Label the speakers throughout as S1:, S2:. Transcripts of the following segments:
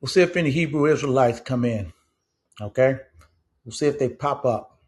S1: We'll see if any Hebrew Israelites come in. Okay. We'll see if they pop up.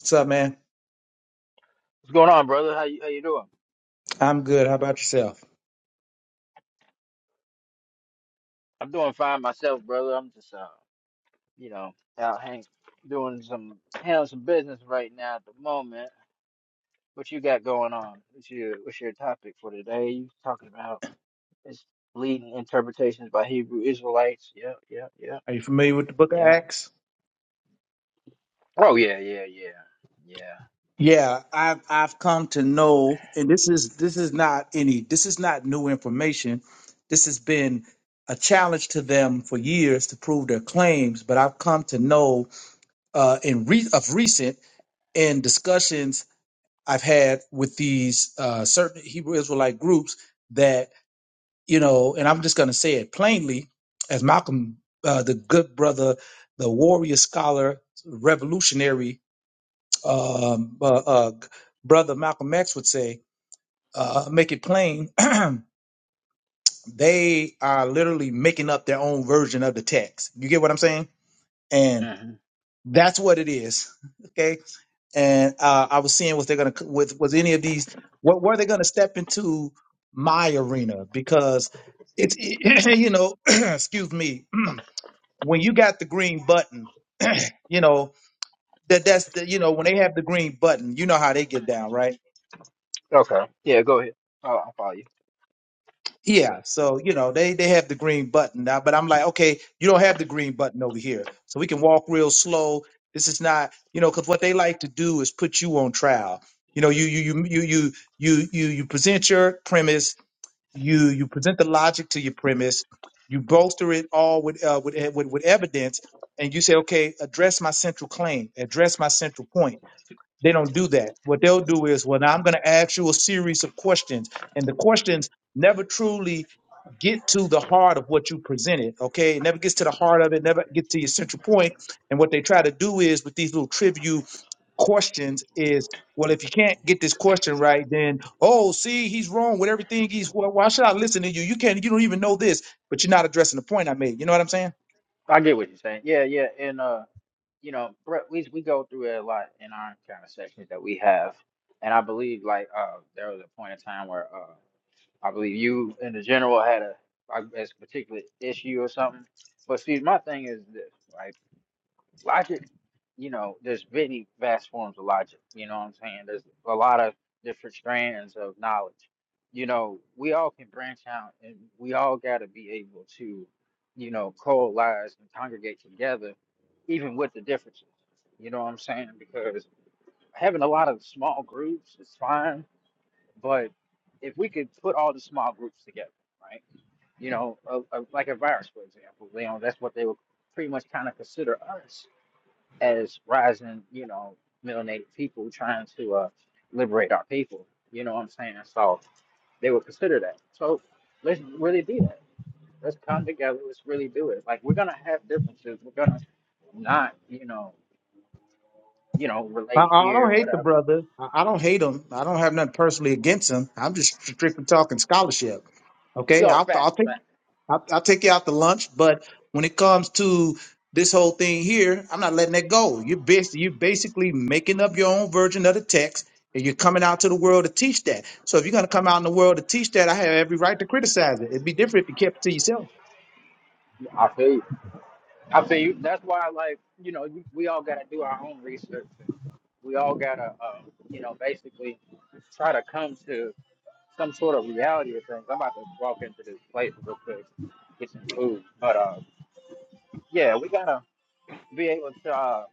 S1: What's up, man?
S2: What's going on, brother? How you how you doing?
S1: I'm good. How about yourself?
S2: I'm doing fine myself, brother. I'm just uh, you know, out hang doing some handling some business right now at the moment. What you got going on? What's your what's your topic for today? You talking about it's leading interpretations by Hebrew Israelites. Yeah, yeah, yeah,
S1: Are you familiar with the book of
S2: yeah.
S1: Acts?
S2: Oh yeah, yeah, yeah,
S1: Yeah, I've I've come to know, and this is this is not any this is not new information. This has been a challenge to them for years to prove their claims, but I've come to know uh, in re- of recent in discussions I've had with these uh, certain Hebrew Israelite groups that. you know, and I'm just going to say it plainly, as Malcolm, uh, the good brother, the warrior scholar, revolutionary um, uh, uh, brother Malcolm X would say, uh, make it plain. they are literally making up their own version of the text. You get what I'm saying? And
S2: yeah. hmm
S1: that's what it is. Okay. and uh, I was seeing was they gonna with was any of these what were they gonna step into my arena because it's you know excuse me when you got the green button you know that that's the you know when they have the green button you know how they get down right
S2: Okay. Yeah, go ahead. I'll, I'll follow you.
S1: Yeah, so you know they they have the green button now, but I'm like, okay, you don't have the green button over here, so we can walk real slow. This is not, you know, because what they like to do is put you on trial. You know, you you you you you you you you present your premise, you you present the logic to your premise, you bolster it all with uh, with, with with evidence, and you say, okay, address my central claim, address my central point they don't do that. What they'll do is, well, now I'm going to ask you a series of questions, and the questions never truly get to the heart of what you presented. Okay, it never gets to the heart of it. Never get to your central point. And what they try to do is with these little trivia questions is well if you can't get this question right then oh see he's wrong with everything he's well, why should i listen to you you can't you don't even know this but you're not addressing the point i made you know what i'm saying
S2: I get what you're saying. Yeah, yeah, and uh. you know, Brett, we we go through it a lot in our kind of sessions that we have, and I believe like uh there was a point in time where uh I believe you in the general had a I guess particular issue or something. But see, my thing is this, right? Logic, you know, there's many vast forms of logic. You know what I'm saying? There's a lot of different strands of knowledge. You know, we all can branch out and we all got to be able to, you know, coalesce and congregate together, even with the differences. You know what I'm saying? Because having a lot of small groups is fine, but if we could put all the small groups together, right? You know, a, a, like a virus, for example, you know, that's what they would pretty much kind of consider us as rising, you know, middle native people trying to uh, liberate our people. You know what I'm saying? So they would consider that. So let's really be that. Let's come together. Let's really do it. Like we're gonna have differences. We're gonna not, you know, you know,
S1: I,
S2: relate
S1: I don't
S2: here,
S1: hate the
S2: whatever.
S1: brother. I, I don't hate him. I don't have nothing personally against him. I'm just strictly talking scholarship. Okay,
S2: No,
S1: I'll, I'll
S2: fact,
S1: take
S2: fact.
S1: I'll, I'll take you out to lunch, but when it comes to this whole thing here, I'm not letting that go. You're basically, you're basically making up your own version of the text, and you're coming out to the world to teach that. So if you're going to come out in the world to teach that, I have every right to criticize it. It'd be different if you kept it to yourself.
S2: I feel you. I feel you. That's why, like, you know, you, we all gotta do our own research. And We all gotta, uh, you know, basically try to come to some sort of reality of things. I'm about to walk into this place real quick, get some food. But uh, yeah, we gotta be able to uh,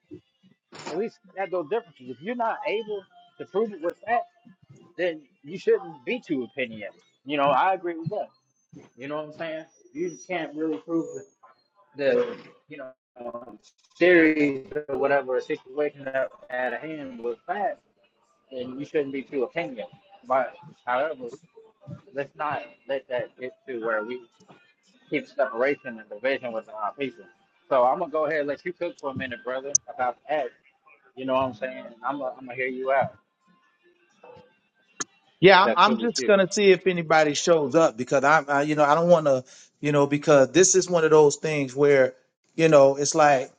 S2: at least have those differences. If you're not able to prove it with facts, then you shouldn't be too opinionated. You know, I agree with that. You know what I'm saying? You can't really prove the the you know um, series or whatever situation at at hand with facts, then you shouldn't be too opinionated. But however, let's not let that get to where we keep separation and division with our people. So I'm gonna go ahead and let you cook for a minute, brother, about that. You know what I'm saying? And I'm gonna, I'm gonna hear you out
S1: Yeah,
S2: if
S1: I'm,
S2: that's
S1: I'm
S2: good with
S1: just
S2: you.
S1: gonna see if anybody shows up because I'm, I, you know, I don't want to, you know, because this is one of those things where, you know, it's like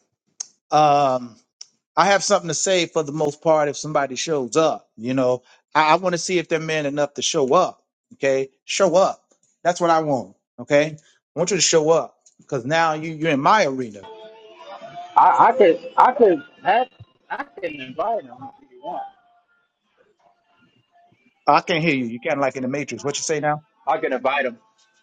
S1: um, I have something to say for the most part if somebody shows up. You know, I, I want to see if they're man enough to show up. Okay, show up. That's what I want. Okay, I want you to show up because now you you're in my arena.
S2: I, I could I could have I can invite him if you want.
S1: I can't hear you. You kind of like in the Matrix. What you say now?
S2: I can invite him.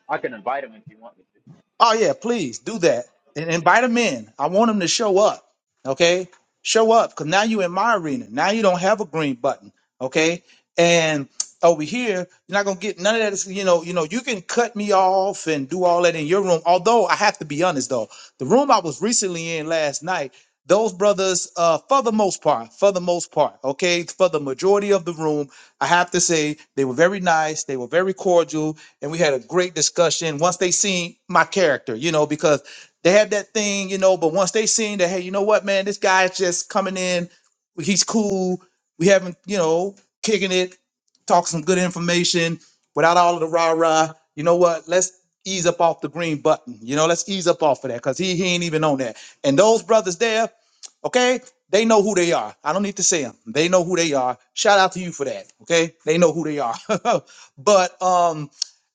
S2: I can invite him if you want me to.
S1: Oh yeah, please do that and invite them in. I want them to show up. Okay, show up because now you in my arena. Now you don't have a green button. Okay, and over here you're not gonna get none of that. is- You know, you know, you can cut me off and do all that in your room. Although I have to be honest though, the room I was recently in last night. Those brothers, uh, for the most part, for the most part, okay, for the majority of the room, I have to say they were very nice, they were very cordial, and we had a great discussion once they seen my character, you know, because they had that thing, you know, but once they seen that, hey, you know what, man, this guy's just coming in, he's cool, we haven't, you know, kicking it, talk some good information without all of the rah-rah. You know what? Let's ease up off the green button. You know, let's ease up off of that because he, he ain't even on that. And those brothers there, okay? They know who they are. I don't need to say them. They know who they are. Shout out to you for that. Okay. They know who they are. but um,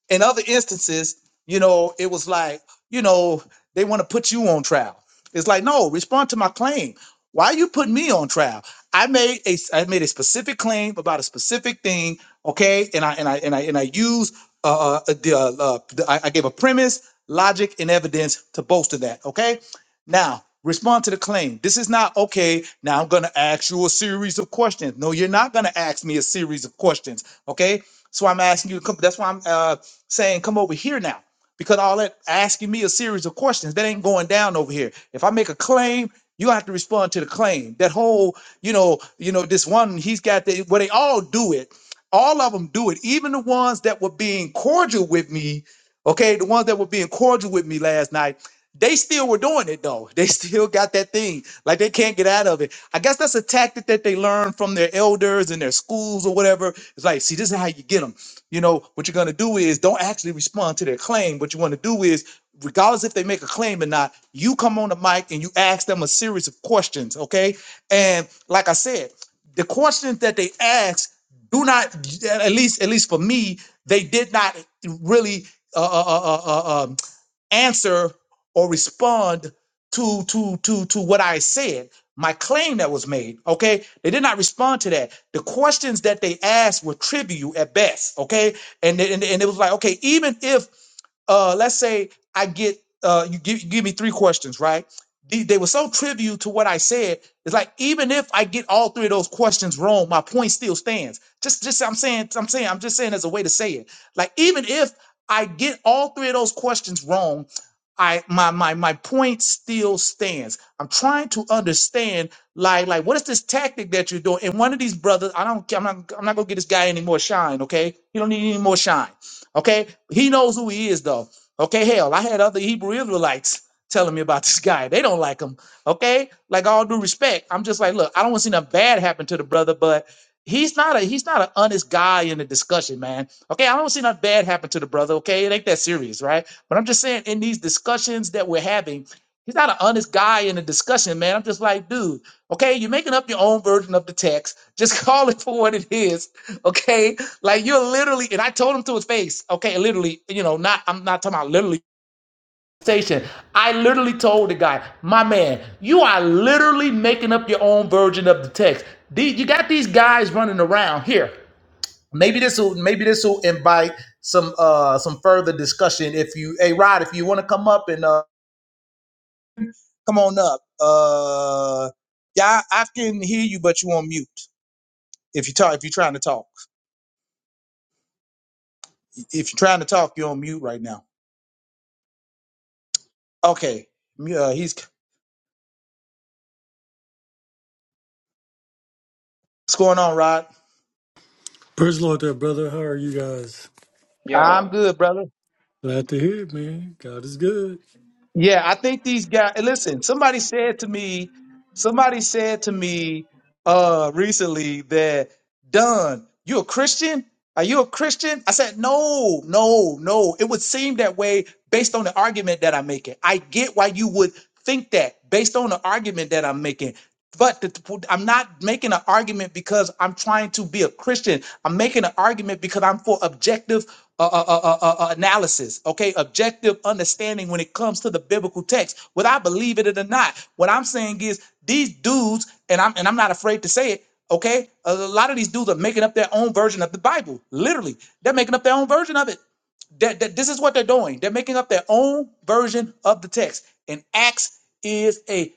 S1: in other instances, you know, it was like, you know, they want to put you on trial. It's like, no, respond to my claim. Why are you putting me on trial? I made a I made a specific claim about a specific thing, okay? And I and I and I and I used uh, uh the uh, uh, I, I gave a premise, logic, and evidence to bolster that, okay? Now, respond to the claim. This is not, okay, now I'm going to ask you a series of questions. No, you're not going to ask me a series of questions, okay? So I'm asking you to come, that's why I'm uh, saying come over here now, because all that asking me a series of questions, that ain't going down over here. If I make a claim, you have to respond to the claim. That whole, you know, you know, this one, he's got the, well, they all do it. All of them do it. Even the ones that were being cordial with me, okay, the ones that were being cordial with me last night, they still were doing it though. They still got that thing. Like they can't get out of it. I guess that's a tactic that they learned from their elders and their schools or whatever. It's like, see, this is how you get them. You know, what you're going to do is don't actually respond to their claim. What you want to do is, regardless if they make a claim or not, you come on the mic and you ask them a series of questions. Okay. And like I said, the questions that they ask do not, at least, at least for me, they did not really. Uh, uh, uh, uh, uh, um, answer or respond to to to to what I said, my claim that was made. Okay, they did not respond to that. The questions that they asked were trivial at best. Okay, and and, and it was like okay, even if uh, let's say I get uh, you give, you give me three questions, right? They, they were so trivial to what I said. It's like even if I get all three of those questions wrong, my point still stands. Just just I'm saying I'm saying I'm just saying as a way to say it. Like even if I get all three of those questions wrong, I my my my point still stands. I'm trying to understand like like what is this tactic that you're doing? And one of these brothers, I don't I'm not I'm not gonna get this guy any more shine, okay? He don't need any more shine. Okay, he knows who he is, though. Okay, hell, I had other Hebrew Israelites telling me about this guy. They don't like him. Okay, like all due respect, I'm just like, look, I don't want to see nothing bad happen to the brother, but he's not a he's not an honest guy in the discussion, man. Okay, I don't see nothing bad happen to the brother. Okay, it ain't that serious, right? But I'm just saying, in these discussions that we're having. He's not an honest guy in a discussion, man. I'm just like, dude, okay, you're making up your own version of the text. Just call it for what it is, okay? Like you're literally, and I told him to his face, okay, literally, you know, not I'm not talking about literally station. I literally told the guy, my man, you are literally making up your own version of the text. The- You got these guys running around here. Maybe this will maybe this will invite some uh some further discussion. If you, hey Rod, if you want to come up and uh Come on up. Uh, yeah, I, I can hear you, but you on mute. If you talk, if you're trying to talk, if you're trying to talk, you're on mute right now. Okay. Uh, he's what's going on, Rod?
S3: Praise the Lord there, brother. How are you guys?
S1: I'm
S2: Yo,
S1: good, brother.
S3: Glad to hear it, man. God is good.
S1: Yeah, I think these guys. and Listen, somebody said to me, somebody said to me uh recently that Don, you a Christian? Are you a Christian? I said, no, no, no. It would seem that way based on the argument that I'm making. I get why you would think that based on the argument that I'm making. But the- the- I'm not making an argument because I'm trying to be a Christian. I'm making an argument because I'm for objective uh, uh, uh, uh, uh, analysis, okay? Objective understanding when it comes to the biblical text, whether I believe it or not. What I'm saying is these dudes, and I'm and I'm not afraid to say it, okay? A lot of these dudes are making up their own version of the Bible. Literally, they're making up their own version of it that, that this is what they're doing. They're making up their own version of the text. And Acts is a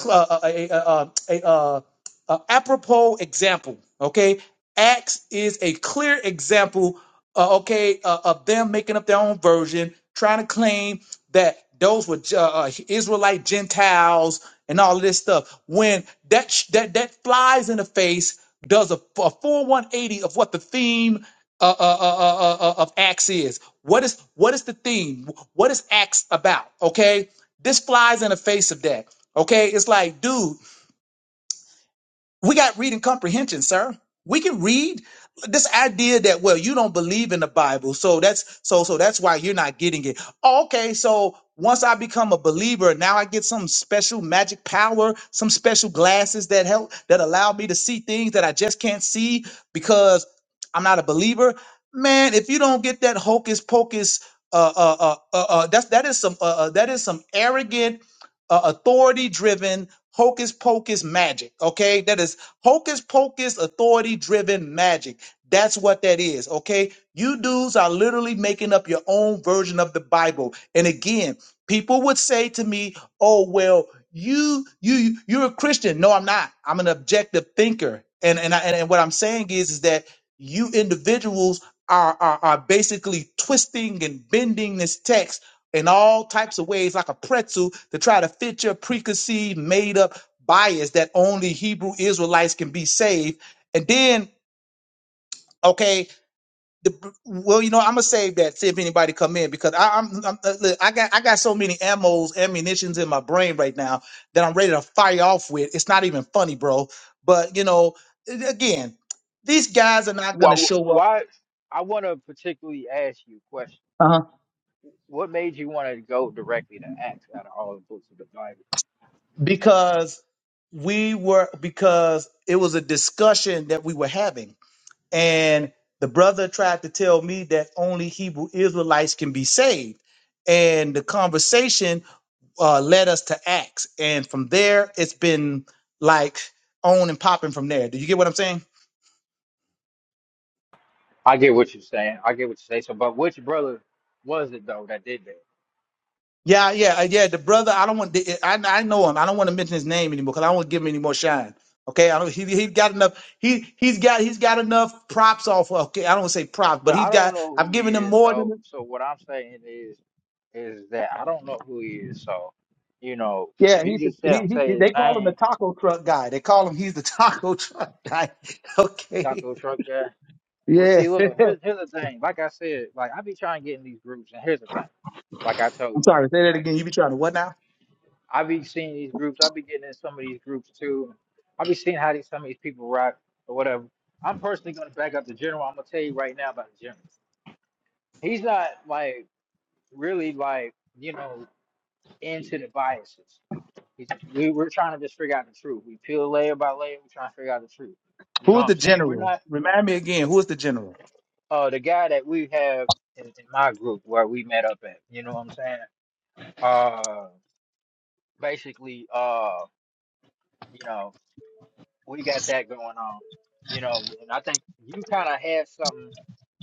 S1: cl- uh, a, a, a, a, a, a apropos example. Okay, Acts is a clear example. Uh, okay, uh, of them making up their own version, trying to claim that those were Ju- uh, Israelite Gentiles and all of this stuff. When that sh- that that flies in the face, does a, a full 180 of what the theme uh, uh, uh, uh, uh, uh, uh, of Acts is. What is what is the theme? What is Acts about? Okay, this flies in the face of that. Okay, it's like, dude, we got reading comprehension, sir. We can read this idea that well, you don't believe in the Bible, so that's so so that's why you're not getting it. Okay, so once I become a believer, now I get some special magic power, some special glasses that help that allow me to see things that I just can't see because I'm not a believer. Man, if you don't get that hocus pocus, uh, uh, uh, uh, uh that's that is some uh, uh, that is some arrogant uh, authority driven hocus pocus magic. Okay. That is hocus pocus authority driven magic. That's what that is. Okay. You dudes are literally making up your own version of the Bible. And again, people would say to me, oh, well, you, you, you're a Christian. No, I'm not. I'm an objective thinker. And, and, I, and, and what I'm saying is, is that you individuals are, are, are basically twisting and bending this text in all types of ways like a pretzel to try to fit your preconceived made up bias that only Hebrew Israelites can be saved. And then, okay, the, well, you know, I'm gonna save that. See if anybody come in because I, I'm, I'm uh, look, I got I got so many ammos, ammunitions in my brain right now that I'm ready to fire off with. It's not even funny, bro. But you know, again, these guys are not gonna
S2: why
S1: show up
S2: why I want to particularly ask you a question.
S1: uh
S2: What made you want to go directly to Acts out of all the books of the Bible?
S1: because we were because it was a discussion that we were having and the brother tried to tell me that only Hebrew Israelites can be saved. And the conversation uh, led us to Acts, and from there it's been like on and popping from there. Do you get what I'm saying?
S2: I get what you're saying. I get what you say. So, but which brother was it though that did that?
S1: Yeah, yeah, uh, yeah. The brother, I don't want. the- I I know him. I don't want to mention his name anymore because I don't want to give him any more shine. Okay, I don't. He he got enough. He he's got he's got enough props off. Okay, I don't want to say props, but
S2: But
S1: he's
S2: I don't
S1: got.
S2: know
S1: I've
S2: who
S1: given
S2: he
S1: him
S2: is.
S1: more than.
S2: So so what I'm saying is is that I don't know who he is. So you know,
S1: Yeah,
S2: if you
S1: he's the,
S2: just tell
S1: he, he
S2: say his
S1: they call him the
S2: name,
S1: taco truck guy. They call him he's the taco truck guy. Okay.
S2: taco truck guy. Well,
S1: Yeah.
S2: see, look, here's here's the thing. Like I said, like I be trying to get in these groups, and here's the thing. Like I
S1: I'm
S2: told you,
S1: sorry, say that
S2: right?
S1: again. You be trying to what now?
S2: I be seeing these groups. I be getting in some of these groups too. I be seeing how these some of these people rock or whatever. I'm personally gonna back up the general. I'm gonna tell you right now about the general. He's not like really like you know into the biases. It's- We, we're trying to just figure out the truth. We peel layer by layer. We're trying to figure out the truth. You
S1: Who
S2: know
S1: is
S2: what I'm
S1: the
S2: saying? We're
S1: general?
S2: not
S1: Remind me again, who is the general?
S2: uh the guy that we have in, in my group where we met up at. You know what I'm saying? Uh, basically, uh, you know, we got that going on. You know, and I think you kind of had something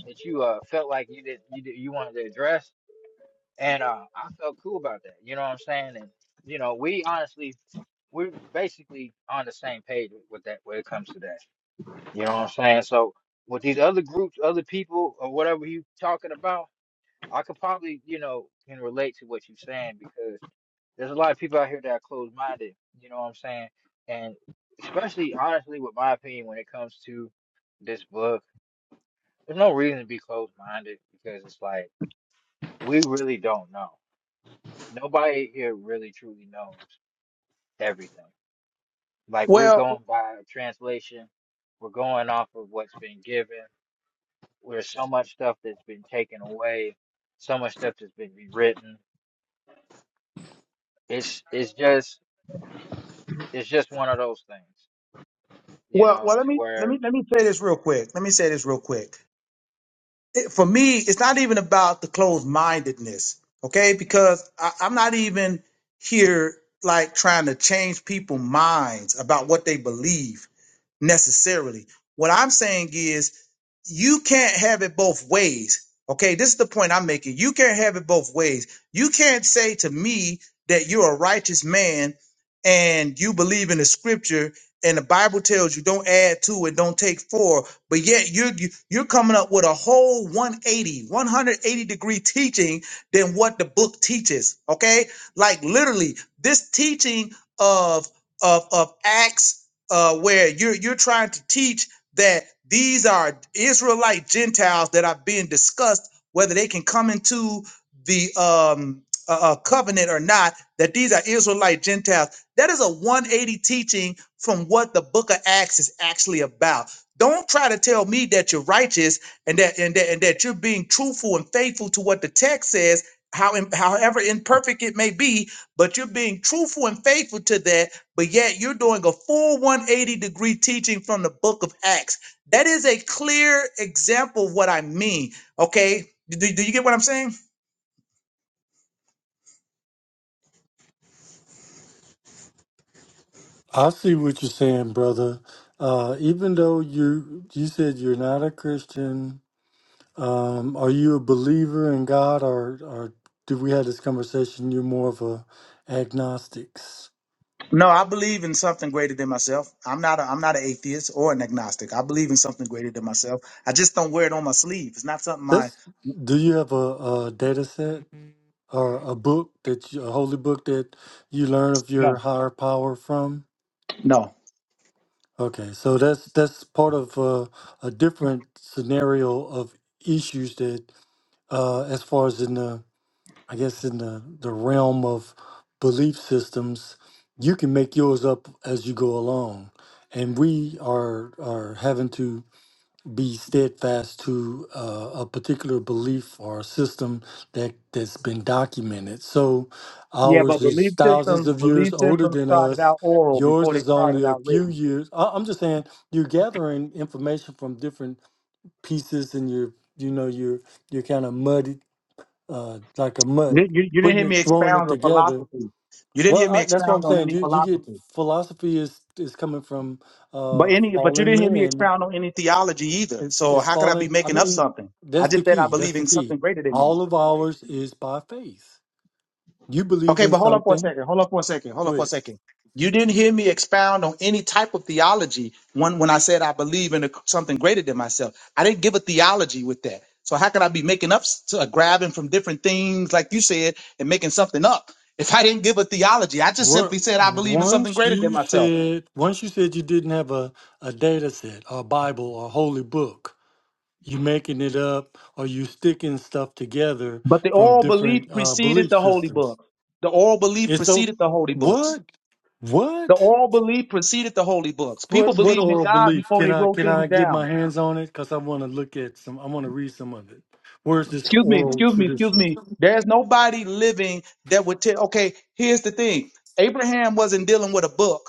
S2: that you uh felt like you did you did, you wanted to address, and uh, I felt cool about that. You know what I'm saying? And you know, we honestly we're basically on the same page with with that when it comes to that. You know what I'm saying? So with these other groups, other people, or whatever you talking about, I could probably, you know, can relate to what you're saying because there's a lot of people out here that are closed minded. You know what I'm saying? And especially, honestly, with my opinion, when it comes to this book, there's no reason to be closed minded because it's like we really don't know. Nobody here really truly knows everything. Like we're
S1: Well,
S2: going by translation, we're going off of what's been given Where's so much stuff that's been taken away, so much stuff that's been rewritten. It's it's just it's just one of those things, you
S1: well,
S2: know,
S1: well. Let
S2: to
S1: me let
S2: where
S1: me let me say this real quick. Let me say this real quick. It, for me, it's not even about the closed mindedness, okay? Because I, I'm not even here like trying to change people's minds about what they believe necessarily. What I'm saying is you can't have it both ways. Okay, this is the point I'm making. You can't have it both ways. You can't say to me that you're a righteous man and you believe in the scripture and the Bible tells you don't add to it, don't take four, but yet you're you- you're coming up with a whole one eighty, one hundred eighty degree teaching than what the book teaches. Okay, like literally this teaching of of of Acts, uh, where you're you're trying to teach that these are Israelite Gentiles that are being discussed whether they can come into the um, uh, uh, covenant or not, that these are Israelite Gentiles. That is a 180 teaching from what the book of Acts is actually about. Don't try to tell me that you're righteous and that and that, and that you're being truthful and faithful to what the text says, how im- however imperfect it may be, but you're being truthful and faithful to that but yet you're doing a full 180 degree teaching from the book of Acts. That is a clear example of what I mean. Okay. Do, do you get what I'm saying?
S3: I see what you're saying, brother. Uh, even though you you said you're not a Christian, um, are you a believer in God or or did we have this conversation? You're more of a agnostics.
S1: No, I believe in something greater than myself. I'm not a, I'm not an atheist or an agnostic. I believe in something greater than myself. I just don't wear it on my sleeve. It's not something I
S3: That's do you have a, a data set or a book that you, a holy book that you learn of your
S1: No.
S3: higher power from?
S1: No.
S3: Okay, so that's that's part of uh, a different scenario of issues that, uh, as far as in the, I guess in the the realm of belief systems, you can make yours up as you go along, and we are are having to be steadfast to uh, a particular belief or system that that's been documented. So
S1: Yeah,
S3: ours
S1: but
S3: is
S1: belief
S3: thousands
S1: systems
S3: of years
S1: belief
S3: older
S1: systems
S3: than
S1: started
S3: us.
S1: out oral
S3: Yours
S1: before they
S3: is only
S1: started
S3: a
S1: out
S3: few
S1: written.
S3: years. I- I'm just saying you're gathering information from different pieces, and you're you know you're you're kind of muddy, uh, like a mud,
S1: You, you, you didn't
S3: putting
S1: hear
S3: it
S1: me
S3: throwing it
S1: expound on
S3: together.
S1: philosophy. You didn't
S3: Well,
S1: hear me
S3: I, that's what I'm
S1: expound on
S3: saying.
S1: any
S3: You you get
S1: philosophy.
S3: philosophy is is coming from
S1: But
S3: uh,
S1: any, but you
S3: fallen
S1: didn't hear me
S3: men
S1: expound on any theology either.
S3: it's
S1: So
S3: it's
S1: how could I be
S3: falling. I
S1: making up
S3: mean,
S1: something? I
S3: that's the
S1: just said I
S3: key.
S1: believe
S3: That's the
S1: in something
S3: key.
S1: greater than me.
S3: All of ours is by faith. You believe
S1: Okay,
S3: in
S1: but hold up for a
S3: something.
S1: second. Hold up for a second. Hold up for a
S3: Wait,
S1: second. You didn't hear me expound on any type of theology when when I said I believe in a, something greater than myself. I didn't give a theology with that. So how could I be making up, s- to, uh, grabbing from different things like you said and making something up? If I didn't give a theology, I just
S3: what?
S1: simply said I believe in something
S3: Once
S1: greater than
S3: you
S1: myself.
S3: said, once you said you didn't have a a data set or a Bible or a holy book, you making it up or you sticking stuff together
S1: But the
S3: from
S1: oral belief
S3: different uh,
S1: preceded
S3: belief
S1: the holy
S3: systems.
S1: book. The oral belief
S3: It's so
S1: preceded the holy books.
S3: what?
S1: The
S3: What?
S1: oral belief preceded the holy books. People
S3: What what
S1: believed in
S3: oral
S1: God
S3: belief?
S1: before
S3: Can
S1: they
S3: I
S1: wrote
S3: can
S1: things
S3: I get my
S1: down.
S3: hands on it? Cause I want to look at some. I want to read some of it. Where's this
S1: Excuse me,
S3: oral
S1: excuse me, excuse
S3: tradition?
S1: me. There's nobody living that would tell, okay, here's the thing Abraham wasn't dealing with a book,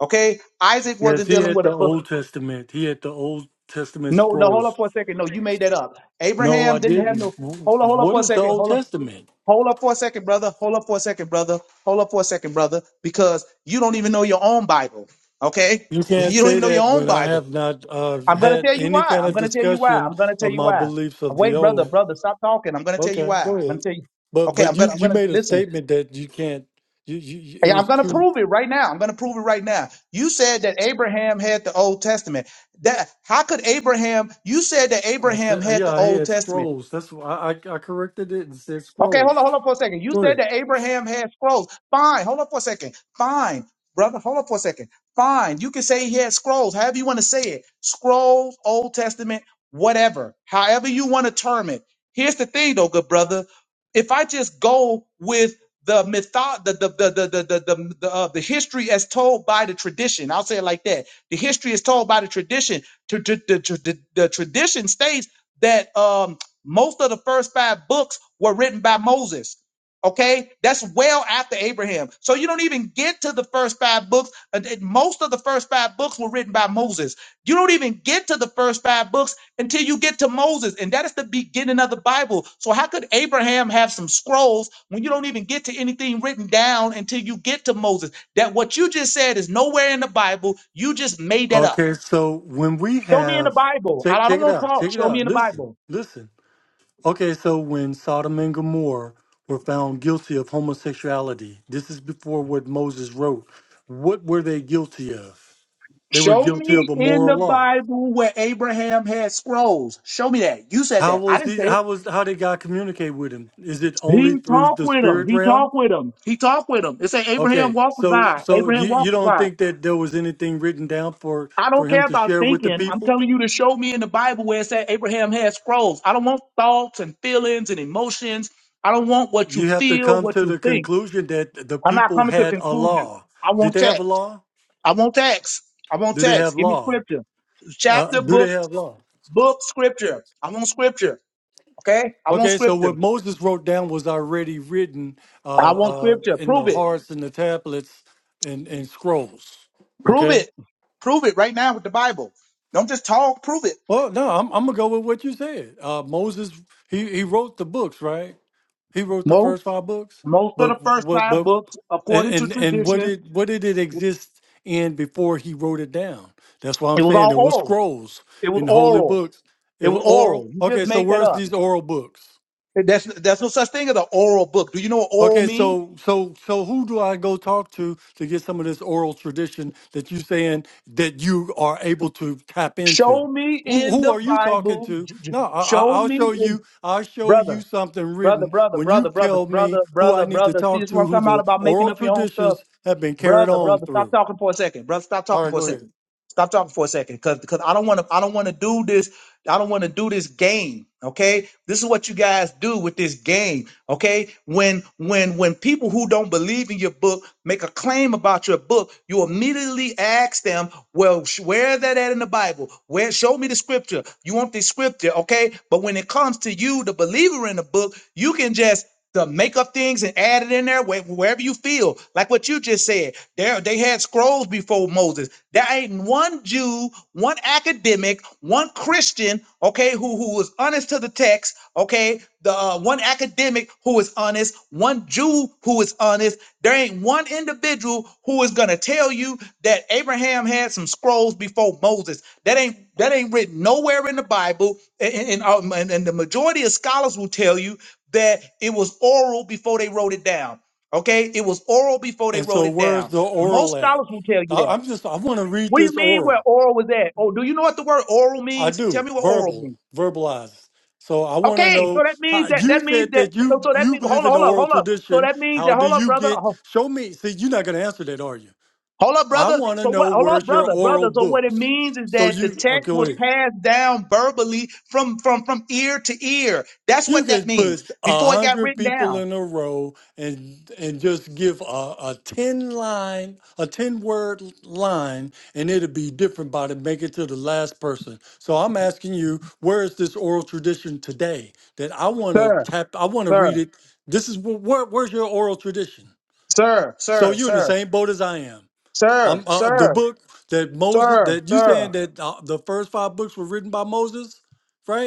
S1: okay? Isaac
S3: Yes,
S1: wasn't
S3: he
S1: dealing
S3: had
S1: with a
S3: the
S1: book.
S3: Old Testament. He had the Old Testament
S1: No, no, hold
S3: scrolls.
S1: up for a second. No, you made that up.
S3: No,
S1: Abraham
S3: I
S1: didn't have
S3: didn't.
S1: no,
S3: Wh-
S1: hold on, hold up
S3: What
S1: for a
S3: is the
S1: second.
S3: Old
S1: Hold on.
S3: Testament?
S1: Hold up for a second, brother. Hold up for a second, brother. Hold up for a second, brother, because you don't even know your own Bible. Okay?
S3: You can't
S1: You don't
S3: say
S1: even know
S3: that
S1: your own
S3: when I
S1: Bible.
S3: have not uh,
S1: I'm going to
S3: had
S1: tell you
S3: any
S1: why.
S3: kind
S1: I'm
S3: of
S1: going to tell you why. I'm
S3: discussion
S1: going to tell
S3: of
S1: you
S3: my
S1: why.
S3: beliefs of the
S1: Wait, brother,
S3: old.
S1: brother, stop talking. I'm going to tell you
S3: Okay,
S1: why.
S3: go
S1: I'm going
S3: ahead.
S1: to tell you.
S3: But
S1: Okay, I'm
S3: but you
S1: going to I'm
S3: you
S1: going to
S3: made a
S1: listen.
S3: statement that you can't. You, you you- it
S1: Hey, I'm
S3: was
S1: going to
S3: too.
S1: prove it right now. I'm going to prove it right now. You said that Abraham had the Old Testament. That how could Abraham? You said that
S3: I said,
S1: Abraham
S3: uh,
S1: had
S3: yeah,
S1: the
S3: I
S1: Old
S3: had
S1: Testament.
S3: scrolls. That's why I, I, I corrected it and said
S1: Okay, hold
S3: scrolls.
S1: on, hold on for a second. You
S3: Go
S1: said
S3: ahead.
S1: that Abraham had scrolls. Fine, hold on for a second. Fine, brother, hold on for a second. Fine, you can say he had scrolls, however you want to say it. Scrolls, Old Testament, whatever, however you want to term it. Here's the thing, though, good brother. If I just go with the mytho- the the the the the the, the, the, uh, the history as told by the tradition, I'll say it like that. The history is told by the tradition. To, to, the, the, the tradition states that um, most of the first five books were written by Moses. Okay, that's well after Abraham. So you don't even get to the first five books. Uh, th- Most of the first five books were written by Moses. You don't even get to the first five books until you get to Moses, and that is the beginning of the Bible. So how could Abraham have some scrolls when you don't even get to anything written down until you get to Moses? That what you just said is nowhere in the Bible. You just made that up.
S3: Okay, so when we
S1: Show me in the
S3: have,
S1: Bible. I
S3: check,
S1: I don't
S3: check it
S1: want to
S3: out,
S1: talk.
S3: check it
S1: Show me
S3: out.
S1: in the
S3: Listen,
S1: Bible.
S3: listen. Okay, so when Sodom and Gomorrah were found guilty of homosexuality, this is before what Moses wrote. What were they guilty of? They were
S1: Show
S3: guilty of
S1: me
S3: a
S1: in
S3: moral
S1: the
S3: law.
S1: Bible where Abraham had scrolls. Show me that. You said
S3: How
S1: that. I
S3: was
S1: didn't
S3: he?
S1: say it.
S3: How was how did God communicate with him? Is it
S1: He
S3: only through
S1: talked
S3: the
S1: with him.
S3: spirit
S1: He
S3: realm?
S1: talked with him. He talked with him. It said Abraham
S3: Okay,
S1: walked with
S3: so
S1: God.
S3: so
S1: Abraham
S3: you you
S1: walked with
S3: don't
S1: God.
S3: think that there was anything written down for
S1: I
S3: for
S1: don't
S3: him
S1: care
S3: to
S1: about
S3: share with the
S1: thinking. I'm
S3: people?
S1: telling you to show me in the Bible where it said Abraham had scrolls. I don't want thoughts and feelings and emotions. I don't want what you
S3: You have to
S1: feel,
S3: come
S1: what
S3: to
S1: you
S3: the
S1: think.
S3: conclusion that the
S1: I'm not
S3: people
S1: coming to
S3: had a
S1: conclusions.
S3: law.
S1: I
S3: Did
S1: want
S3: they have
S1: text.
S3: a law?
S1: I want text. I want
S3: Do they have
S1: text. Give me
S3: law?
S1: scripture.
S3: Uh,
S1: Chapter,
S3: do they
S1: book,
S3: have law?
S1: book, scripture. I want scripture. Okay? I want
S3: Okay, so what
S1: scripture.
S3: Moses wrote down was already written
S1: I
S3: uh,
S1: want
S3: uh,
S1: scripture.
S3: in the
S1: Prove it.
S3: hearts and the tablets and, and scrolls.
S1: Prove
S3: Okay.
S1: it. Prove it right now with the Bible. Don't just talk, prove it.
S3: Well, no, I'm I'm gonna go with what you said. Uh, Moses, he he wrote the books, right? He wrote the
S1: Most
S3: first five books,
S1: most of the
S3: but
S1: first
S3: what?
S1: five
S3: But
S1: books,
S3: and
S1: according to
S3: and and what
S1: tradition,
S3: did what did it exist in before he wrote it down? That's why I'm
S1: it was
S3: saying there
S1: all
S3: was
S1: oral.
S3: scrolls
S1: It was
S3: in holy
S1: oral.
S3: books. It
S1: It
S3: was
S1: was oral.
S3: oral.
S1: You
S3: Okay,
S1: just
S3: so
S1: made that
S3: where's
S1: up.
S3: these oral books?
S1: That's that's no such thing as an oral book. Do you know what oral
S3: Okay,
S1: means?
S3: so so so who do I go talk to to get some of this oral tradition that you saying that you are able to tap
S1: Show
S3: into?
S1: me
S3: Who
S1: in
S3: who
S1: the
S3: are you talking
S1: Bible.
S3: to?
S1: J- j-
S3: No, I, I,
S1: Show
S3: I'll
S1: me
S3: show
S1: in
S3: you. I'll show you
S1: brother,
S3: something
S1: brother,
S3: written
S1: brother,
S3: when you
S1: brother, brother,
S3: tell
S1: brother,
S3: me who I
S1: brother,
S3: need to
S1: brother. See,
S3: talk
S1: this is what
S3: to,
S1: I'm
S3: who
S1: talking about
S3: the
S1: about making
S3: oral
S1: up your own stuff.
S3: traditions have been carried
S1: brother,
S3: on
S1: brother, stop
S3: through.
S1: talking for a second, brother. Stop
S3: All
S1: talking
S3: right,
S1: for a
S3: go ahead.
S1: second. Stop talking for a second, because because I don't want to I don't want to do this. I don't want to do this game. Okay, this is what you guys do with this game. Okay, when when when people who don't believe in your book make a claim about your book, you immediately ask them, "Well, sh- where is that at in the Bible? Where? Show me the scripture. You want the scripture, okay? But when it comes to you, the believer in the book, you can just to make up things and add it in there where- wherever you feel. Like what you just said, there they had scrolls before Moses. There ain't one Jew, one academic, one Christian, okay, who who was honest to the text, okay. The uh, one academic who is honest, one Jew who is honest. There ain't one individual who is gonna tell you that Abraham had some scrolls before Moses. That ain't that ain't written nowhere in the Bible. And, and, and, um, and and the majority of scholars will tell you that it was oral before they wrote it down. Okay, it was oral before they
S3: And
S1: wrote
S3: so,
S1: it
S3: where's
S1: down.
S3: the
S1: Most
S3: oral at?
S1: scholars will tell you
S3: I,
S1: that.
S3: I'm just I want to read
S1: What do you
S3: this
S1: mean
S3: oral.
S1: where oral was at? Oh, do you know what the word oral
S3: I
S1: means? Tell
S3: do
S1: me what oral
S3: verbal,
S1: means.
S3: verbalize. So I want to
S1: Okay, so
S3: know
S1: that means
S3: how
S1: that
S3: you
S1: that means
S3: said
S1: that
S3: that
S1: so
S3: you
S1: so that
S3: you
S1: means hold
S3: believe
S1: on,
S3: in the
S1: hold up,
S3: oral
S1: hold up. So
S3: tradition.
S1: that means
S3: How
S1: that
S3: do
S1: hold up,
S3: you
S1: brother.
S3: get?
S1: ho-
S3: Show me. See, you're not going to answer that, are you?
S1: Hold up,
S3: I
S1: brother.
S3: want to
S1: So what?
S3: know
S1: Hold up,
S3: where's your
S1: brother, brother.
S3: oral
S1: So what it
S3: books.
S1: means is
S3: So
S1: that the
S3: you
S1: text was
S3: okay?
S1: passed down verbally from from from ear to ear. That's
S3: You
S1: what that
S3: can
S1: means
S3: put a
S1: before it got
S3: hundred
S1: written
S3: people
S1: down,
S3: in a row and and just give a, a ten line, a ten word line, and it'll be different by the make it to the last person. So I'm asking you, where is this oral tradition today? That I want to
S1: sir,
S3: tap, I want to
S1: sir,
S3: read it. This is wh- where, where's your oral tradition?
S1: sir,
S3: So
S1: sir,
S3: you're in the
S1: sir.
S3: same boat as I am. I'm
S1: Sir,
S3: uh, the
S1: sir,
S3: book that Moses
S1: sir,
S3: that you saying
S1: sir.
S3: that uh, the first five books were written by Moses,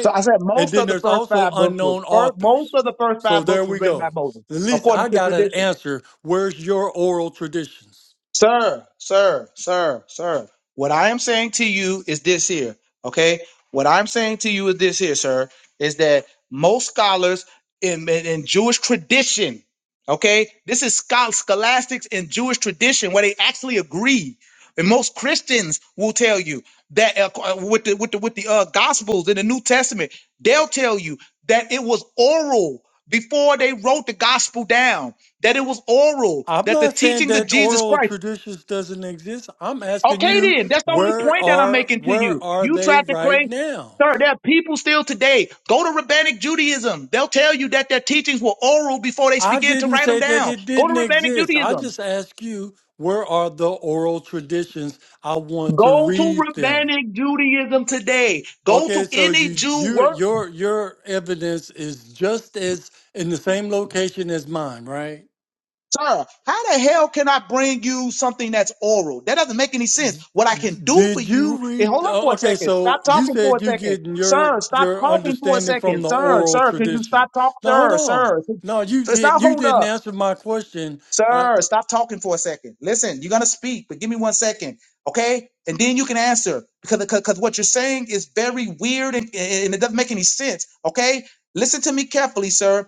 S1: So I said
S3: And
S1: most
S3: then
S1: of the
S3: there's
S1: first
S3: also
S1: five books were
S3: unknown
S1: first, most
S3: authors.
S1: of the first
S3: So
S1: five
S3: there
S1: books was
S3: we
S1: written by
S3: go.
S1: Moses,
S3: At least
S1: according
S3: I
S1: to
S3: got an
S1: tradition.
S3: answer. Where's your oral traditions?
S1: Sir, sir, sir, sir. What I am saying to you is this here, okay? What I'm saying to you is this here, sir, is that most scholars in, in, in Jewish tradition, okay? This is schol- scholastics in Jewish tradition where they actually agree. And most Christians will tell you that uh, uh, with the with the with the uh, Gospels in the New Testament, they'll tell you that it was oral before they wrote the Gospel down. That it was oral.
S3: I'm
S1: That the
S3: not saying
S1: teachings of
S3: that
S1: Jesus
S3: oral
S1: Christ
S3: traditions doesn't exist. I'm asking
S1: Okay,
S3: you
S1: then that's the only
S3: where
S1: point that I'm
S3: are
S1: making to
S3: where
S1: you.
S3: are
S1: You
S3: they
S1: tried to
S3: right
S1: claim,
S3: now?
S1: sir. There are people still today. Go to Rabbinic Judaism. They'll tell you that their teachings were oral before they
S3: I
S1: began to
S3: didn't
S1: write them
S3: say that
S1: down.
S3: it
S1: Go to
S3: didn't
S1: Rabbinic
S3: exist. I
S1: Judaism.
S3: just ask you where are the oral traditions? I want to
S1: Go to
S3: read them.
S1: Rabbinic Judaism today. Go to
S3: Okay, so
S1: any
S3: you you
S1: Jew
S3: your your evidence is just as in the same location as mine, right?
S1: Sir, how the hell can I bring you something that's oral? That doesn't make any sense. What I can do for
S3: Did you
S1: you is
S3: read?
S1: hold on
S3: oh,
S1: for a
S3: Okay,
S1: second. Stop
S3: so you
S1: talking for
S3: said
S1: a
S3: you
S1: second.
S3: getting your
S1: Sir, stop
S3: your
S1: talking for a
S3: understanding from
S1: second.
S3: the
S1: Sir,
S3: oral
S1: sir, could you
S3: tradition.
S1: stop talk?
S3: No, hold
S1: Sir,
S3: on.
S1: sir. could-
S3: No, you
S1: So
S3: get
S1: stop
S3: you
S1: hold
S3: didn't
S1: up.
S3: answer my question. I,
S1: Sir, stop talking for a second. Listen, you're gonna speak, but give me one second, okay? And then you can answer because because what you're saying is very weird and, and it doesn't make any sense, okay? Listen to me carefully, sir.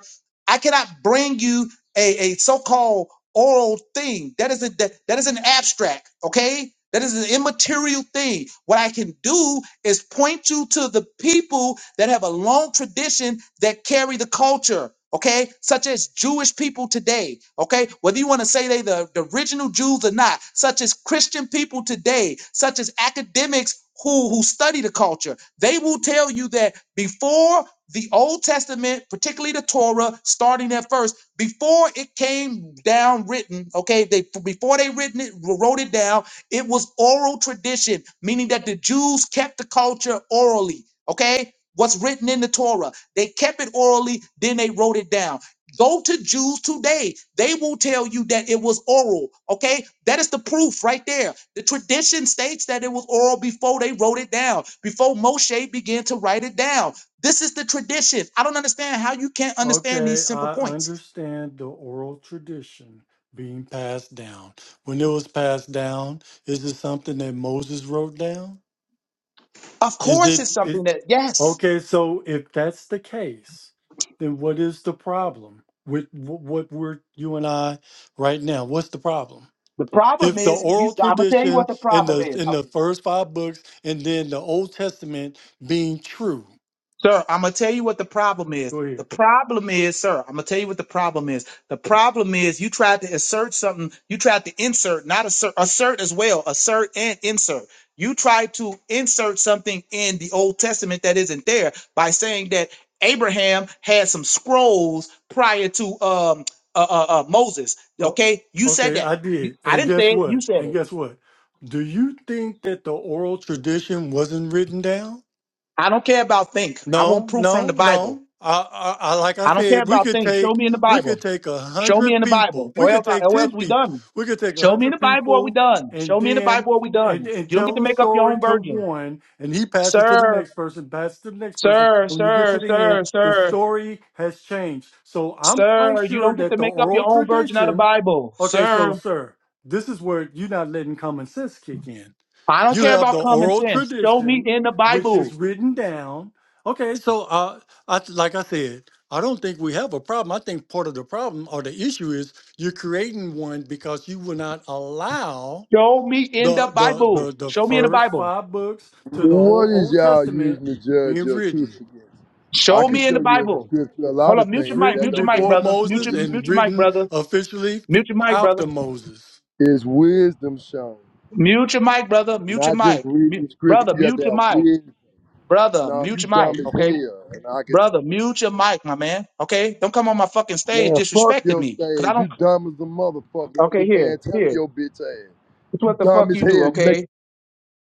S1: I cannot bring you a, a so-called oral thing. That is a that, that is an abstract, okay? That is an immaterial thing. What I can do is point you to the people that have a long tradition that carry the culture, okay? Such as Jewish people today, okay? Whether you want to say they the the, the original Jews or not, such as Christian people today, such as academics who, who study the culture, they will tell you that before the Old Testament, particularly the Torah, starting at first, before it came down written, okay, they before they written it, wrote it down, it was oral tradition, meaning that the Jews kept the culture orally, okay? What's written in the Torah. They kept it orally, then they wrote it down. Go to Jews today. They will tell you that it was oral. Okay. That is the proof right there. The tradition states that it was oral before they wrote it down, before Moshe began to write it down. This is the tradition. I don't understand how you can't understand
S3: okay,
S1: these simple
S3: I
S1: points.
S3: understand the oral tradition being passed down. When it was passed down, is it something that Moses wrote down?
S1: Of
S3: Is
S1: course, it's
S3: it?
S1: something that yes.
S3: Okay, so if that's the case, then what is the problem with wh- what we're you and I right now? What's the problem?
S1: The problem
S3: If the
S1: is you.
S3: oral
S1: I'm gonna tell you what
S3: tradition
S1: the
S3: in
S1: problem
S3: the
S1: is.
S3: in the first five books and then the Old Testament being true.
S1: Sir, I'm gonna tell you what the problem is.
S3: Go
S1: The
S3: ahead.
S1: problem is, sir, I'm gonna tell you what the problem is. The problem is you tried to assert something, you tried to insert, not assert, assert as well, assert and insert. You tried to insert something in the Old Testament that isn't there by saying that Abraham had some scrolls prior to um uh, uh, uh Moses.
S3: Oh,
S1: Okay, you said
S3: okay,
S1: that.
S3: I
S1: You-
S3: did.
S1: I
S3: And
S1: didn't
S3: guess
S1: say it, you
S3: what?
S1: said
S3: And
S1: it.
S3: guess what? Do you think that the oral tradition wasn't written down?
S1: I don't care about think. I want
S3: No,
S1: proof from
S3: no,
S1: the Bible.
S3: no. I, I, I like I
S1: I don't care
S3: said, we
S1: about
S3: could
S1: think. Show
S3: take
S1: me in the
S3: we
S1: Bible.
S3: could take a
S1: Show me
S3: hundred
S1: in the
S3: people.
S1: Bible,
S3: We
S1: or
S3: could
S1: else,
S3: take
S1: or
S3: ten
S1: else we
S3: people.
S1: done.
S3: We could take a
S1: Show me in
S3: hundred
S1: the Bible, or we
S3: people
S1: done.
S3: and
S1: Show me in the
S3: then
S1: Bible, or we
S3: and,
S1: done.
S3: and
S1: You don't get
S3: tell
S1: to
S3: the
S1: make up your
S3: story
S1: own
S3: to
S1: version,
S3: one and he passes it to the
S1: sir,
S3: next person, passes it to the next person.
S1: sir,
S3: And when you get
S1: sir,
S3: to the
S1: sir,
S3: end, the
S1: sir,
S3: story has changed. So I'm quite
S1: sir. You
S3: sure
S1: don't get
S3: that
S1: to
S3: the
S1: make up
S3: oral
S1: your own version of the
S3: tradition
S1: Bible,
S3: okay, so
S1: sir.
S3: sir, this is where you're not letting common sense kick in.
S1: I don't
S3: You
S1: care
S3: have
S1: about
S3: the
S1: common
S3: oral
S1: sense. Show me
S3: tradition,
S1: in the
S3: which is
S1: Bible.
S3: written down. Okay, so uh, I, like I said, I don't think we have a problem. I think part of the problem or the issue is you're creating one because you will not allow
S1: Show me in the
S3: the the
S1: Bible.
S3: the, the
S1: Show me in the
S3: first
S1: Bible.
S3: five books to the
S4: What
S3: whole
S4: is
S3: Old
S4: y'all
S3: Testament
S4: using to judge
S3: being
S4: your
S3: written.
S4: truth against? I
S1: Show
S4: can
S1: me
S3: You-
S1: in
S4: show
S1: the
S4: you in the
S1: Bible.
S4: scripture a
S1: Hold
S4: lot
S1: up,
S4: of
S1: mute
S3: It's
S1: your
S4: things, but
S1: mic,
S4: that
S3: written
S1: mute your
S4: don't
S1: mic,
S4: mean
S3: before
S4: you
S1: brother.
S4: will
S1: Mute
S3: Moses
S1: your, mute
S3: and
S4: believe.
S1: your mic,
S3: written
S1: brother.
S3: officially
S1: Mute your mic, brother.
S3: after Moses.
S4: Is wisdom shown?
S1: Mute your mic, brother. Mute your
S4: Not just
S1: mic, Mu-
S4: reading scripture.
S1: brother.
S4: You have
S1: Mute
S4: to
S1: your
S4: have
S1: mic.
S4: wisdom.
S1: Brother,
S4: No,
S1: mute
S4: you
S1: your
S4: dumb
S1: mic,
S4: as
S1: okay?
S4: hell. And I could, t-
S1: Brother, mute your mic, my man, okay? Don't come on my fucking stage
S4: man, fuck
S1: disrespecting
S4: your
S1: me, because I
S4: stage.
S1: don't.
S4: You dumb as a motherfucker. I'm
S1: Okay,
S4: the
S1: here,
S4: man telling
S1: here.
S4: your bitch ass.
S1: It's
S4: You
S1: what the
S4: dumb
S1: fuck
S4: as
S1: you
S4: hell.
S1: do,
S4: You
S1: okay?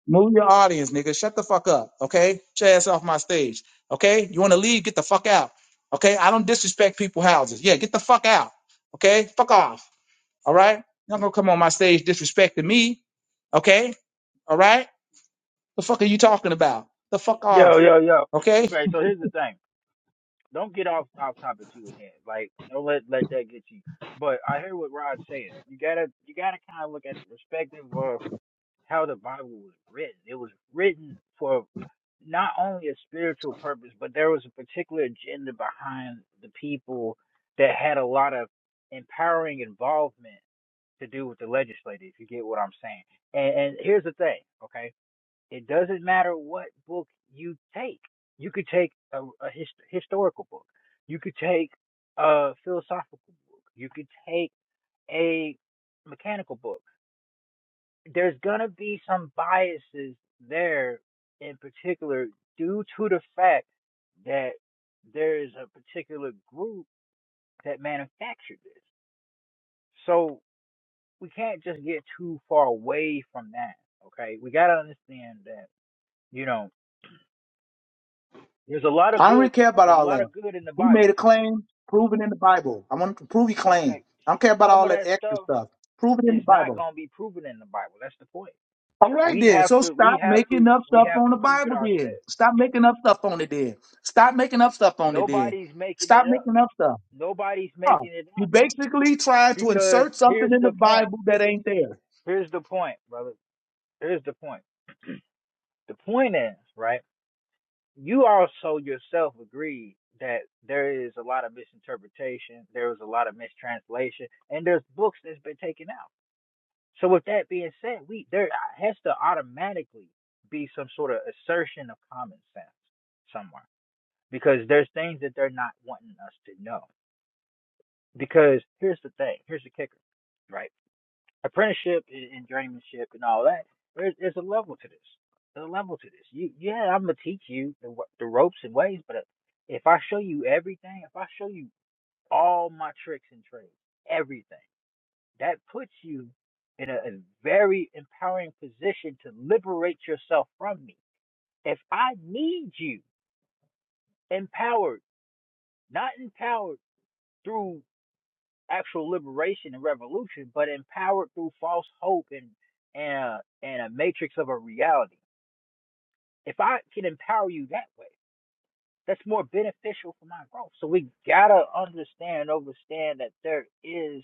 S1: Move your audience, nigga. Shut the fuck up, okay? Get your ass off my stage, okay? You want to leave? Get the fuck out, okay? I don't disrespect people houses. Yeah, get the fuck out, okay? Fuck off, all right? You're not going to come on my stage disrespecting me, okay? All right? The fuck are you talking about? The fuck
S2: Yo,
S1: off,
S2: yo, yo.
S1: okay?
S2: Okay, so here's the thing. don't get off off topic you at Like don't let let that get you. But I hear what Rod's saying. You gotta you gotta kind of look at the perspective of how the Bible was written. It was written for not only a spiritual purpose, but there was a particular agenda behind the people that had a lot of empowering involvement to do with the legislature. If you get what I'm saying. And, and here's the thing, okay? It doesn't matter what book you take. You could take a, a his, historical book. You could take a philosophical book. You could take a mechanical book. There's gonna be some biases there, in particular, due to the fact that there is a particular group that manufactured this. So we can't just get too far away from that. Okay, we gotta understand that. You know, There's a lot of
S1: I don't
S2: good.
S1: really care about
S2: There's a
S1: all
S2: lot
S1: that.
S2: of good in the
S1: He
S2: Bible.
S1: made a claim, prove it in the Bible. I want to prove he claim.
S2: Okay,
S1: I don't care about
S2: some
S1: all
S2: of
S1: that
S2: that
S1: extra
S2: stuff
S1: stuff. Prove it in
S2: is
S1: the
S2: not
S1: Bible.
S2: going to be proven in the Bible. That's the point.
S1: All right
S2: We
S1: then.
S2: have
S1: So
S2: to. We
S1: stop
S2: have to.
S1: making up
S2: We
S1: stuff
S2: have
S1: on
S2: to
S1: the
S2: prove it
S1: Bible then.
S2: ourselves.
S1: Stop making up stuff on it then. Stop making up stuff on it then.
S2: Nobody's making
S1: Stop
S2: it up.
S1: making up stuff.
S2: Nobody's
S1: Oh,
S2: making it
S1: You
S2: up
S1: basically trying to
S2: because
S1: insert something
S2: here's
S1: in the
S2: the point.
S1: Bible that ain't there.
S2: Here's the point, brother. Here's the point. The point is right. You also yourself agreed that there is a lot of misinterpretation. There is a lot of mistranslation, and there's books that's been taken out. So with that being said, we there uh, has to automatically be some sort of assertion of common sense somewhere because there's things that they're not wanting us to know. Because here's the thing, here's the kicker, right? Apprenticeship and journeymanship and all that. There's there's a level to this. There's a level to this. You yeah, I'm gonna teach you the the ropes and ways, but uh, if I show you everything, if I show you all my tricks and trades, everything that puts you in a, a very empowering position to liberate yourself from me. If I need you empowered, not empowered through actual liberation and revolution, but empowered through false hope and and a, and a matrix of a reality. If I can empower you that way, that's more beneficial for my growth. So we gotta understand, and understand that there is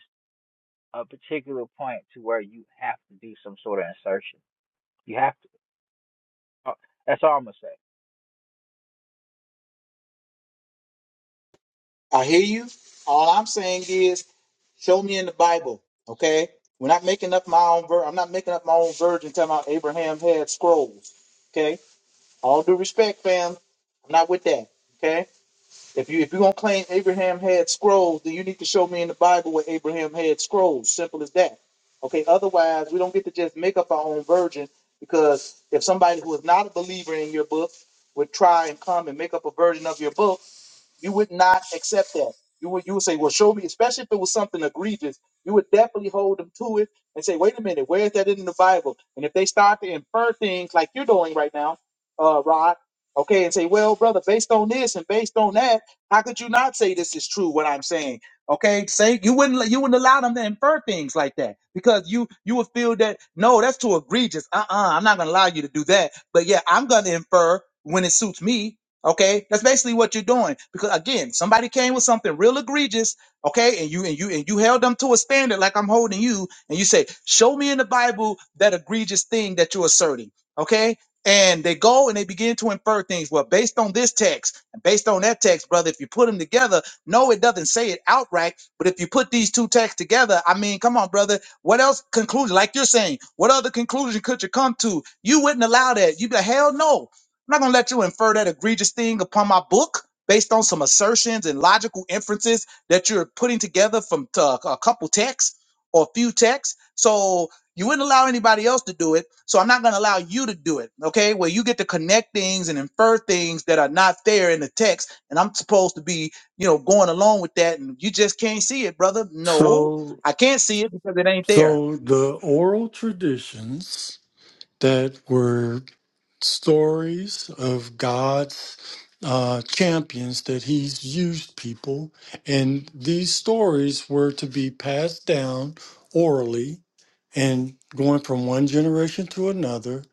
S2: a particular point to where you have to do some sort of insertion. You have Uh, That's all I'm gonna say.
S1: I hear you. All I'm saying is, show me in the Bible, okay? We're not making up my own ver. I'm not making up my own virgin talking about Abraham had scrolls, okay? All due respect, fam. I'm not with that, okay? If you if you are gonna claim Abraham had scrolls, then you need to show me in the Bible where Abraham had scrolls. Simple as that, okay? Otherwise, we don't get to just make up our own virgin because if somebody who is not a believer in your book would try and come and make up a version of your book you would not accept that. You would you would say, well, show me, especially if it was something egregious, you would definitely hold them to it and say, wait a minute, where is that in the Bible? And if they start to infer things like you're doing right now, uh, Rod, okay, and say, well, brother, based on this and based on that, how could you not say this is true? What I'm saying, okay, say you wouldn't let- you wouldn't allow them to infer things like that because you you would feel that no, that's too egregious. Uh-uh, I'm not gonna allow you to do that. But yeah, I'm gonna infer when it suits me Okay, that's basically what you're doing. Because again, somebody came with something real egregious, okay, and you and you and you held them to a standard like I'm holding you, and you say, Show me in the Bible that egregious thing that you're asserting. Okay. And they go and they begin to infer things. Well, based on this text and based on that text, brother, if you put them together, no, it doesn't say it outright. But if you put these two texts together, I mean, come on, brother, what else conclusion? Like you're saying, what other conclusion could you come to? You wouldn't allow that. You'd be like, hell no. I'm not gonna let you infer that egregious thing upon my book based on some assertions and logical inferences that you're putting together from uh, a couple texts or a few texts. So you wouldn't allow anybody else to do it. So I'm not gonna allow you to do it. Okay, where you get to connect things and infer things that are not there in the text, and I'm supposed to be, you know, going along with that, and you just can't see it, brother.
S3: So
S1: No, I can't see it because it ain't
S3: so
S1: there.
S3: the oral traditions that were stories of God's uh, champions that He's used people. And these stories were to be passed down orally and going from one generation to another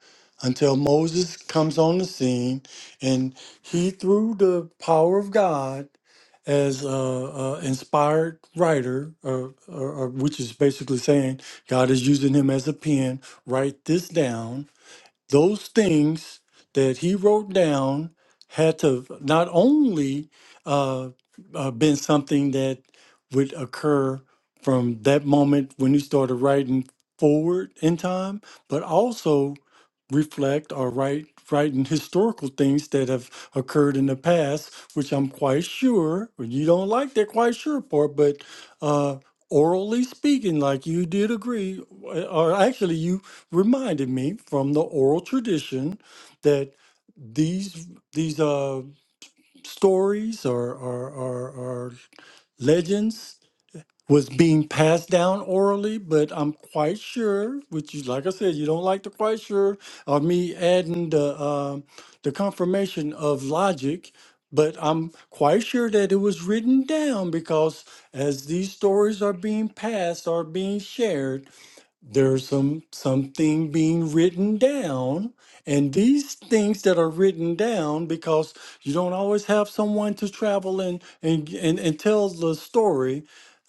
S3: until Moses comes on the scene and he, through the power of God, as a, a inspired writer, or, or, or which is basically saying God is using him as a pen, write this down, those things that he wrote down had to not only uh, uh, been something that would occur from that moment when he started writing forward in time, but also reflect or write writing historical things that have occurred in the past, which I'm quite sure well, you don't like that quite sure part, but uh, orally speaking, like you did agree, or actually you reminded me from the oral tradition that these these uh stories or or or, or legends was being passed down orally, but I'm quite sure, which you like I said, you don't like the quite sure or me adding the um the confirmation of logic, but I'm quite sure that it was written down because as these stories are being passed or being shared, there's some something being written down and these things that are written down because you don't always have someone to travel and and and, and tell the story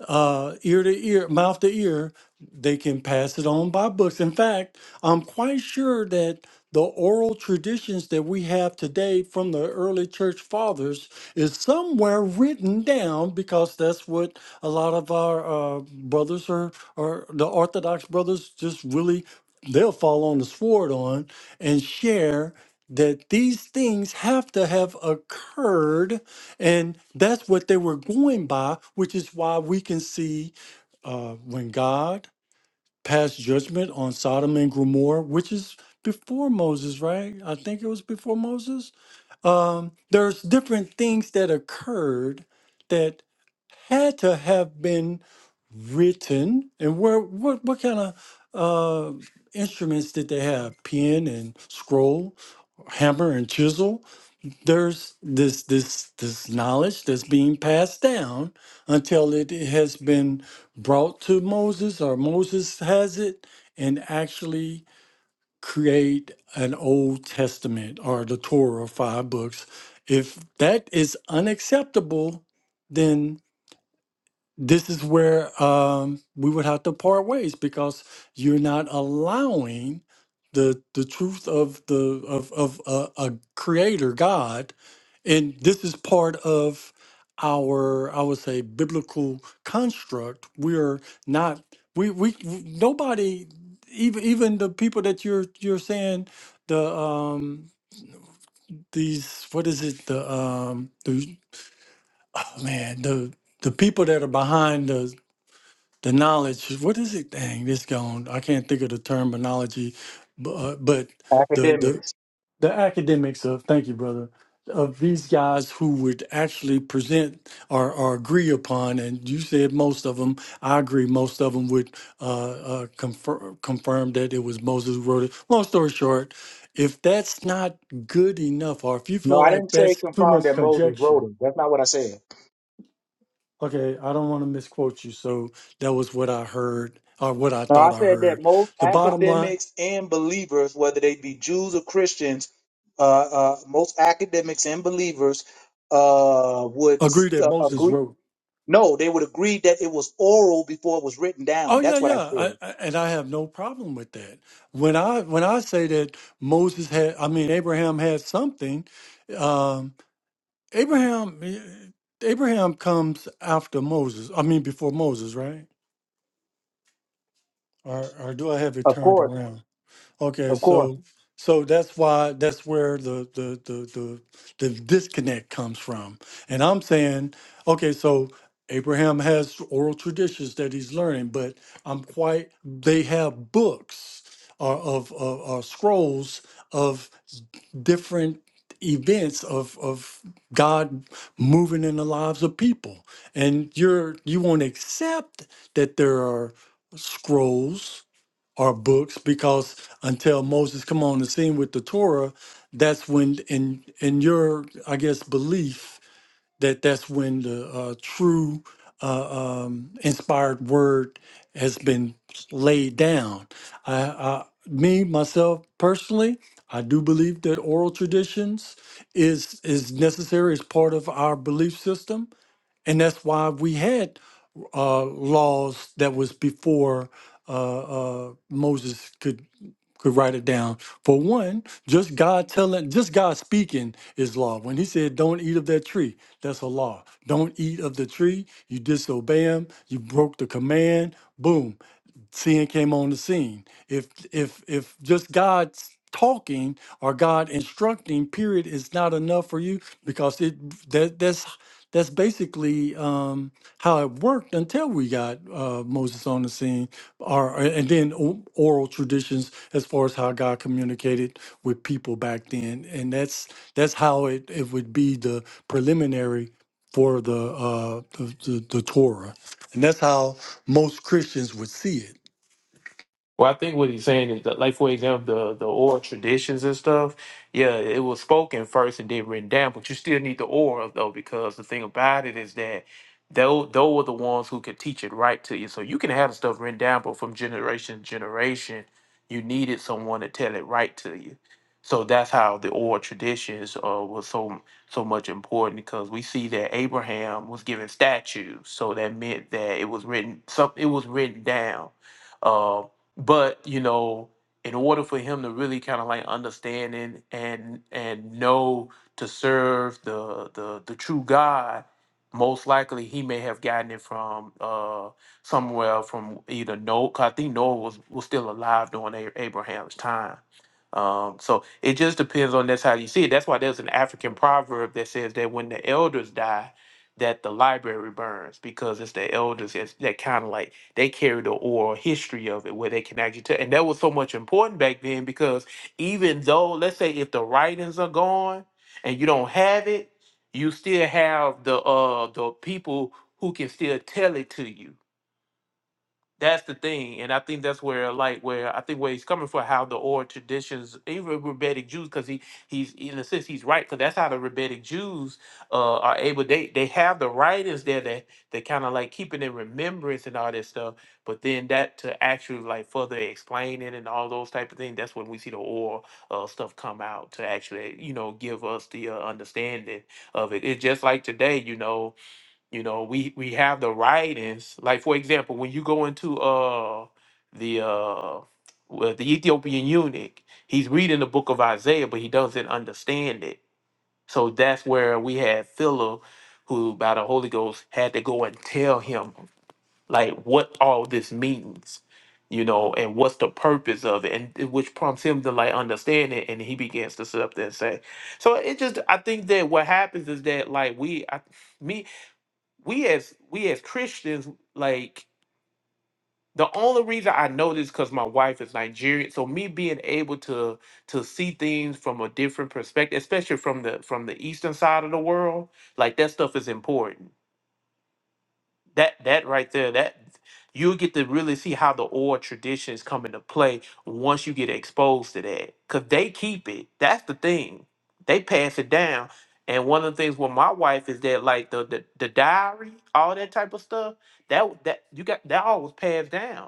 S3: uh, ear to ear, mouth to ear, they can pass it on by books. In fact, I'm quite sure that the oral traditions that we have today from the early church fathers is somewhere written down because that's what a lot of our uh, brothers are, or the Orthodox brothers just really they'll fall on the sword on and share that these things have to have occurred and that's what they were going by, which is why we can see uh, when God passed judgment on Sodom and Gomorrah, which is before Moses, right? I think it was before Moses. Um, there's different things that occurred that had to have been written. And where what what kind of uh, instruments did they have? Pen and scroll, hammer and chisel there's this this this knowledge that's being passed down until it has been brought to Moses or Moses has it and actually create an Old Testament or the Torah five books. If that is unacceptable, then this is where um, we would have to part ways because you're not allowing the the truth of the of of uh, a creator God, and this is part of our I would say biblical construct. We're not we we w- nobody even even the people that you're you're saying the um these what is it the um the oh man the the people that are behind the the knowledge what is it dang this gone i can't think of the terminology but, uh, but the the
S1: Academics.
S3: the academics of thank you brother of these guys who would actually present or, or agree upon and you said most of them i agree most of them would uh, uh, confirm confirm that it was moses who wrote it long story short if that's not good enough or if you
S1: No,
S3: feel
S1: I
S3: like
S1: didn't say
S3: that's too
S1: confirm
S3: much
S1: that Moses
S3: conjecture
S1: wrote it. That's not what I said.
S3: Okay, I don't want to misquote you. So that was what I heard, or what I
S1: No, I
S3: thought I
S1: said that
S3: heard.
S1: most
S3: The bottom line,
S1: academics and believers, whether they be Jews or Christians, uh, uh, most academics and believers uh, would
S3: agree that
S1: uh,
S3: Moses
S1: agree.
S3: wrote.
S1: No, they would agree that it was oral before it was written down.
S3: Oh yeah,
S1: That's what I
S3: yeah, I,
S1: said.
S3: I, and I have no problem with that. When I when I say that Moses had, I mean Abraham had something. Um, Abraham, eh, Abraham comes after Moses. I mean before Moses, right? Or or do I have it
S1: Of
S3: turned
S1: course,
S3: around? Okay,
S1: of course.
S3: so so that's why that's where the the the the, the disconnect comes from. And I'm saying, okay, so Abraham has oral traditions that he's learning, but I'm quite they have books or of of or scrolls of different events of of God moving in the lives of people. And you're you won't accept that there are scrolls or books because until Moses come on the scene with the Torah, that's when in in your I guess belief that that's when the uh, true uh, um, inspired word has been laid down. I, I me myself personally, I do believe that oral traditions is is necessary as part of our belief system and that's why we had uh, laws that was before uh, uh, Moses could could write it down. For one, just God telling, just God speaking is law. When He said, "Don't eat of that tree," that's a law. Don't eat of the tree. You disobey Him. You broke the command. Boom sin came on the scene. If if if just God's talking or God instructing, period, is not enough for you because it that that's that's basically um, how it worked until we got uh, Moses on the scene, or and then o- oral traditions as far as how God communicated with people back then, and that's that's how it, it would be the preliminary for the, uh, the the the Torah, and that's how most Christians would see it.
S5: Well, I think what he's saying is that, like for example, the the oral traditions and stuff. Yeah, it was spoken first and then written down, but you still need the oral though, because the thing about it is that those those were the ones who could teach it right to you. So you can have the stuff written down, but from generation to generation, you needed someone to tell it right to you. So that's how the oral traditions uh, was so so much important because we see that Abraham was given statues, so that meant that it was written. Some it was written down uh, but you know in order for him to really kind of like understand and and and know to serve the the the true god most likely he may have gotten it from uh somewhere from either noah 'cause i think noah was was still alive during A- abraham's time um so it just depends on that's how you see it that's why there's an african proverb that says that when the elders die that the library burns because it's the elders that's- that kind of like they carry the oral history of it where they can actually tell. And that was so much important back then because even though, let's say, if the writings are gone and you don't have it, you still have the uh the people who can still tell it to you that's the thing, and I think that's where, like, where I think where he's coming from, how the oral traditions, even rabbinic Jews, because he he's in a sense he's right, because that's how the rabbinic Jews uh, are able. They they have the writings there that they kind of like keeping in remembrance and all that stuff, but then that to actually like further explain it and all those type of things. That's when we see the oral uh, stuff come out to actually you know give us the uh, understanding of it. It's just like today, you know you know, we we have the writings. Like for example, when you go into uh the uh well, the Ethiopian eunuch, he's reading the book of Isaiah, but he doesn't understand it. So that's where we had Philip, who by the Holy Ghost had to go and tell him like what all this means, you know, and what's the purpose of it, and it- which prompts him to like understand it, and he begins to sit up there and say. So it just, I think that what happens is that like we, I, me we as we as Christians, like the only reason I know this because my wife is Nigerian, so me being able to to see things from a different perspective, especially from the from the eastern side of the world, like that stuff is important that that right there that you get to really see how the oral traditions come into play once you get exposed to that because they keep it that's the thing they pass it down and one of the things with my wife is that like the the, the diary all that type of stuff that that you got that all was passed down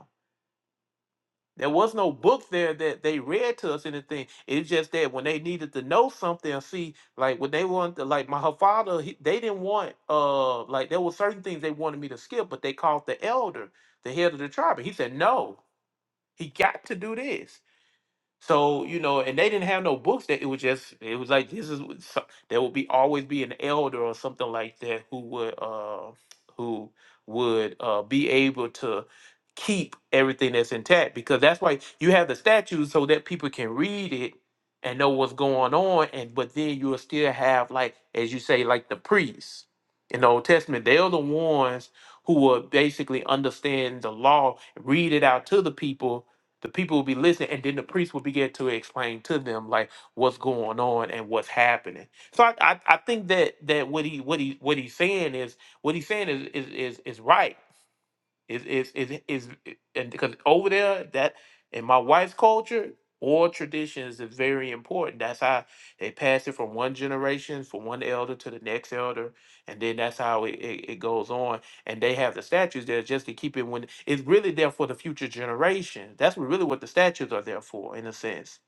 S5: there was no book there that they read to us anything. It's just that when they needed to know something, or see, like when they wanted, to, like my her father, he, they didn't want, uh, like there were certain things they wanted me to skip, but they called the elder, the head of the tribe, and he said, "No, he got to do this." So you know, and they didn't have no books. That it was just it was like this is what so- there would be always be an elder or something like that who would uh who would uh be able to keep everything that's intact because that's why you have the statues so that people can read it and know what's going on and but then you'll still have like as you say like the priests in the Old Testament they're the ones who will basically understand the law read it out to the people the people will be listening and then the priest will begin to explain to them like what's going on and what's happening so i i, I think that that what he what he what he's saying is what he's saying is is is, is right is is is is and because over there that in my wife's culture, oral traditions is very important. That's how they pass it from one generation, from one elder to the next elder, and then that's how it, it, it goes on. And they have the statues there just to keep it when it's really there for the future generation. That's what- really what the statues are there for, in a sense.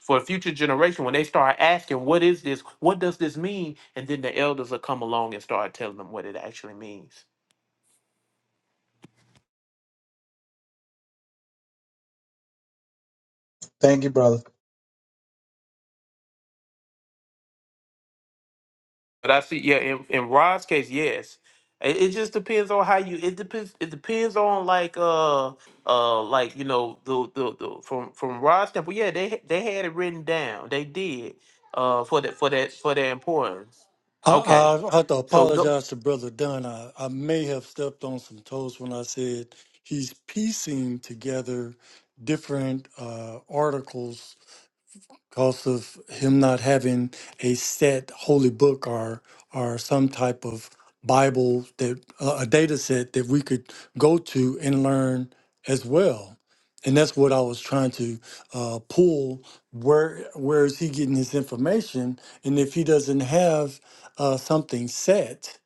S5: For the future generation, when they start asking, what is this? What does this mean? And then the elders will come along and start telling them what it actually means.
S1: Thank you, brother.
S5: But I see, yeah, in, in Rod's case, yes. It, it just depends on how you. It depends. It depends on like, uh, uh, like you know, the the, the from from Rod's temple. Yeah, they ha- they had it written down. They did, uh, for that for that for their importance.
S3: I,
S5: Okay,
S3: I I have to
S5: so th-
S3: apologize to Brother Dunn. I, I may have stepped on some toes when I said he's piecing together different uh, articles because of him not having a set holy book or or some type of Bible that a a data set that we could go to and learn as well. And that's what I was trying to uh, pull. Where where is he getting his information? And if he doesn't have uh, something set,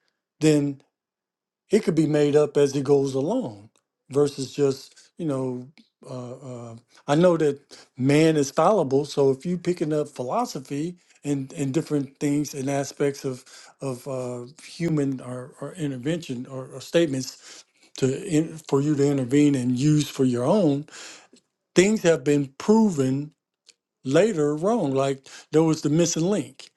S3: it could be made up as it goes along versus just you know uh, uh, i know that man is fallible so if you picking up philosophy and, and different things and aspects of of uh, human or, or intervention or, or statements to in, for you to intervene and use for your own things have been proven later wrong like there was the missing link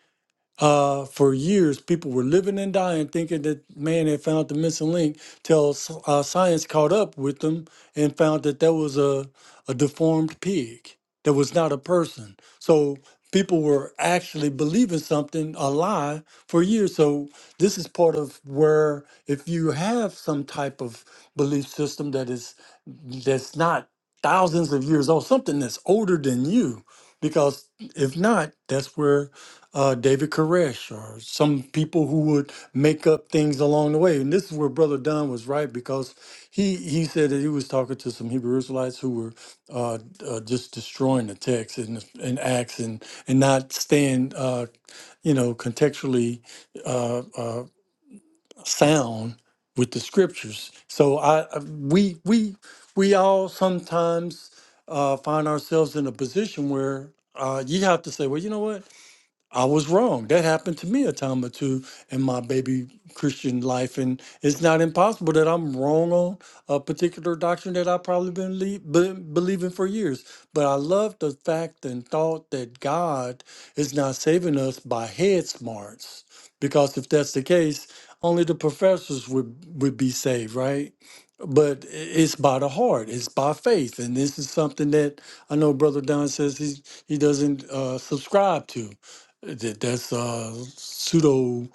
S3: uh, for years, people were living and dying thinking that man had found the missing link till s- uh, science caught up with them and found that that was a, a deformed pig that was not a person. So people were actually believing something, a lie, for years. So this is part of where if you have some type of belief system that is that's not thousands of years old, something that's older than you, because if not, that's where uh, David Koresh or some people who would make up things along the way. And this is where Brother Don was right because he, he said that he was talking to some Hebrew Israelites who were uh, uh, just destroying the text and, and Acts and, and not staying, uh, you know, contextually uh, uh, sound with the scriptures. So I I- we we we all sometimes uh, find ourselves in a position where uh, you have to say, well, you know what? I was wrong. That happened to me a time or two in my baby Christian life, and it's not impossible that I'm wrong on a particular doctrine that I've probably been le- been believing for years. But I love the fact and thought that God is not saving us by head smarts, because if that's the case, only the professors would would be saved, right? But i- it's by the heart, it's by faith, and this is something that I know Brother Don says he he doesn't uh, subscribe to that that's uh pseudo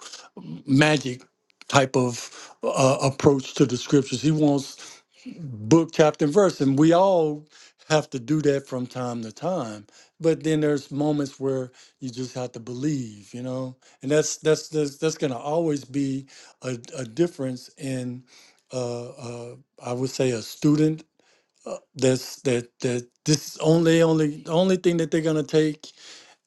S3: magic type of uh, approach to the scriptures he wants book chapter and verse and we all have to do that from time to time but then there's moments where you just have to believe you know and that's that's that's, that's going to always be a, a difference in uh, uh i would say a student uh, that's that that this is only only the only thing that they're going to take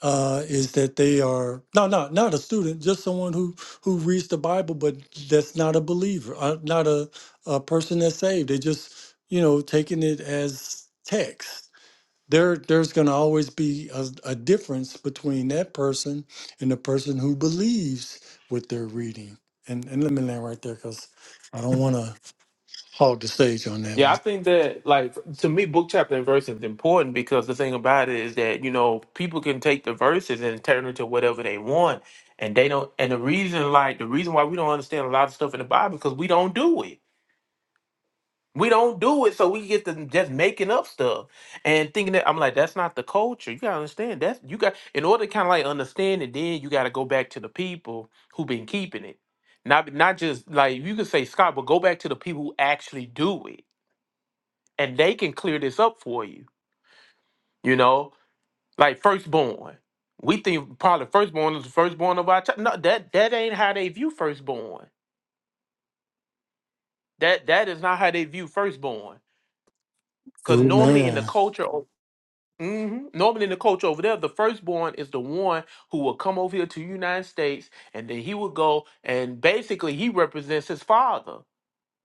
S3: uh, is that they are no, no, not a student, just someone who who reads the Bible, but that's not a believer, uh, not a a person that's saved. They just you know taking it as text. There, there's going to always be a, a difference between that person and the person who believes what they're reading. And and let me land right there because I don't want to hog the stage on that
S5: yeah, I
S3: one.
S5: think that like to me, book chapter and verse is important because the thing about it is that you know people can take the verses and turn it to whatever they want, and they don't. And the reason, like the reason why we don't understand a lot of stuff in the Bible because we don't do it We don't do it, so we get to just making up stuff and thinking that I'm like, that's not the culture. You gotta understand that's you got in order to kind of like understand it. Then you got to go back to the people who been keeping it, not not just like you could say Scott, but go back to the people who actually do it, and they can clear this up for you. You know, like firstborn. We think probably firstborn is the firstborn of our child. No, that that ain't how they view firstborn. That that is not how they view firstborn. Cause normally in the
S3: Amen.
S5: culture, hmm Normally, in the culture over there, the firstborn is the one who will come over here to the United States, and then he will go and basically he represents his father.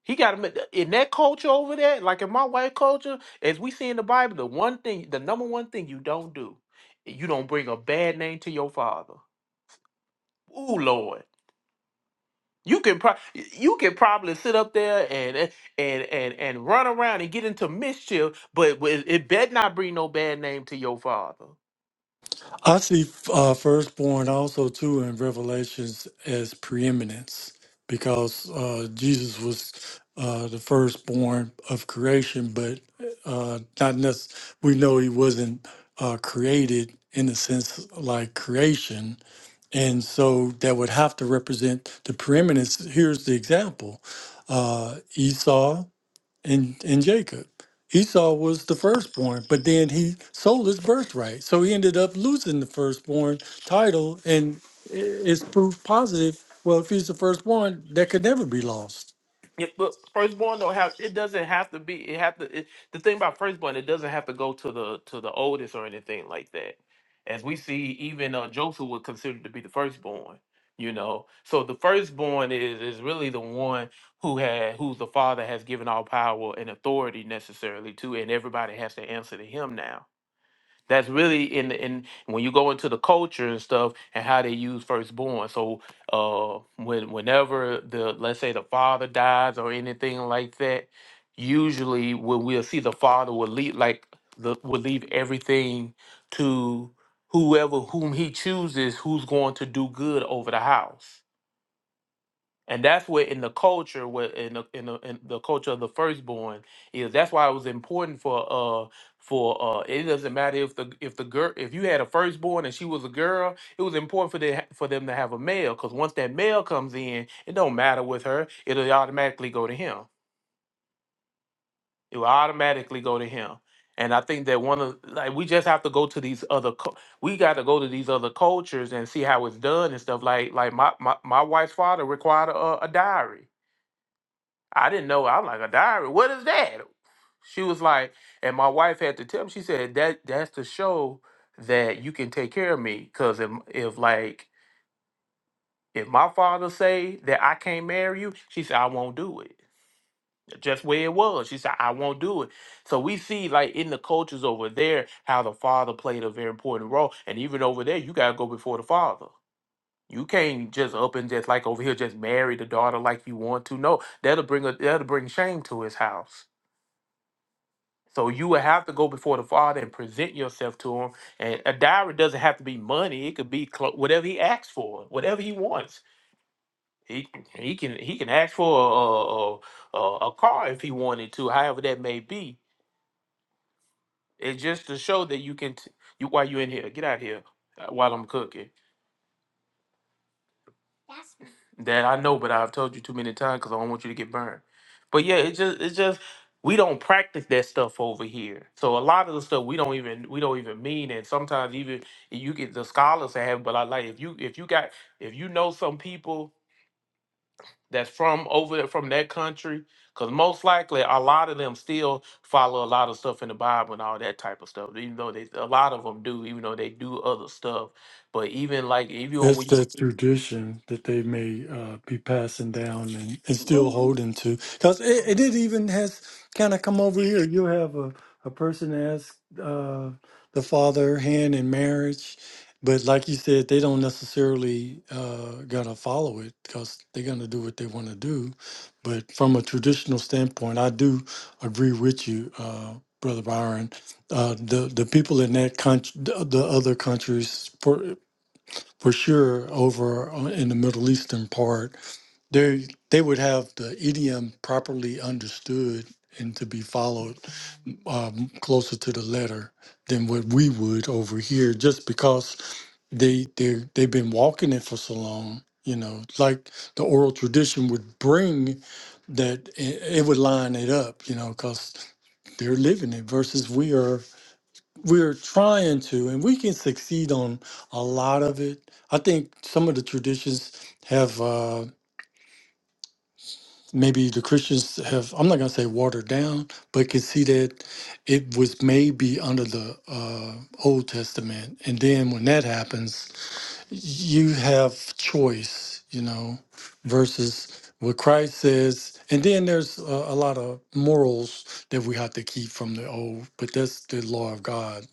S5: He got him in that culture over there, like in my white culture, as we see in the Bible. The one thing, the number one thing you don't do, you don't bring a bad name to your father. Ooh, Lord. You can pro- you can probably sit up there and and and and run around and get into mischief, but but it it better not bring no bad name to your father.
S3: I see uh, firstborn also too in Revelations as preeminence because uh, Jesus was uh, the firstborn of creation, but uh, not necess- we know he wasn't uh, created in a sense like creation, and so that would have to represent the preeminence. Here's the example: uh, Esau and and Jacob. Esau was the firstborn, but then he sold his birthright, so he ended up losing the firstborn title, and i- it's proof positive. Well, if he's the firstborn, that could never be lost.
S5: Yeah, but firstborn don't have it doesn't have to be it have to it, the thing about firstborn it doesn't have to go to the to the oldest or anything like that. As we see, even uh, Joseph was considered to be the firstborn, you know. So the firstborn is is really the one who had who the father has given all power and authority necessarily to, and everybody has to answer to him now that's really in the in when you go into the culture and stuff and how they use firstborn. So uh when whenever the let's say the father dies or anything like that, usually when we'll see the father will leave like the will leave everything to whoever whom he chooses who's going to do good over the house and that's what in the culture what in the, in the in the culture of the firstborn is that's why it was important for uh for uh it doesn't matter if the if the girl if you had a firstborn and she was a girl it was important for them for them to have a male because once that male comes in it don't matter with her it'll automatically go to him it will automatically go to him and i think that one of like we just have to go to these other cul- we got to go to these other cultures and see how it's done and stuff like like my my, my wife's father required a, a diary I didn't know. I'm like a diary. What is that? She was like, and my wife had to tell me. She said that that's to show that you can take care of me. Cause if if like if my father say that I can't marry you, she said I won't do it. Just where it was. She said I won't do it. So we see like in the cultures over there how the father played a very important role, and even over there you gotta go before the father. You can't just up and just like over here just marry the daughter like you want to. No, that'll bring a that'll bring shame to his house So you would have to go before the Father and present yourself to Him. And a diary doesn't have to be money; it could be clo- whatever He asks for, whatever He wants. He he can he can ask for a a, a, a car if he wanted to, however that may be. It's just to show that you can t- you while you're in here, get out of here uh, while I'm cooking. That I know, but I've told you too many times because I don't want you to get burned. But yeah, it's just it's just we don't practice that stuff over here. So a lot of the stuff we don't even we don't even mean, and sometimes even you get the scholars that have. But I like if you if you got if you know some people that's from over there from that country, because most likely a lot of them still follow a lot of stuff in the Bible and all that type of stuff. Even though they a lot of them do, even though they do other stuff. But even like even
S3: That's
S5: when
S3: that
S5: you
S3: tradition that they may uh, be passing down and, and still holding to. Because it, it, it even has kind of come over here. you have a, a person ask uh, the father hand in marriage, but like you said, they don't necessarily uh, got to follow it because they're going to do what they want to do. But from a traditional standpoint, I do agree with you, uh, Brother Byron uh, the the people in that country, the, the other countries, for sure over on- in the Middle Eastern part, they they would have the idiom properly understood and to be followed um, closer to the letter than what we would over here, just because they they they've been walking it for so long. You know, like the oral tradition would bring that i- it would line it up. You know, because they're living it versus we are we're trying to and we can succeed on a lot of it i think some of the traditions have uh maybe the christians have i'm not going to say watered down but can see that it was maybe under the uh old testament and then when that happens you have choice, you know, versus what Christ says. And then there's a, a lot of morals that we have to keep from the old, but that's the law of God.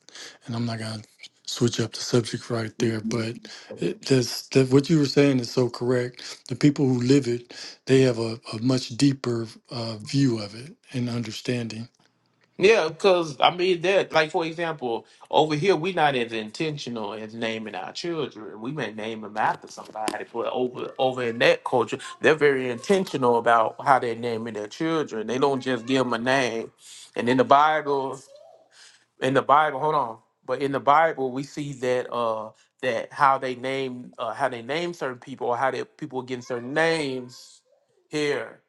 S3: And I'm not going to switch up the subject right there, but it, that's, that what you were saying is so correct. The people who live it, they have a, a much deeper uh, view of it and understanding.
S5: Yeah, because I mean that like for example, over here we're not as intentional as naming our children. We may name them after somebody, but over over in that culture, they're very intentional about how they're naming their children. They don't just give them a name. And in the Bible in the Bible, hold on. But in the Bible, we see that uh that how they name uh how they name certain people or how they people are getting certain names here.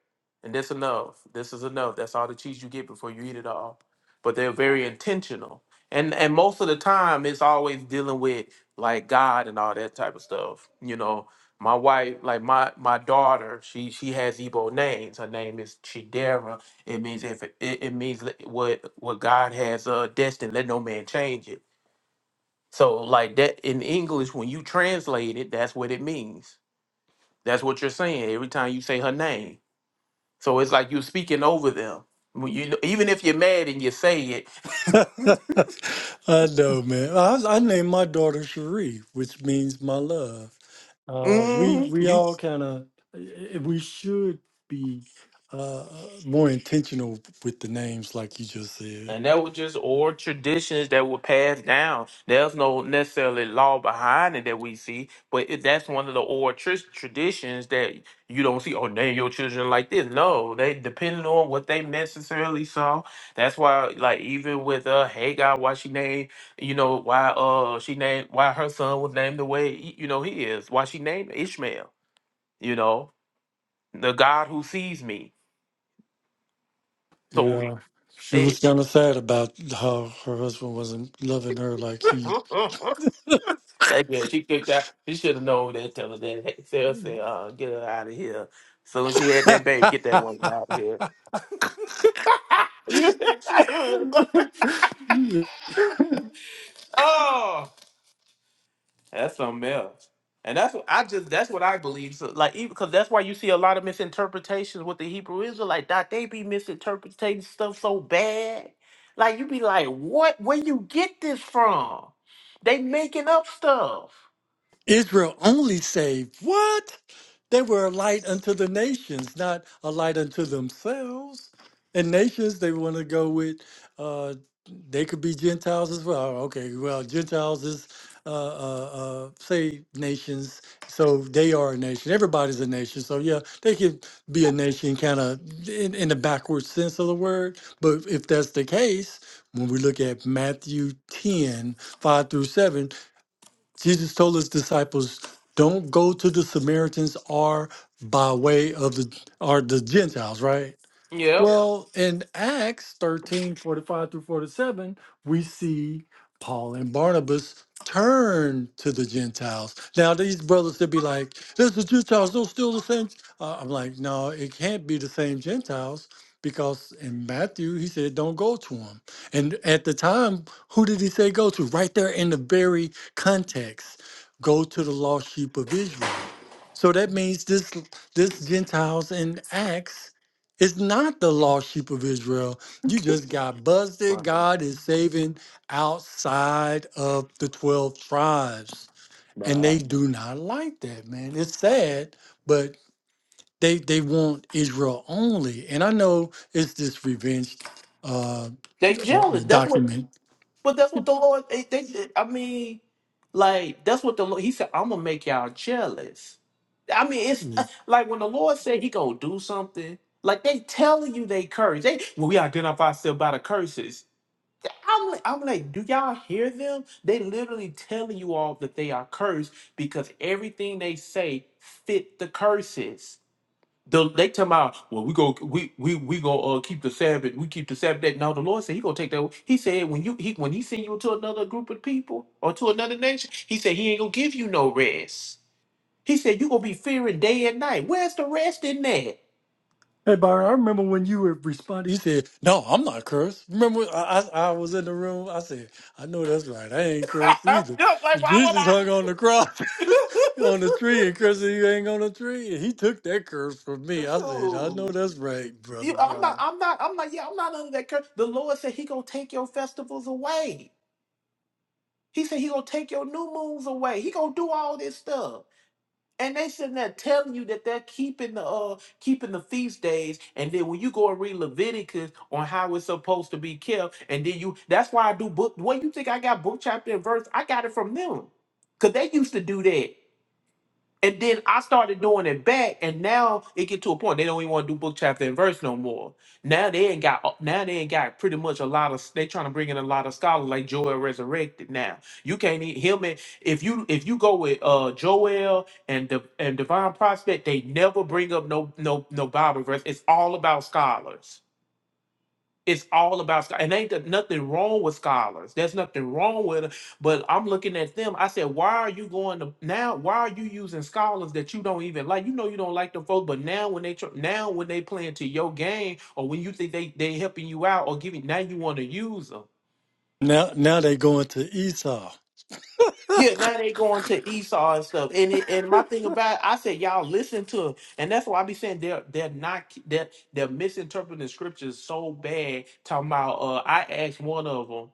S5: And that's enough. This is enough. That's all the cheese you get before you eat it all. But they're very intentional. And and most of the time it's always dealing with like God and all that type of stuff. You know, my wife, like my my daughter, she she has Igbo names. Her name is Chidera it means if it, it means let- what what God has uh destined, let no man change it. So like that in English, when you translate it, that's what it means. That's what you're saying every time you say her name. So it's like you're speaking over them. When you even if you're mad and you say it,
S3: I know, man. I, I named my daughter Cherie, which means my love. Uh, we
S5: mm,
S3: we
S5: you.
S3: all kind of we should be uh, more intentional with the names, like you just said.
S5: And that was just oral traditions that were passed down. There's no necessarily law behind it that we see, but it, that's one of the oral tr- traditions that you don't see. Oh, name your children like this. No, they depending on what they necessarily saw. That's why, like, even with uh Hagar, why she named, you know, why uh she named why her son was named the way he- you know he is. Why she named Ishmael. You know, the God who sees me. So
S3: Yeah, she was
S5: it,
S3: kind of sad about how her husband wasn't loving her like he.
S5: That girl, she kicked out. She should have known that. Tell her that. Hey, Sarah said, uh, "Get her out of here." So when she had that baby, get that woman out of here. you, you, oh, that's something else. And that's what I just. That's what I believe. So, like, even because that's why you see a lot of misinterpretations with the Hebrew Israelite. That they be misinterpreting stuff so bad. Like you be like, what? Where you get this from? They making up stuff.
S3: Israel only saved what? They were a light unto the nations, not a light unto themselves. And nations they want to go with, uh, they could be Gentiles as well. Oh, Okay, well, Gentiles is uh, uh, uh, say nations, so they are a nation. Everybody's a nation, so yeah, they could be a nation kind of in, in the backward sense of the word. But if that's the case, when we look at Matthew 10 5 through 7, Jesus told his disciples, "Don't go to the Samaritans or by way of the or the Gentiles." Right?
S5: Yep.
S3: Well, in Acts 13 45 through 47, we see Paul and Barnabas turn to the Gentiles. Now, these brothers, they'll be like, This the Gentiles, those still the same. Uh, I'm like, No, it can't be the same Gentiles because in Matthew, he said, Don't go to them. And at the time, who did he say go to? Right there in the very context go to the lost sheep of Israel. So that means this this Gentiles in Acts it's not the lost sheep of Israel. You just got busted. God is saving outside of the 12 tribes. And
S5: Nah.
S3: they do not like that, man. It's
S5: nah.
S3: sad, but they they want Israel only. And I know it's this revenge uh,
S5: They
S3: uh,
S5: jealous. That's what
S3: document.
S5: But that's what the Lord. eh, They, they, I mean, like that's what the Lord. He said, "I'm gonna make y'all jealous." I mean, it's uh, like when the Lord said He gonna do something. Like they telling you they curse. They well, we identify ourselves by the curses. I'm like, I'm like, do y'all hear them? They literally telling you all that they are cursed because everything they say fit the curses. The, they tell about well we go we we we go uh keep the Sabbath we keep the Sabbath day. No, the Lord said He gonna take that. He said when you he when He send you to another group of people or to another nation, He said He ain't gonna give you no rest. He said you gonna be fearing day and night. Where's the rest in that?
S3: Hey, Byron, I remember when you were responding. You said, "No, I'm not cursed." Remember, when I, I I was in the room. I said, "I know that's right. I ain't cursed
S5: I'm
S3: either."
S5: just like why would
S3: Jesus
S5: I?
S3: hung on the cross, on the tree, and cursed you ain't on the tree. And he took that curse from me.
S5: That's
S3: I said, "I know
S5: true.
S3: that's right, brother
S5: You, I'm not.
S3: Brian."
S5: I'm not. I'm not. Yeah, I'm not under that curse. The Lord said He gonna take your festivals away. He said He gonna take your new moons away. He gonna do all this stuff. And they sitting there telling you that they're keeping the uh keeping the feast days, and then when you go and read Leviticus on how it's supposed to be kept, and then you that's why I do book. What you think I got book chapter and verse? I got it from them, cause they used to do that. And then I started doing it back, and now it get to a point they don't even want to do book chapter and verse no more. Now they ain't got uh, now they ain't got pretty much a lot of they trying to bring in a lot of scholars like Joel resurrected. Now you can't even him and if you if you go with uh Joel and the and Divine Prospect, they never bring up no no no Bible verse. It's all about scholars. It's all about scho- and ain't there nothing wrong with scholars. There's nothing wrong with it. But I'm looking at them. I said, why are you going to now? Why are you using scholars that you don't even like? You know you don't like them folks, but now when they tr- now when they playing to your game or when you think they they helping you out or giving now you want to use them.
S3: Now, now they going to Esau.
S5: Yeah, now they going to Esau and stuff. And it, and my thing about it, I said y'all listen to 'em. and that's why I be saying they're they're not they're they're misinterpreting scriptures so bad. Talking about uh, I asked one of them.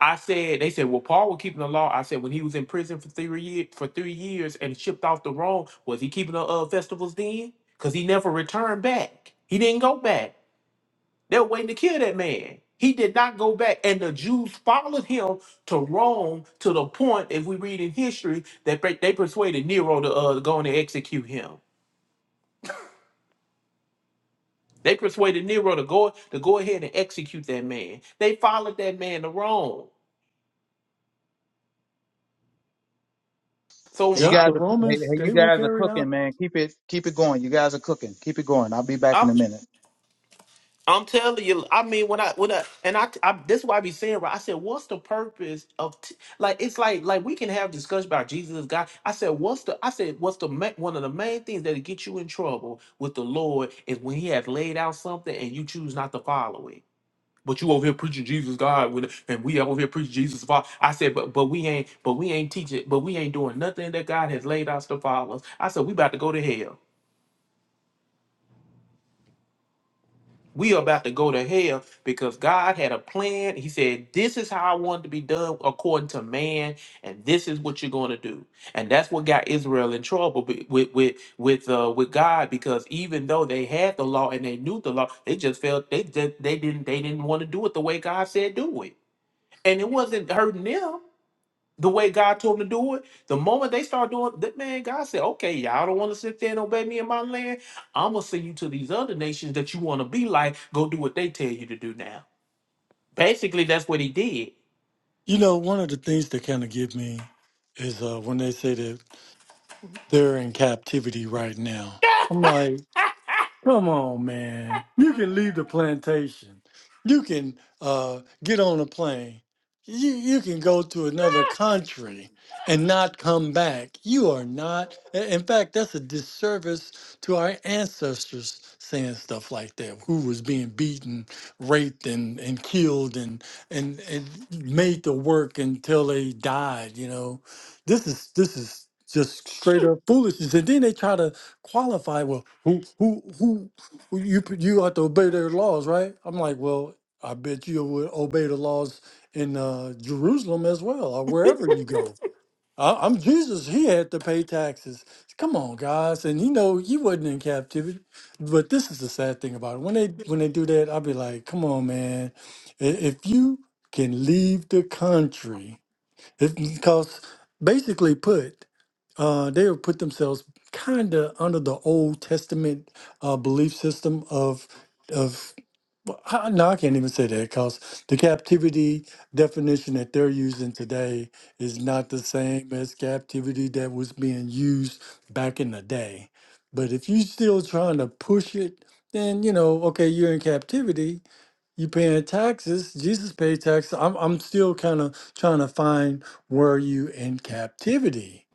S5: I said, they said, well, Paul was keeping the law. I said, when he was in prison for three years, for three years and shipped off to Rome, was he keeping the uh, festivals then? Because he never returned back. He didn't go back. They were waiting to kill that man. He did not go back, and the Jews followed him to Rome to the point, if we read in history, that they they persuaded Nero to uh, go and execute him. They persuaded Nero to go to go ahead and execute that man. They followed that man to Rome. So
S1: You
S3: Yep,
S1: guys,
S3: the
S1: are, hey,
S3: Romans
S1: hey, you
S3: they will
S1: guys are
S3: carry
S1: cooking,
S3: out.
S1: man. Keep it, keep it going. You guys are cooking. Keep it going. I'll be back
S5: I,
S1: in a minute.
S5: I'm telling you, I mean, when I when I and I, I this is why I be saying, right? I said, what's the purpose of t-? like? It's like like we can have discussion about Jesus as God. I said, what's the? I said, what's the ma- one of the main things that get you in trouble with the Lord is when He has laid out something and you choose not to follow it. But you over here preaching Jesus God, when, and we over here preaching Jesus Father. I said, but but we ain't but we ain't teaching, but we ain't doing nothing that God has laid out to follow us. I said, we about to go to hell. we are about to go to hell because God had a plan. He said, This is how I want it to be done according to man, and this is what you're going to do. And that's what got Israel in trouble be- with with with uh, with God because even though they had the law and they knew the law, they just felt they just, they didn't they didn't want to do it the way God said do it, and it wasn't hurting them the way God told them to do it. The moment they start doing that, man, God said, okay, y'all don't want to sit there and obey me in my land. I'm going to send you to these other nations that you want to be like. Go do what they tell you to do now. Basically, that's what he did.
S3: You know, one of the things that kind of give me is uh, when they say that they're in captivity right now. I'm like. Come on, man. You can leave the plantation. You can uh, get on a plane. You you can go to another country and not come back. You are not. i- In fact, that's a disservice to our ancestors saying stuff like that. Who was being beaten, raped, and and killed, and and and made to work until they died. You know, this is this is just straight up foolishness. And then they try to qualify. Well, who who who who you p- you have to obey their laws, right? I'm like, well, I bet you would obey the laws in uh, Jerusalem as well, or wherever you go. I, I'm Jesus. He had to pay taxes. Come on, guys, and you know he wasn't in captivity. But this is the sad thing about it. When they when they do that, I'll be like, come on, man. I- If you can leave the country it's Because basically put, uh, they would put themselves kind of under the Old Testament uh, belief system of of well, I- no, I can't even say that because the captivity definition that they're using today is not the same as captivity that was being used back in the day. But if you're still trying to push it, then you know, okay, you're in captivity, you paying taxes. Jesus paid taxes. I'm I'm still kind of trying to find were you in captivity?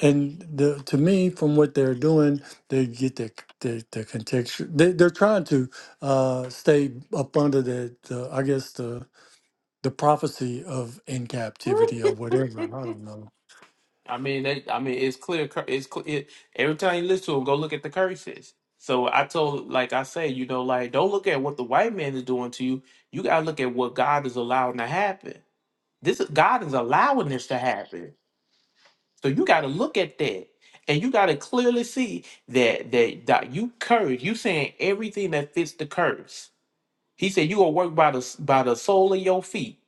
S3: And the to me, from what they're doing, they get the the, the contextual. They, they're trying to uh, stay up under the, the I guess the the prophecy of in captivity or whatever. I don't know.
S5: I mean, that, I mean, it's clear. cur- It's clear. It, every time you listen to him, go look at the curses. So I told, like I say, you know, like don't look at what the white man is doing to you. You gotta look at what God is allowing to happen. This is God is allowing this to happen. So you got to look at that, and you got to clearly see that that that you curse. You saying everything that fits the curse. He said you will work by the s- by the sole of your feet.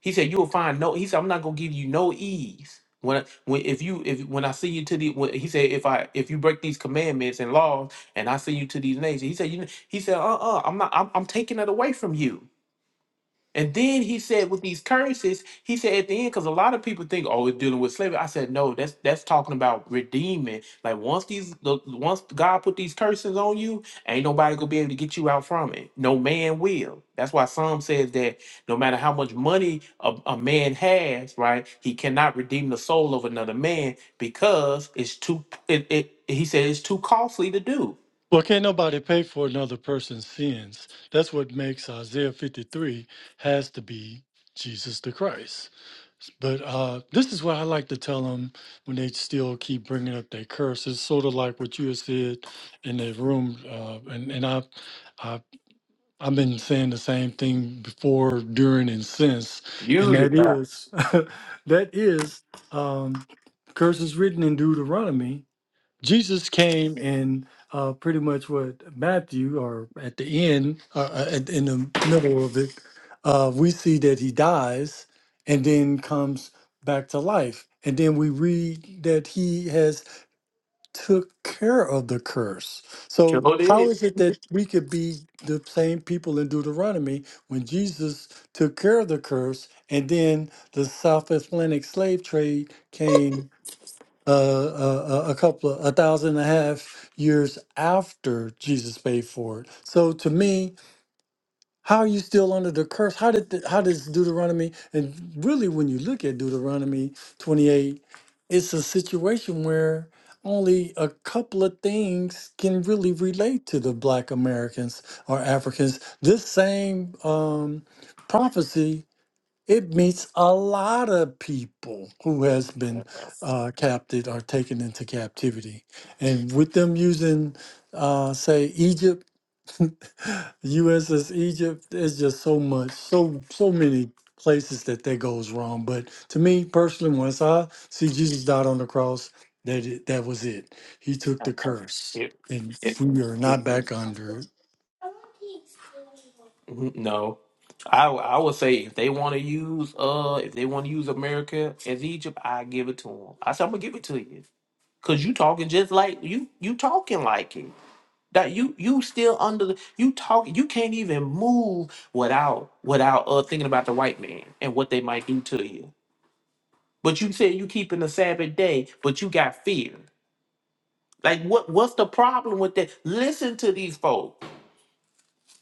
S5: He said you will find no. He said I'm not gonna give you no ease when I- when if you if when I see you to the when, he said if I if you break these commandments and laws and I see you to these nations. He said you he said uh uh-uh, uh i am not I'm, I'm taking it away from you. And then he said, with these curses, he said at the end, because a lot of people think, oh, it's dealing with slavery. I said, no, that's that's talking about redeeming. Like once these, the, once God put these curses on you, ain't nobody gonna be able to get you out from it. No man will. That's why Psalm says that no matter how much money a, a man has, right, he cannot redeem the soul of another man because it's too. It, it he said it's too costly to do.
S3: Well, can't nobody pay for another person's sins. That's what makes Isaiah 53 has to be Jesus the Christ. But uh, this is what I like to tell them when they still keep bringing up their curse. It's sort of like what you had said in the room, uh, and and I, I I've been saying the same thing before, during, and since, and
S5: Music,
S3: that is that is um, curses written in Deuteronomy Jesus came and uh, pretty much what Matthew, or at the end, uh, uh, at, in the middle of it, uh, we see that he dies and then comes back to life. And then we read that he has took care of the curse. So
S5: sure
S3: how
S5: did.
S3: is it that we could be the same people in Deuteronomy when Jesus took care of the curse and then the South Atlantic slave trade came uh, uh, uh, a couple of a thousand and a half years after Jesus paid for it. So to me, how are you still under the curse? How did the, how does Deuteronomy and really when you look at Deuteronomy 28, it's a situation where only a couple of things can really relate to the Black Americans or Africans. This same um, prophecy it meets a lot of people who has been uh, captured or taken into captivity, and with them using, uh, say, Egypt, USS Egypt, there's just so much, so so many places that that goes wrong. But to me personally, once I see Jesus died on the cross, that it, that was it. He took the curse,
S5: It,
S3: and we are
S5: it-
S3: not back under it.
S5: Mm-hmm. No, I I would say if they want to use uh if they want to use America as Egypt, I give it to them. I said I'm gonna give it to you because you talking just like you you talking like it. That you you still under the you talk you can't even move without without uh thinking about the white man and what they might do to you. But you said you keeping the Sabbath day, but you got fear. Like what what's the problem with that? Listen to these folks.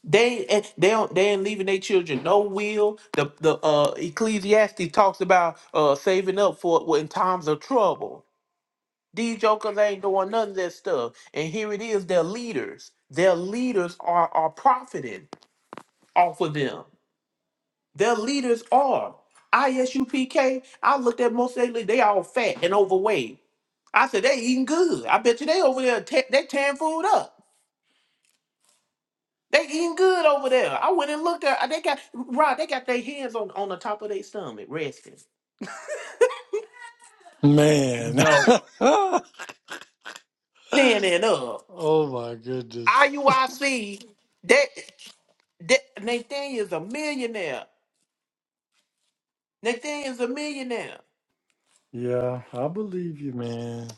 S5: They eh, they don't they ain't leaving their children no will. The the uh Ecclesiastes talks about uh saving up for in times of trouble. These jokers ain't doing none of that stuff. And here it is, their leaders. Their leaders are are profiting off of them. Their leaders are. ISUPK, I looked at most of they they all fat and overweight. I said they eating good. I bet you they over there te- they tearing food up. They eating good over there. I went and looked at. They got Rod. They got their hands on on the top of their stomach, resting.
S3: Man,
S5: No, standing up.
S3: oh my goodness.
S5: IUIC. That that Nathaniel's a millionaire. Nathaniel's a millionaire.
S3: Yeah, I believe you, man.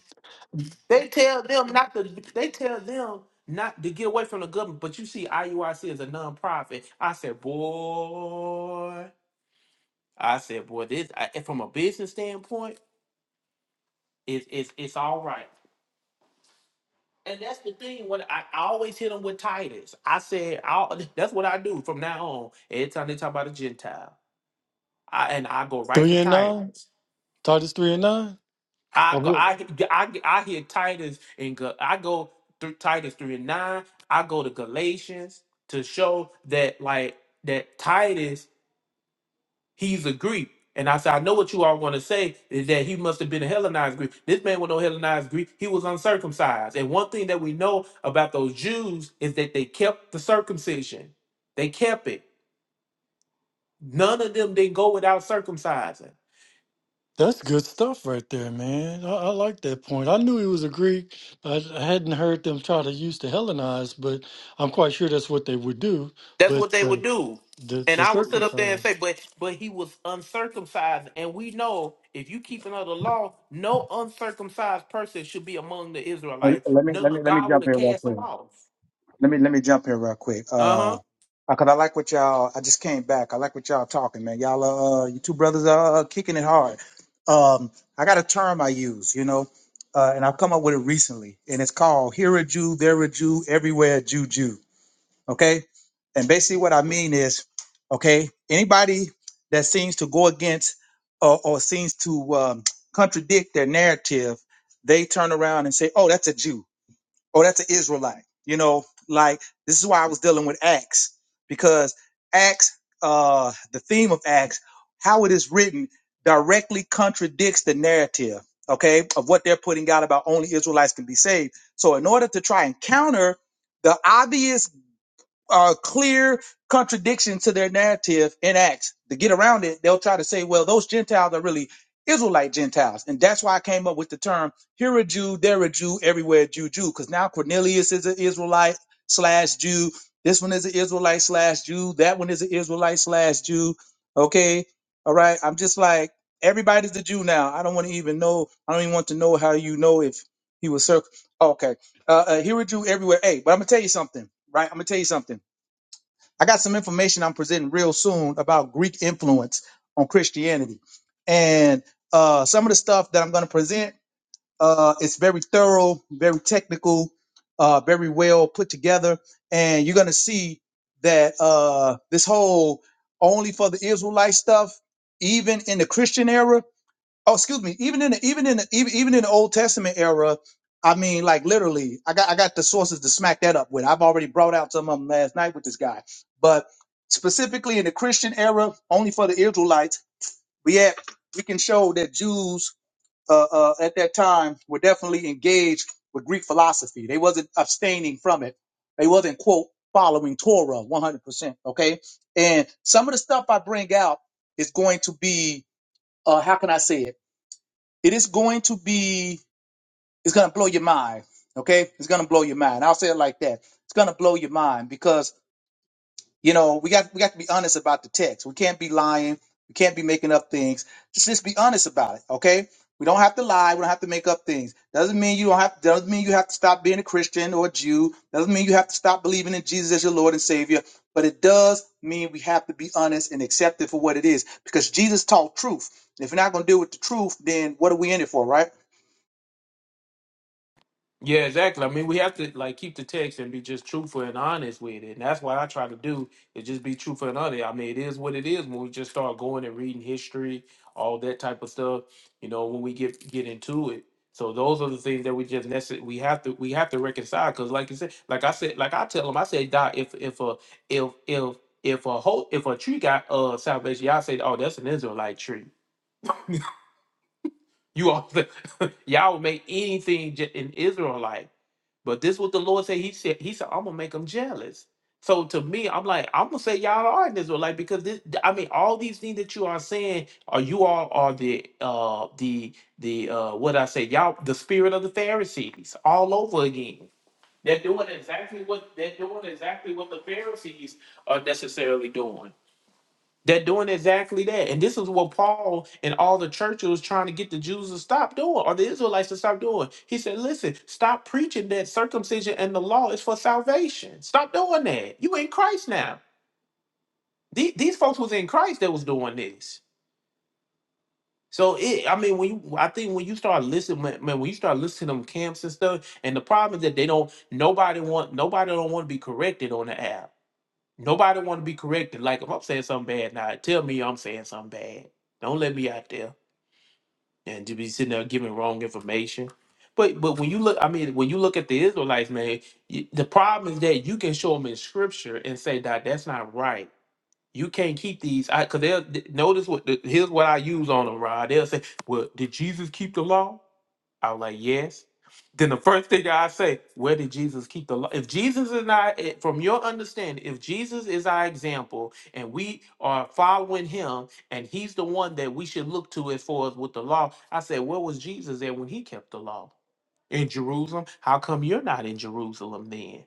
S5: They tell them not to. They tell them not to get away from the government. But you see, IUIC is a nonprofit. I said, boy. I said, boy. This I, from a business standpoint, it's it's it's all right. And that's the thing. When I, I always hit them with Titus, I said, I'll, "That's what I do from now on." Every time they talk about a Gentile, I, and I go right to
S3: Three and nine.
S5: Titus.
S3: Titus three and nine. I
S5: I go,
S3: would.
S5: I, I, I hit Titus and go, I go through Titus three and nine. I go to Galatians to show that like that Titus He's a Greek. And I said, I know what you all want to say is that he must have been a Hellenized Greek. This man was no Hellenized Greek. He was uncircumcised. And one thing that we know about those Jews is that they kept the circumcision. They kept it. None of them didn't go without circumcising.
S3: That's good stuff right there, man. I, I like that point. I knew he was a Greek. I I hadn't heard them try to use the Hellenized, but I'm quite sure that's what they would do.
S5: That's
S3: But
S5: what they would
S3: the
S5: do.
S3: the,
S5: And
S3: the
S5: I would sit up there
S3: circumcised.
S5: and say, but but he was uncircumcised. And we know if you keep another law, no uncircumcised person should be among the
S1: And
S5: Israelites.
S1: let me, let
S5: No,
S1: me, let me
S5: God would
S1: jump
S5: have
S1: in real
S5: cast
S1: quick.
S5: them off.
S1: Let me let me jump here real quick.
S5: Uh-huh.
S1: Uh, uh, cause I like what y'all. I just came back. I like what y'all talking, man. Y'all, uh, uh, you two brothers are uh, kicking it hard. Um, I got a term I use, you know, uh, and I've come up with it recently, and it's called "Here a Jew, There a Jew, Everywhere a Jew, Jew." Okay, and basically what I mean is, okay, anybody that seems to go against or, or seems to um, contradict their narrative, they turn around and say, "Oh, that's a Jew." Oh, that's an Israelite. You know, like this is why I was dealing with Acts because Acts, uh, the theme of Acts, how it is written directly contradicts the narrative, okay, of what they're putting out about only Israelites can be saved. So in order to try and counter the obvious uh, clear contradiction to their narrative in Acts. To get around it, they'll try to say, well, those Gentiles are really Israelite Gentiles. And that's why I came up with the term here a Jew, there a Jew, everywhere Jew, Jew, because now Cornelius is an Israelite slash Jew. This one is an Israelite slash Jew. That one is an Israelite slash Jew. Okay. All right. I'm just like, everybody's a Jew now. I don't want to even know. I don't even want to know how you know if he was circ. Okay. Uh, uh, here a Jew everywhere. Hey, but I'm going to tell you something, right? I'm going to tell you something I got some information I'm presenting real soon about Greek influence on Christianity. And uh, some of the stuff that I'm going to present, uh, it's very thorough, very technical, uh, very well put together. And you're going to see that uh, this whole only for the Israelite stuff, even in the Christian era, Oh, excuse me. Even in the, even in the, even even in the Old Testament era, I mean, like literally, I got I got the sources to smack that up with. I've already brought out some of them last night with this guy, but specifically in the Christian era, only for the Israelites, we had we can show that Jews uh, uh, at that time were definitely engaged with Greek philosophy. They wasn't abstaining from it. They wasn't quote following Torah one hundred percent. Okay, and some of the stuff I bring out is going to be uh, how can I say it? It is going to be, it's going to blow your mind. Okay. It's going to blow your mind. I'll say it like that. It's going to blow your mind because, you know, we got, we got to be honest about the text. We can't be lying. We can't be making up things. Just, just be honest about it. Okay. We don't have to lie. We don't have to make up things. Doesn't mean you don't have, doesn't mean you have to stop being a Christian or a Jew. Doesn't mean you have to stop believing in Jesus as your Lord and Savior but it does mean we have to be honest and accept it for what it is because Jesus taught truth. If you're not going to deal with the truth, then what are we in it for, right?
S5: Yeah, exactly. I mean, we have to like keep the text and be just truthful and honest with it, and that's what I try to do is just be truthful and honest. I mean, it is what it is when we just start going and reading history, all that type of stuff. You know, when we get get into it. So those are the things that we just necess- we have to we have to reconcile because, like you said, like I said, like I tell them, I say, Doc, if if a if if if a whole if a tree got uh salvation, y'all say, oh, that's an Israelite tree. You all y'all would make anything j- an Israelite. But this what the Lord said. He said, He said, I'm gonna make them jealous. So to me, I'm like, I'm gonna say y'all are an Israelite because this I mean, all these things that you are saying are you all are the uh the the uh what I say, y'all the spirit of the Pharisees all over again. They're doing exactly what they're doing exactly what the Pharisees are necessarily doing. They're doing exactly that. And this is what Paul and all the churches was trying to get the Jews to stop doing or the Israelites to stop doing. He said, listen, stop preaching that circumcision and the law is for salvation. Stop doing that. You in Christ now. The- These folks was in Christ that was doing this. So it, I mean, when you, I think when you start listening, man, man, when you start listening to them camps and stuff, and the problem is that they don't, nobody want, nobody don't want to be corrected on the app. Nobody want to be corrected. Like if I'm saying something bad now, tell me I'm saying something bad. Don't let me out there and to be sitting there giving wrong information. But but when you look, I mean, when you look at the Israelites, man, you, the problem is that you can show them in Scripture and say that that's not right. You can't keep these I because they'll th- notice what the, here's what I use on them, Rod. They'll say, "Well, did Jesus keep the law?" I was like, yes. Then the first thing I say, where did Jesus keep the law? If Jesus is not, eh, from your understanding, if Jesus is our example and we are following him and he's the one that we should look to as far as with the law, I said, where was Jesus at when he kept the law? In Jerusalem? How come you're not in Jerusalem then?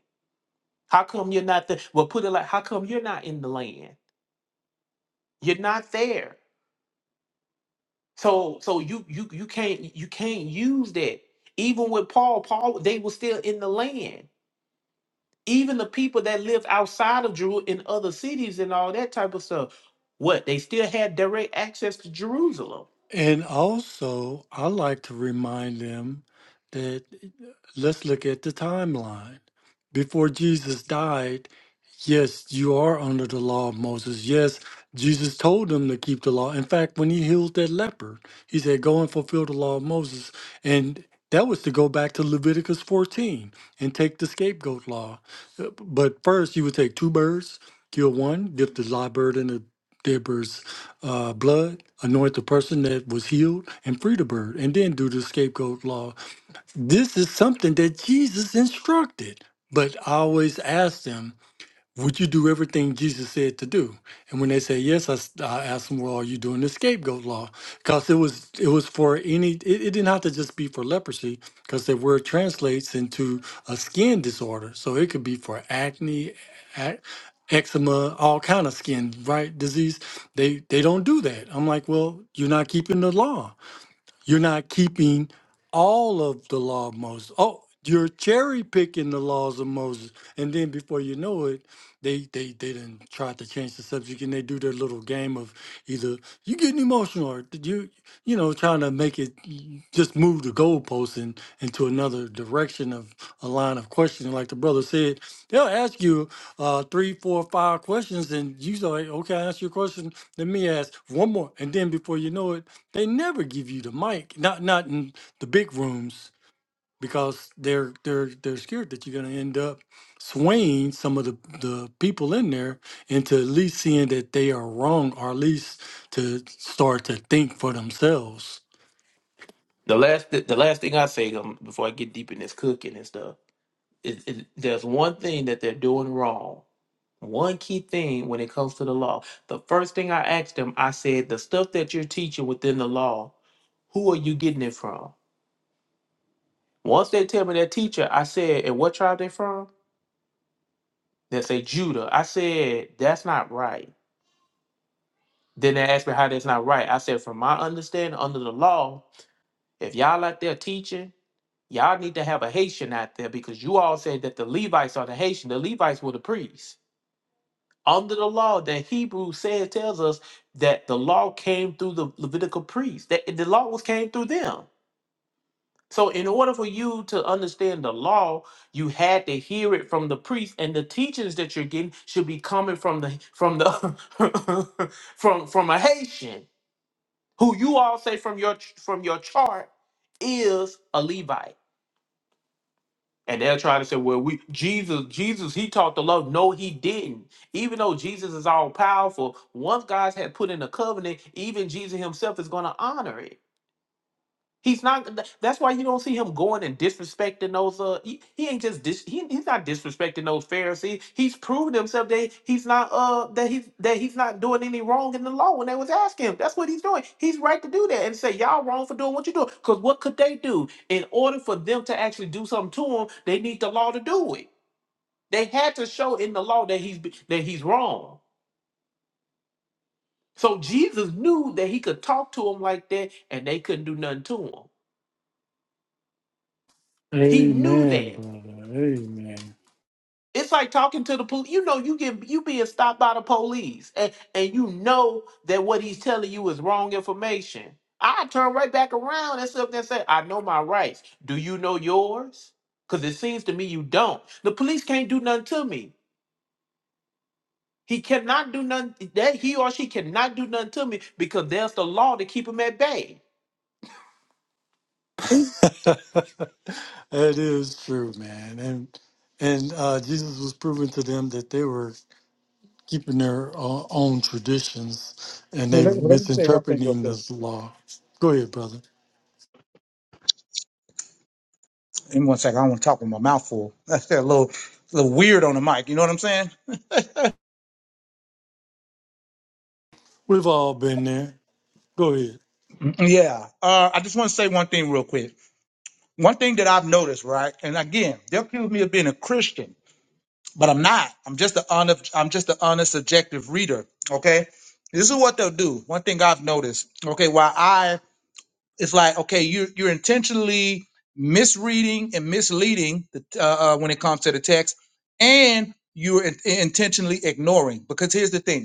S5: How come you're not there? Well, put it like, how come you're not in the land? You're not there. So, so you you you can't you can't use that. Even with Paul, Paul they were still in the land. even the people that lived outside of Jerusalem in other cities and all that type of stuff, what they still had direct access to Jerusalem.
S3: And also, I like to remind them that uh, let's look at the timeline. Before Jesus died, yes, you are under the law of Moses. Yes, Jesus told them to keep the law. In fact, when he healed that leper, he said, Go and fulfill the law of Moses. And that was to go back to Leviticus 14 and take the scapegoat law. Uh, But first, you would take two birds, kill one, give the live bird and the dead bird uh, blood, anoint the person that was healed, and free the bird, and then do the scapegoat law. This is something that Jesus instructed. But I always ask them would you do everything Jesus said to do? And when they say yes, I, s- I asked them, well, are you doing the scapegoat law? Because it was it was for any. It, it didn't have to just be for leprosy, because the word translates into a skin disorder, so it could be for acne, ac- eczema, all kind of skin right disease. They they don't do that. I'm like, well, you're not keeping the law. You're not keeping all of the law of Moses. Oh, you're cherry picking the laws of Moses. And then before you know it, they they they didn't try to change the subject and they do their little game of either you getting emotional or you you know trying to make it just move the goalposts and into another direction of a line of questioning. Like the brother said, they'll ask you uh, three, four, five questions, and you say, like, okay, I asked you a question. Let me ask one more. And then before you know it, they never give you the mic, not not in the big rooms because they're they're they're scared that you're going to end up swaying some of the, the people in there into at least seeing that they are wrong or at least to start to think for themselves.
S5: The last, the, the last thing I say um, before I get deep in this cooking and stuff is, is there's one thing that they're doing wrong. One key thing when it comes to the law. The first thing I asked them, I said, the stuff that you're teaching within the law, who are you getting it from? Once they tell me their teacher, I said, and what tribe they from? They say Judah. I said, that's not right Then they asked me how that's not right. I said, from my understanding, under the law, if y'all out there teaching, y'all need to have a Haitian out there because you all said that the Levites are the Haitian. The Levites were the priests. Under the law, that Hebrew says tells us that the law came through the Levitical priests. That the law was came through them. So in order for you to understand the law, you had to hear it from the priest, and the teachings that you're getting should be coming from the from the from from a Haitian who you all say from your from your chart is a Levite. And they're trying to say, well, we Jesus, Jesus, he taught the law. No, he didn't. Even though Jesus is all powerful, once God had put in a covenant, even Jesus himself is going to honor it. He's not. th- That's why you don't see him going and disrespecting those. Uh, he, he ain't just dis. He, he's not disrespecting those Pharisees. He's proven himself that he's not. Uh, that he's that he's not doing any wrong in the law when they was asking him. That's what he's doing. He's right to do that and say y'all wrong for doing what you do. Because what could they do in order for them to actually do something to him? They need the law to do it. They had to show in the law that he's that he's wrong. So Jesus knew that he could talk to him like that, and they couldn't do nothing to him. He knew
S3: Amen,
S5: that.
S3: brother. Amen.
S5: It's like talking to the police. You know, you get you being stopped by the police, and and you know that what he's telling you is wrong information. I turn right back around and sit up there and say, "I know my rights. Do you know yours? Because it seems to me you don't. The police can't do nothing to me. He cannot do nothing. That he or she cannot do nothing to me because there's the law to keep him at bay.
S3: That is true, man. And and uh, Jesus was proving to them that they were keeping their uh, own traditions and
S1: Here,
S3: they were
S1: let, let me say one thing real
S3: misinterpreting
S1: quick.
S3: this law. Go ahead, brother.
S1: In one second, I don't want to talk with my mouth full. That's a little, little weird on the mic. You know what I'm saying?
S3: We've all been there. Go ahead.
S1: Mm, Yeah. Uh, I just want to say one thing real quick. One thing that I've noticed, right? And again, they'll accuse me of being a Christian, but I'm not. I'm just an honest, I'm just an honest, objective reader. Okay. This is what they'll do. One thing I've noticed. Okay. While I it's like okay you're you're intentionally misreading and misleading the, uh, uh, when it comes to the text and you're in- intentionally ignoring because here's the thing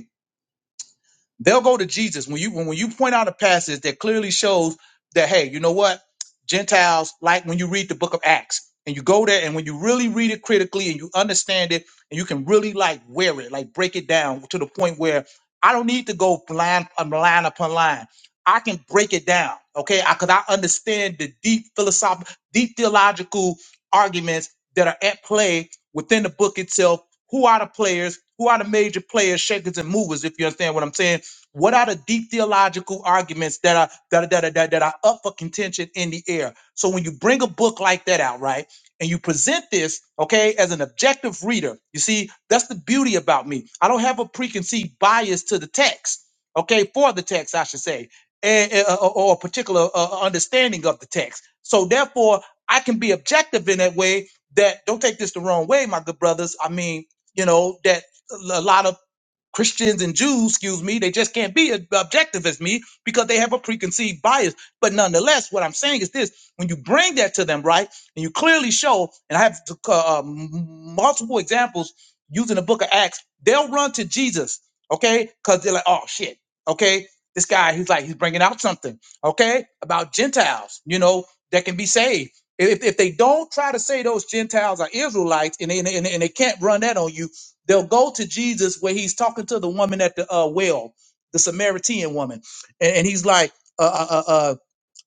S1: they'll go to Jesus when you when, when you point out a passage that clearly shows that hey, you know what? Gentiles like when you read the book of Acts and you go there and when you really read it critically and you understand it and you can really like wear it, like break it down to the point where I don't need to go blind um, line upon line. I can break it down, okay? I could I understand the deep philosophical, deep theological arguments that are at play within the book itself. Who are the players? Who are the major players, shakers, and movers? If you understand what I'm saying, what are the deep theological arguments that are that are, that are, that that are up for contention in the air? So when you bring a book like that out, right, and you present this, okay, as an objective reader, you see, that's the beauty about me. I don't have a preconceived bias to the text, okay, for the text, I should say, and, and- uh, or, or a particular uh, uh, understanding of the text. So therefore, I can be objective in that way. That don't take this the wrong way, my good brothers. I mean, you know that. A lot of Christians and Jews, excuse me, they just can't be ob- objective as me because they have a preconceived bias. But nonetheless, what I'm saying is this: when you bring that to them, right, and you clearly show, and I have to, uh, m- multiple examples using the Book of Acts, they'll run to Jesus, okay, because they're like, oh shit, okay, this guy, he's like, he's bringing out something, okay, about Gentiles, you know, that can be saved. If, if they don't try to say those Gentiles are Israelites and they, and they and they can't run that on you, They'll go to Jesus where he's talking to the woman at the uh, well, the Samaritan woman, and, and he's like. uh, uh, uh, uh,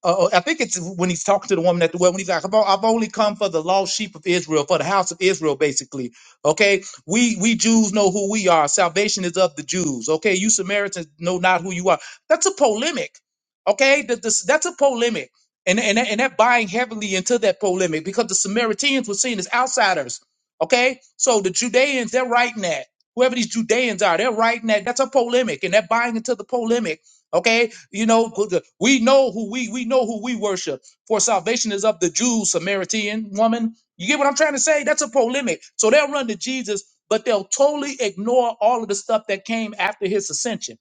S1: uh, I think it's when he's talking to the woman at the well, when he's like, I've, o- I've only come for the lost sheep of Israel, for the house of Israel, basically. Okay. We, we Jews know who we are. Salvation is of the Jews. Okay. You Samaritans know not who you are. That's a polemic. Okay. That- this- that's a polemic. And, and, and that buying heavily into that polemic because the Samaritans were seen as outsiders. Okay. So the Judeans, they're writing that. Whoever these Judeans are, they're writing that. That's a polemic. And they're buying into the polemic Okay, you know we know who we we know who we worship. For salvation is of the Jews, Samaritan woman. You get what I'm trying to say? That's a polemic. So they'll run to Jesus, but they'll totally ignore all of the stuff that came after his ascension.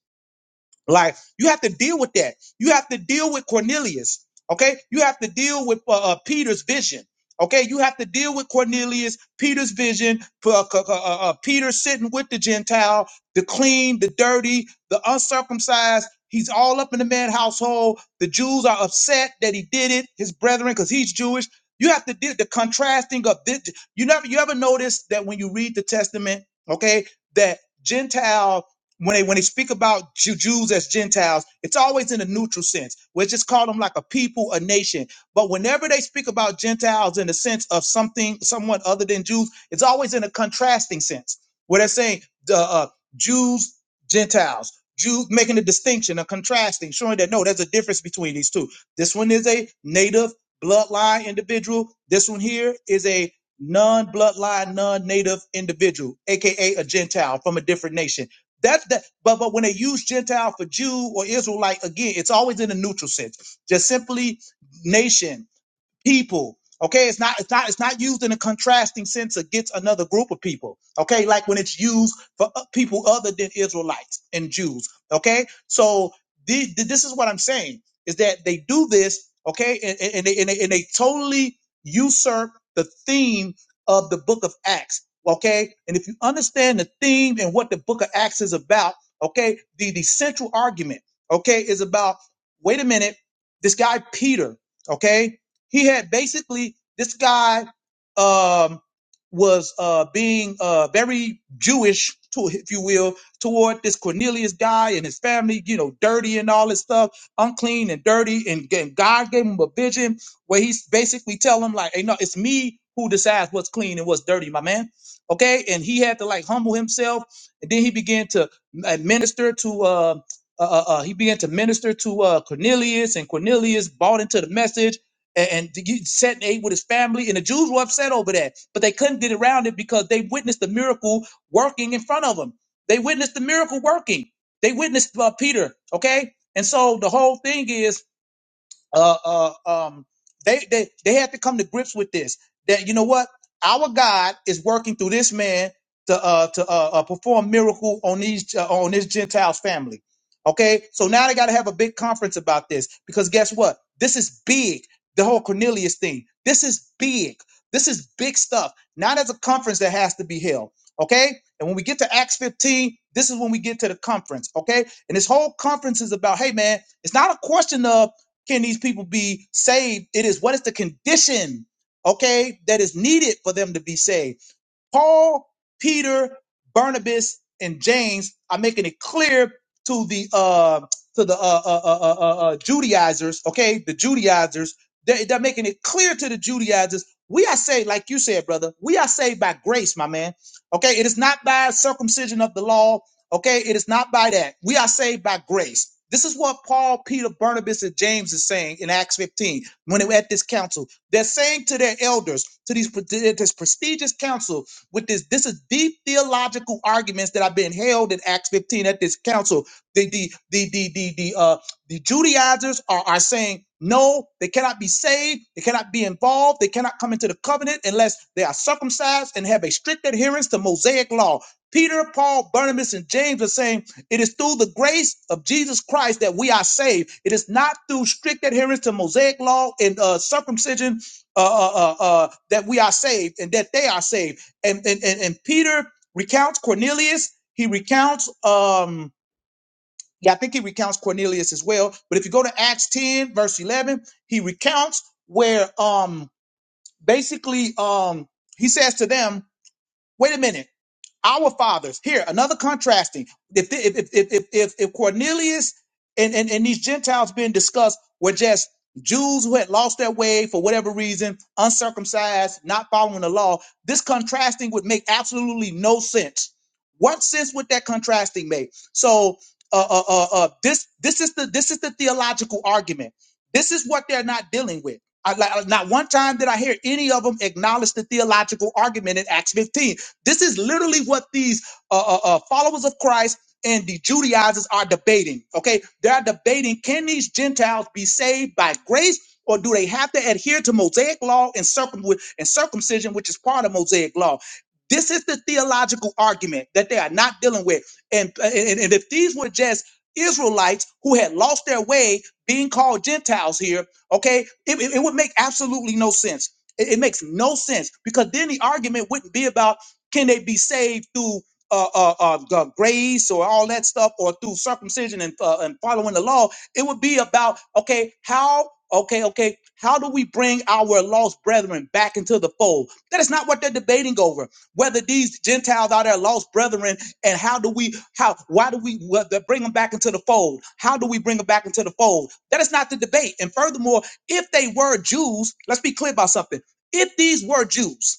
S1: Like you have to deal with that. You have to deal with Cornelius. Okay, you have to deal with uh, uh, Peter's vision. Okay, you have to deal with Cornelius, Peter's vision, p- uh, c- uh, uh, uh, Peter sitting with the Gentile, the clean, the dirty, the uncircumcised. He's all up in the man household. The Jews are upset that he did it, his brethren, because he's Jewish. You have to deal the contrasting of this. You never, you ever notice that when you read the Testament, okay, that Gentile when they when they speak about Ju- Jews as Gentiles, it's always in a neutral sense. We just call them like a people, a nation. But whenever they speak about Gentiles in the sense of something, someone other than Jews, it's always in a contrasting sense, where they're saying the uh, Jews, Gentiles, Jews, making a distinction, a contrasting, showing that no, there's a difference between these two. This one is a native bloodline individual. This one here is a non-bloodline, non-native individual, aka a Gentile from a different nation that's that. But but when they use Gentile for Jew or Israelite, again, it's always in a neutral sense. Just simply nation people. Okay, it's not it's not it's not used in a contrasting sense against another group of people. Okay, like when it's used for o- people other than Israelites and Jews. Okay, so the, the- this is what I'm saying is that they do this. Okay, and, and, and, they, and, they, and they totally usurp the theme of the Book of Acts. Okay, and if you understand the theme and what the Book of Acts is about, okay, the the central argument, okay, is about wait a minute, this guy Peter. Okay, he had basically this guy um, was uh, being uh, very Jewish, to, if you will, toward this Cornelius guy and his family. You know, dirty and all this stuff, unclean and dirty. And, g- and God gave him a vision where he's basically telling him like, "Hey, no, it's me who decides what's clean and what's dirty, my man." Okay, and he had to like humble himself, and then he began to uh, minister to uh, uh, uh, uh, he began to minister to uh, Cornelius, and Cornelius bought into the message and, and the- you set ate with his family, and the Jews were upset over that, but they couldn't get around it because they witnessed the miracle working in front of them. They witnessed the miracle working. They witnessed uh, Peter. Okay, and so the whole thing is uh, uh, um, they, they, they had to come to grips with this. That you know what, our God is working through this man to uh, to uh, uh, perform miracle on these uh, on this Gentiles family. Okay, so now they got to have a big conference about this because guess what? This is big. The whole Cornelius thing. This is big. This is big stuff. Not as a conference that has to be held. Okay. And when we get to Acts 15, this is when we get to the conference. Okay. And this whole conference is about, hey, man, it's not a question of can these people be saved? It is what is the condition, okay, that is needed for them to be saved. Paul, Peter, Barnabas, and James are making it clear to the uh, to the uh, uh, uh, uh, uh, uh, Judaizers, okay, the Judaizers, they, they're making it clear to the Judaizers. We are saved, like you said, brother. We are saved by grace, my man. Okay, it is not by circumcision of the law. Okay, it is not by that. We are saved by grace. This is what Paul, Peter, Barnabas, and James is saying in Acts 15 when they were at this council. They're saying to their elders, to these pre- this prestigious council, with this. This is deep theological arguments that have been held in Acts 15 at this council. The the the the the, the uh the Judaizers are, are saying no, they cannot be saved, they cannot be involved, they cannot come into the covenant unless they are circumcised and have a strict adherence to Mosaic law. Peter, Paul, Barnabas, and James are saying it is through the grace of Jesus Christ that we are saved. It is not through strict adherence to Mosaic law and uh, circumcision uh, uh, uh, uh, that we are saved and that they are saved and and and, and Peter recounts Cornelius. He recounts um yeah, I think he recounts Cornelius as well. But if you go to Acts 10, verse 11, he recounts where um basically um he says to them, "Wait a minute our fathers here another contrasting if if if if if, if cornelius and, and and these gentiles being discussed were just jews who had lost their way for whatever reason uncircumcised not following the law this contrasting would make absolutely no sense what sense would that contrasting make so uh, uh, uh, uh, this this is the this is the theological argument this is what they're not dealing with I, like, not one time did I hear any of them acknowledge the theological argument in Acts 15 this is literally what these uh, uh, uh, followers of Christ and the Judaizers are debating. Okay, they're debating: Can these Gentiles be saved by grace, or do they have to adhere to Mosaic law and, circum- and circumcision, which is part of Mosaic law? This is the theological argument that they are not dealing with. And, and, and if these were just Israelites who had lost their way being called Gentiles here, okay, it, it- it would make absolutely no sense. It, it makes no sense because then the argument wouldn't be about can they be saved through uh, uh, uh, g- grace or all that stuff, or through circumcision and, uh, and following the law? It would be about okay, how okay, okay, how do we bring our lost brethren back into the fold? That is not what they're debating over. Whether these Gentiles are their lost brethren, and how do we how why do we well, they bring them back into the fold? How do we bring them back into the fold? That is not the debate. And furthermore, if they were Jews, let's be clear about something. If these were Jews,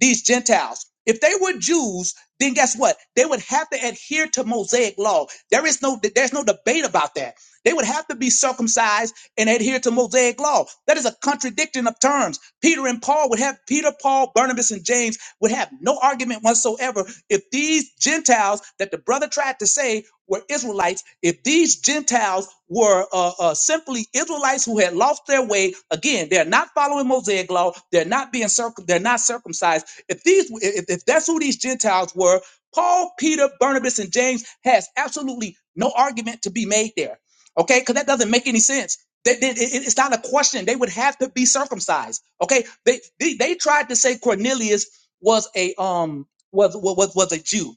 S1: these Gentiles. If they were Jews, then guess what? They would have to adhere to Mosaic law. There is no there's no debate about that. They would have to be circumcised and adhere to Mosaic law. That is a contradiction of terms. Peter and Paul would have Peter, Paul, Barnabas, and James would have no argument whatsoever if these Gentiles that the brother tried to say were Israelites. If these Gentiles were uh, uh, simply Israelites who had lost their way, again, they're not following Mosaic law. They're not being circum. They're not circumcised if these, if, if that's who these Gentiles were, Paul, Peter, Barnabas, and James has absolutely no argument to be made there. Okay, because that doesn't make any sense. They, they- it- it's not a question. They would have to be circumcised. Okay, they they, they tried to say Cornelius was a um was was was a Jew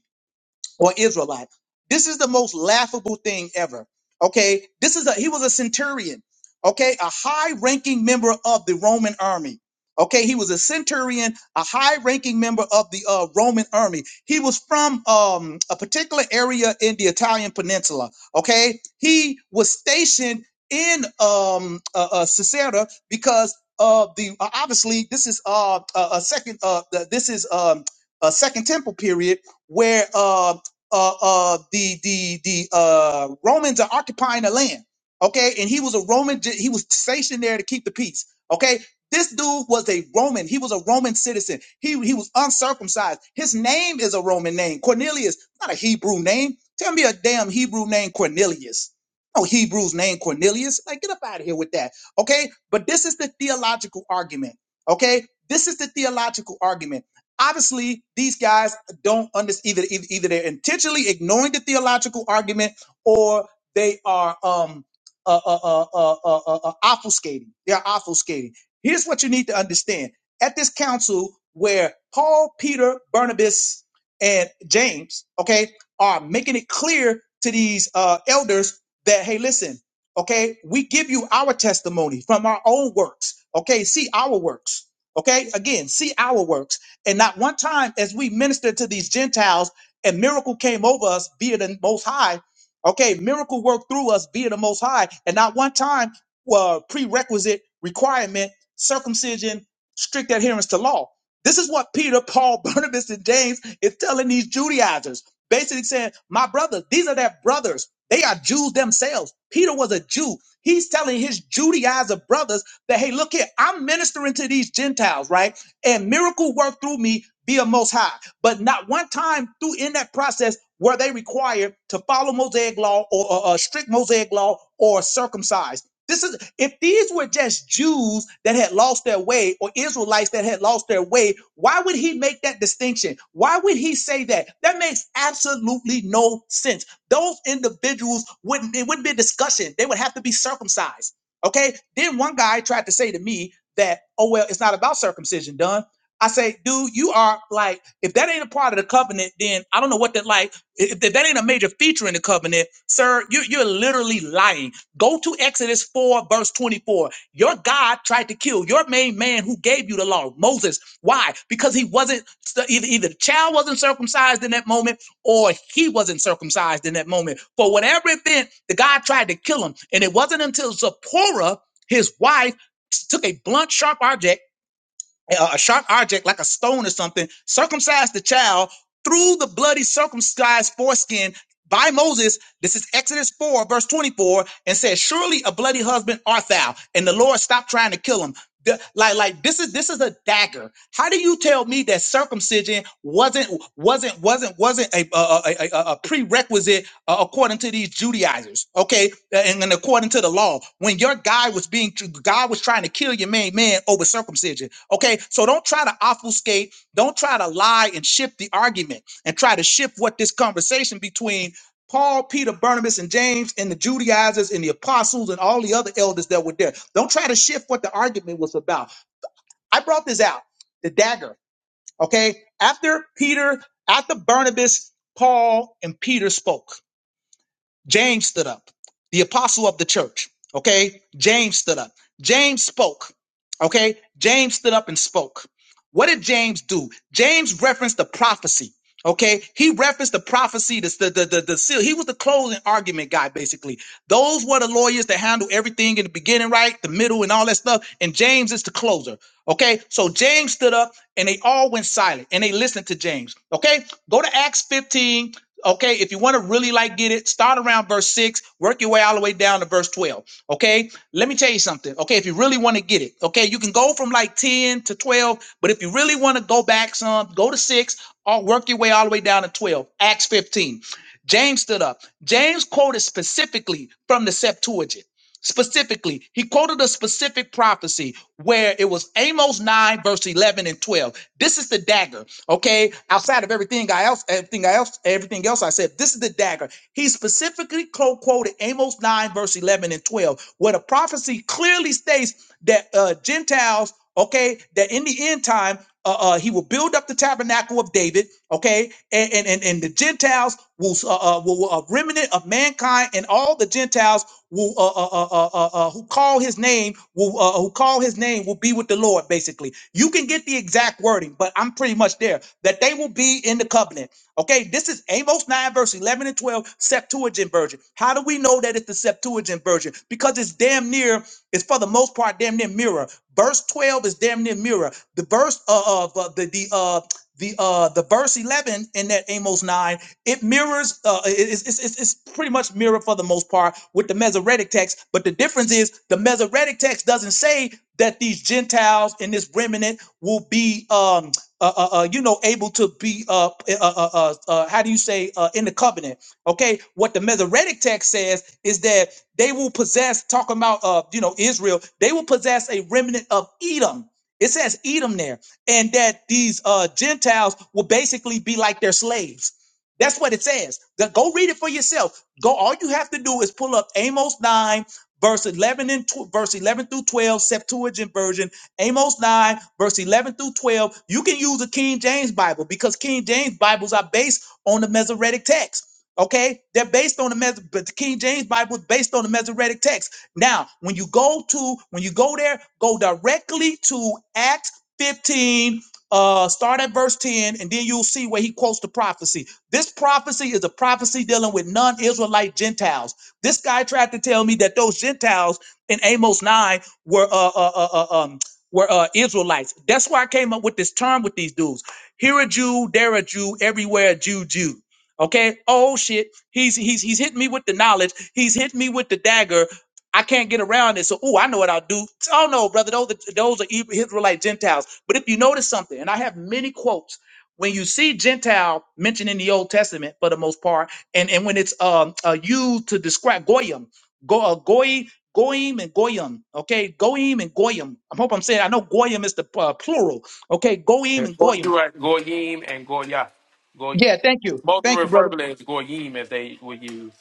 S1: or Israelite. This is the most laughable thing ever. Okay, this is a he was a centurion. Okay, a high-ranking member of the Roman army. Okay, he was a centurion, a high-ranking member of the uh, Roman army. He was from um, a particular area in the Italian peninsula. Okay, he was stationed in um, uh, uh, Caesarea because of the uh, obviously this is uh, a, a second uh, th- this is um, a second temple period where uh, uh, uh, the the the uh, Romans are occupying the land. Okay, and he was a Roman. He was stationed there to keep the peace. Okay, this dude was a Roman. He was a Roman citizen. He he was uncircumcised. His name is a Roman name. Cornelius, not a Hebrew name. Tell me a damn Hebrew name, Cornelius. No Hebrew's name, Cornelius. Like get up out of here with that. Okay, but this is the theological argument. Okay, this is the theological argument. Obviously, these guys don't understand either, either either they're intentionally ignoring the theological argument or they are um uh, uh, uh, uh, uh, uh, uh, obfuscating. They're obfuscating. Here's what you need to understand: at this council where Paul, Peter, Barnabas, and James, okay, are making it clear to these uh, elders that hey, listen, okay, we give you our testimony from our own works. Okay, see our works. Okay, again, see our works and not one time as we ministered to these Gentiles and miracle came over us, be it the most high. Okay, miracle worked through us, be it the most high. And not one time uh, prerequisite requirement, circumcision, strict adherence to law. This is what Peter, Paul, Barnabas, and James is telling these Judaizers. Basically saying, my brother, these are their brothers. They are Jews themselves. Peter was a Jew. He's telling his Judaizer brothers that, hey, look here, I'm ministering to these Gentiles, right? and miracle work through me be a most high. But not one time through in that process were they required to follow Mosaic law or a strict Mosaic law or circumcise. This is if these were just Jews that had lost their way or Israelites that had lost their way, why would he make that distinction? Why would he say that? That makes absolutely no sense. Those individuals wouldn't it wouldn't be a discussion. They would have to be circumcised. Okay. Then one guy tried to say to me that, oh, well, it's not about circumcision, done. I say, dude, you are like, if that ain't a part of the covenant, then I don't know what that like. If if that ain't a major feature in the covenant, sir, you, are you're literally lying. Go to Exodus 4, verse 24. Your God tried to kill your main man who gave you the law, Moses. Why? Because he wasn't, so, either, either the child wasn't circumcised in that moment or he wasn't circumcised in that moment. For whatever event, the God tried to kill him. And it wasn't until Zipporah, his wife, t- took a blunt, sharp object, uh, a sharp object like a stone or something, circumcised the child through the bloody circumcised foreskin by Moses. This is Exodus 4, verse 24, and says, Surely a bloody husband art thou. And the Lord stopped trying to kill him. The- like, like this is this is a dagger. How do you tell me that circumcision wasn't wasn't wasn't wasn't a, a, a, a a prerequisite uh, according to these Judaizers, okay, Uh, and, and according to the law, when your guy was being, God was trying to kill your main man over circumcision, okay. So don't try to obfuscate, don't try to lie and shift the argument, and try to shift what this conversation between Paul, Peter, Barnabas, and James, and the Judaizers and the apostles and all the other elders that were there. Don't try to shift what the argument was about. I brought this out, the dagger, okay. After Peter, after Barnabas, Paul, and Peter spoke. James stood up, the apostle of the church. Okay, James stood up. James spoke. Okay, James stood up and spoke. What did James do? James referenced the prophecy. Okay, he referenced the prophecy, the the the, the, the seal. He was the closing argument guy, basically. Those were the lawyers that handle everything in the beginning, right, the middle, and all that stuff. And James is the closer. Okay, so James stood up, and they all went silent, and they listened to James. Okay, go to Acts 15 Okay, if you want to really like get it, start around verse 6, work your way all the way down to verse 12. Okay, let me tell you something. Okay, if you really want to get it, okay, you can go from like 10 to 12, but if you really want to go back some, go to 6 or work your way all the way down to 12. Acts 15. James stood up. James quoted specifically from the Septuagint. Specifically, he quoted a specific prophecy where it was Amos 9, verse 11 and 12. This is the dagger, okay? Outside of everything I else, everything else, everything else I said, this is the dagger. He specifically co- quoted Amos 9, verse 11 and 12, where the prophecy clearly states that uh, Gentiles, okay, that in the end time, uh, uh, he will build up the tabernacle of David, okay, and and and, and the Gentiles will, uh, uh, will, will a remnant of mankind and all the Gentiles will uh, uh, uh, uh, uh, uh, who call his name will uh, who call his name will be with the Lord. Basically, you can get the exact wording, but I'm pretty much there that they will be in the covenant. Okay, this is Amos nine verse eleven and twelve Septuagint version. How do we know that it's the Septuagint version? Because it's damn near it's for the most part damn near mirror. Verse twelve is damn near mirror. The verse uh, of uh, the the uh the uh the verse 11 in that Amos 9 it mirrors, uh, it's, it's, it's it's pretty much mirror for the most part with the Masoretic text. But the difference is the Masoretic text doesn't say that these Gentiles in this remnant will be, um, uh, uh, uh, you know, able to be, uh, uh, uh, uh, uh, uh, how do you say, uh, in the covenant? Okay, what the Masoretic text says is that they will possess. Talking about, uh, you know, Israel, they will possess a remnant of Edom. It says Edom there, and that these uh, Gentiles will basically be like their slaves that's what it says. The- go read it for yourself. Go. All you have to do is pull up Amos nine, verse eleven and tw- verse eleven through twelve, Septuagint version. Amos nine, verse eleven through twelve. You can use a King James Bible because King James Bibles are based on the Masoretic text. Okay, they're based on the Mes- but the King James Bible is based on the Masoretic text. Now, when you go to when you go there, go directly to Acts fifteen. Uh, start at verse 10, and then you'll see where he quotes the prophecy. This prophecy is a prophecy dealing with non Israelite Gentiles. This guy tried to tell me that those Gentiles in Amos 9 were, uh, uh, uh, uh, um, were uh, Israelites. That's why I came up with this term with these dudes. Here a Jew, there a Jew, everywhere a Jew, Jew. Okay. Oh shit. He's he's he's hitting me with the knowledge. He's hitting me with the dagger. I can't get around it. So, oh, I know what I'll do. Oh no, brother, those are, those are Israelite Gentiles. But if you notice something, and I have many quotes when you see Gentile mentioned in the Old Testament for the most part, and, and when it's um uh, used to describe Goyim, go uh, Goy, Goyim and Goyim, okay, Goyim and Goyim. I hope I'm saying I know Goyim is the uh, plural, okay, Goyim
S5: And
S1: and Goyim.
S5: Goyim and Goyim and Goya. Goy,
S1: Yeah, thank you,
S5: both
S1: thank you, brother.
S5: refer to it as Goyim as they would use.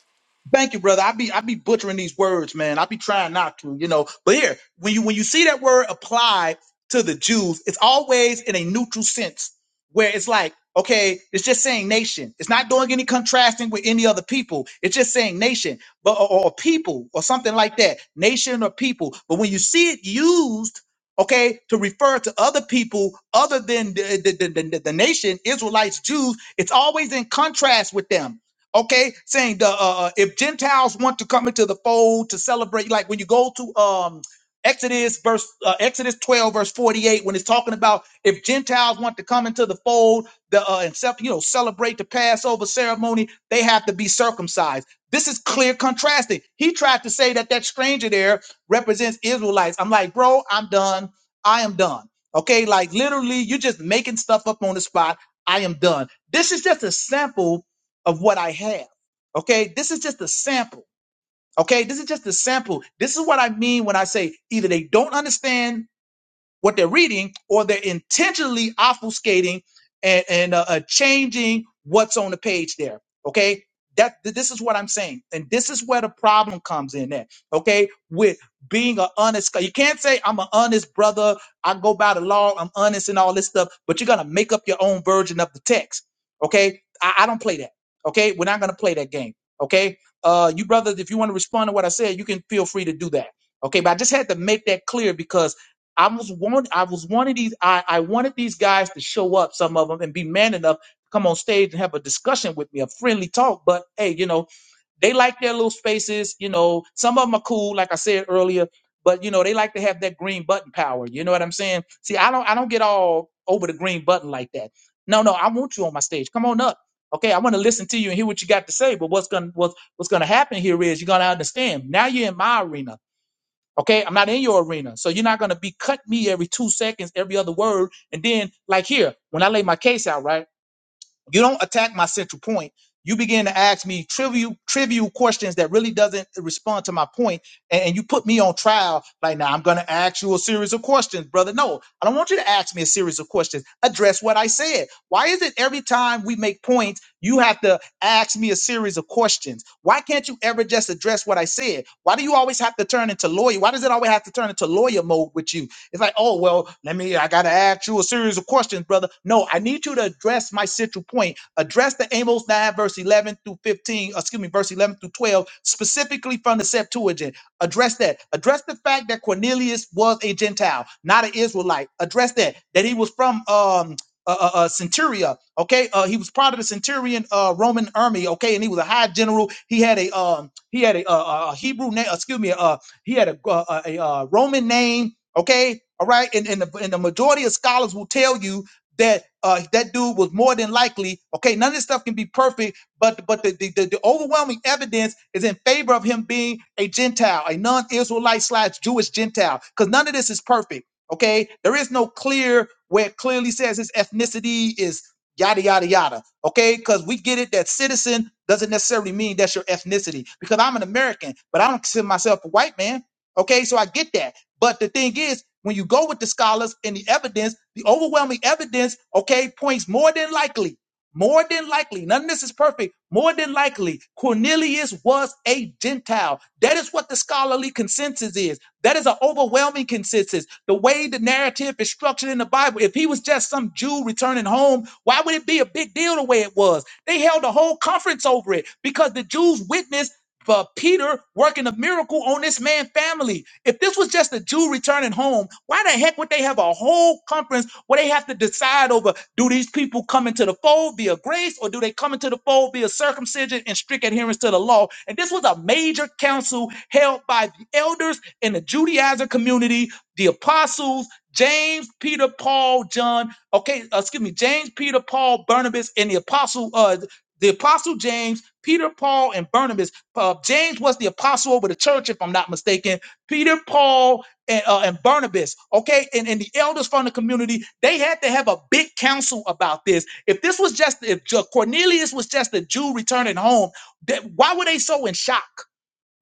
S1: Thank you, brother. I be I be butchering these words, man. I be trying not to, you know. But here, when you when you see that word apply to the Jews, it's always in a neutral sense where it's like, okay, it's just saying nation. It's not doing any contrasting with any other people. It's just saying nation, but or, or people or something like that. Nation or people. But when you see it used, okay, to refer to other people other than the the, the, the, the nation, Israelites, Jews, it's always in contrast with them okay saying the uh, uh, if gentiles want to come into the fold to celebrate like when you go to um exodus verse uh, exodus 12 verse 48 when it's talking about if gentiles want to come into the fold the uh and cel- you know celebrate the passover ceremony they have to be circumcised this is clear contrasting he tried to say that that stranger there represents israelites i'm like bro i'm done i am done okay like literally you're just making stuff up on the spot i am done this is just a sample of what I have. Okay. This is just a sample. Okay. This is just a sample. This is what I mean when I say either they don't understand what they're reading, or they're intentionally obfuscating and, and uh, uh, changing what's on the page there. Okay, that th- this is what I'm saying, and this is where the problem comes in. There, okay, with being an honest, guy. you can't say I'm an honest brother. I go by the law. I'm honest and all this stuff, but you're gonna make up your own version of the text. Okay, I, I don't play that. Okay, we're not gonna play that game. Okay, uh, you brothers, if you want to respond to what I said, you can feel free to do that. Okay, but I just had to make that clear because I was one. I was one of these. I, I wanted these guys to show up, some of them, and be man enough to come on stage and have a discussion with me, a friendly talk. But hey, you know, they like their little spaces. You know, some of them are cool, like I said earlier. But you know, they like to have that green button power. You know what I'm saying? See, I don't. I don't get all over the green button like that. No, no, I want you on my stage. Come on up. Okay, I want to listen to you and hear what you got to say. But what's gonna what's what's gonna happen here is you're gonna understand. Now you're in my arena. Okay, I'm not in your arena. So you're not gonna be cut me every two seconds, every other word. And then, like here, when I lay my case out, right? You don't attack my central point. You begin to ask me trivial trivial questions that really doesn't respond to my point, and, and you put me on trial. Like now, I'm going to ask you a series of questions, brother. No, I don't want you to ask me a series of questions. Address what I said. Why is it every time we make points, you have to ask me a series of questions? Why can't you ever just address what I said? Why do you always have to turn into lawyer? Why does it always have to turn into lawyer mode with you? It's like, oh, well, let me, I got to ask you a series of questions, brother. No, I need you to address my central point. Address the Amos 9, verse 11 through 15, excuse me, verse 11 through 12, specifically from the Septuagint. Address that. Address the fact that Cornelius was a Gentile, not an Israelite. Address that, that he was from, um, uh, uh, uh, centuria okay uh he was part of the centurion uh roman army okay and he was a high general he had a um he had a uh, uh, a hebrew name excuse me uh he had a, uh, a, a uh, roman name Okay, all right, and and the, and the majority of scholars will tell you that uh, that dude was more than likely. Okay, none of this stuff can be perfect, but but the the, the, the overwhelming evidence is in favor of him being a Gentile, a non-Israelite slash Jewish Gentile, because none of this is perfect. Okay, there is no clear where it clearly says his ethnicity is yada yada yada. Okay, because we get it that citizen doesn't necessarily mean that's your ethnicity. Because I'm an American, but I don't consider myself a white man. Okay, so I get that. But the thing is, when you go with the scholars and the evidence, the overwhelming evidence, okay, points more than likely, more than likely, none of this is perfect, more than likely, Cornelius was a Gentile. That is what the scholarly consensus is. That is an overwhelming consensus. The way the narrative is structured in the Bible, if he was just some Jew returning home, why would it be a big deal the way it was? They held a whole conference over it because the Jews witnessed but Peter working a miracle on this man family. If this was just a Jew returning home, why the heck would they have a whole conference where they have to decide over do these people come into the fold via grace or do they come into the fold via circumcision and strict adherence to the law? And this was a major council held by the elders in the Judaizer community, the apostles, James, Peter, Paul, John, okay, uh, excuse me, James, Peter, Paul, Barnabas, and the apostle, uh, the apostle James, Peter, Paul, and Barnabas uh, James was the apostle over the church, if I'm not mistaken. Peter, Paul, and, uh, and Barnabas, okay, and, and the elders from the community, they had to have a big council about this. If this was just, if Ju- Cornelius was just a Jew returning home, that, why were they so in shock?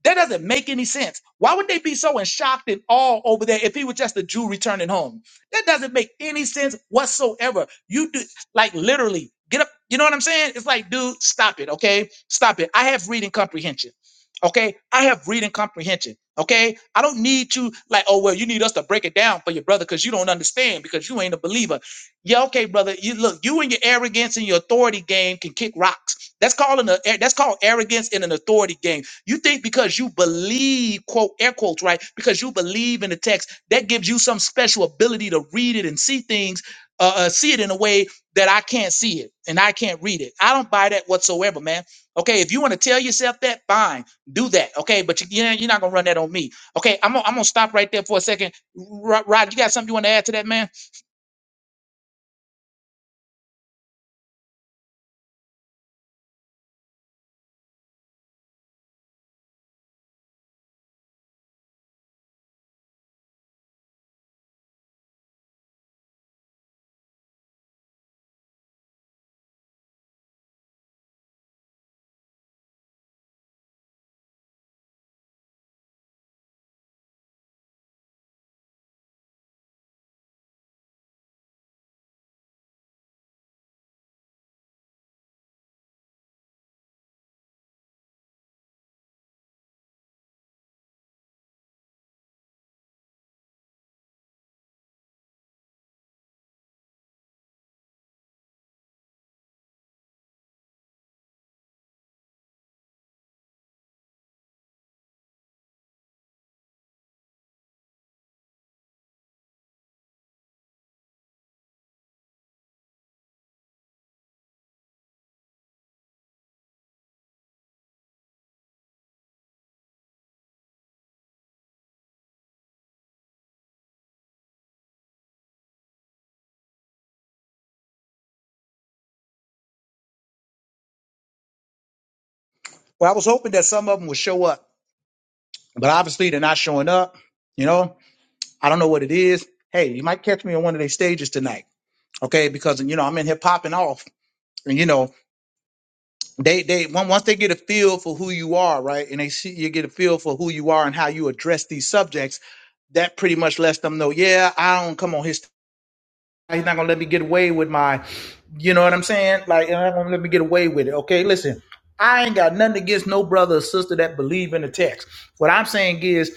S1: That doesn't make any sense. Why would they be so in shock and awe over there if he was just a Jew returning home? That doesn't make any sense whatsoever. You do like literally get up. You know what I'm saying? It's like, dude, stop it. Okay, stop it. I have reading comprehension. Okay, I have reading comprehension. Okay, I don't need you like, oh well, you need us to break it down for your brother because you don't understand because you ain't a believer. Yeah, okay, brother. You look, you and your arrogance and your authority game can kick rocks. That's calling a that's called arrogance in an authority game. You think because you believe, quote, air quotes, right? Because you believe in the text, that gives you some special ability to read it and see things, uh, uh, see it in a way that I can't see it and I can't read it. I don't buy that whatsoever, man. Okay, if you want to tell yourself that, fine, do that. Okay, but you, you know, you're not gonna run that on me. Okay, I'm gonna, I'm gonna stop right there for a second. Rod, Rod, you got something you want to add to that, man? Well, I was hoping that some of them would show up, but obviously they're not showing up. You know, I don't know what it is. Hey, you might catch me on one of their stages tonight. okay because you know i'm in here popping off and you know they they on- once they get a feel for who you are right and they see you get a feel for who you are and how you address these subjects that pretty much lets them know yeah i don't come on here. He's not gonna let me get away with my, you know what I'm saying? Like, he's not gonna let me get away with it. Okay, listen, I ain't got nothing against no brother or sister that believe in the text. What I'm saying is,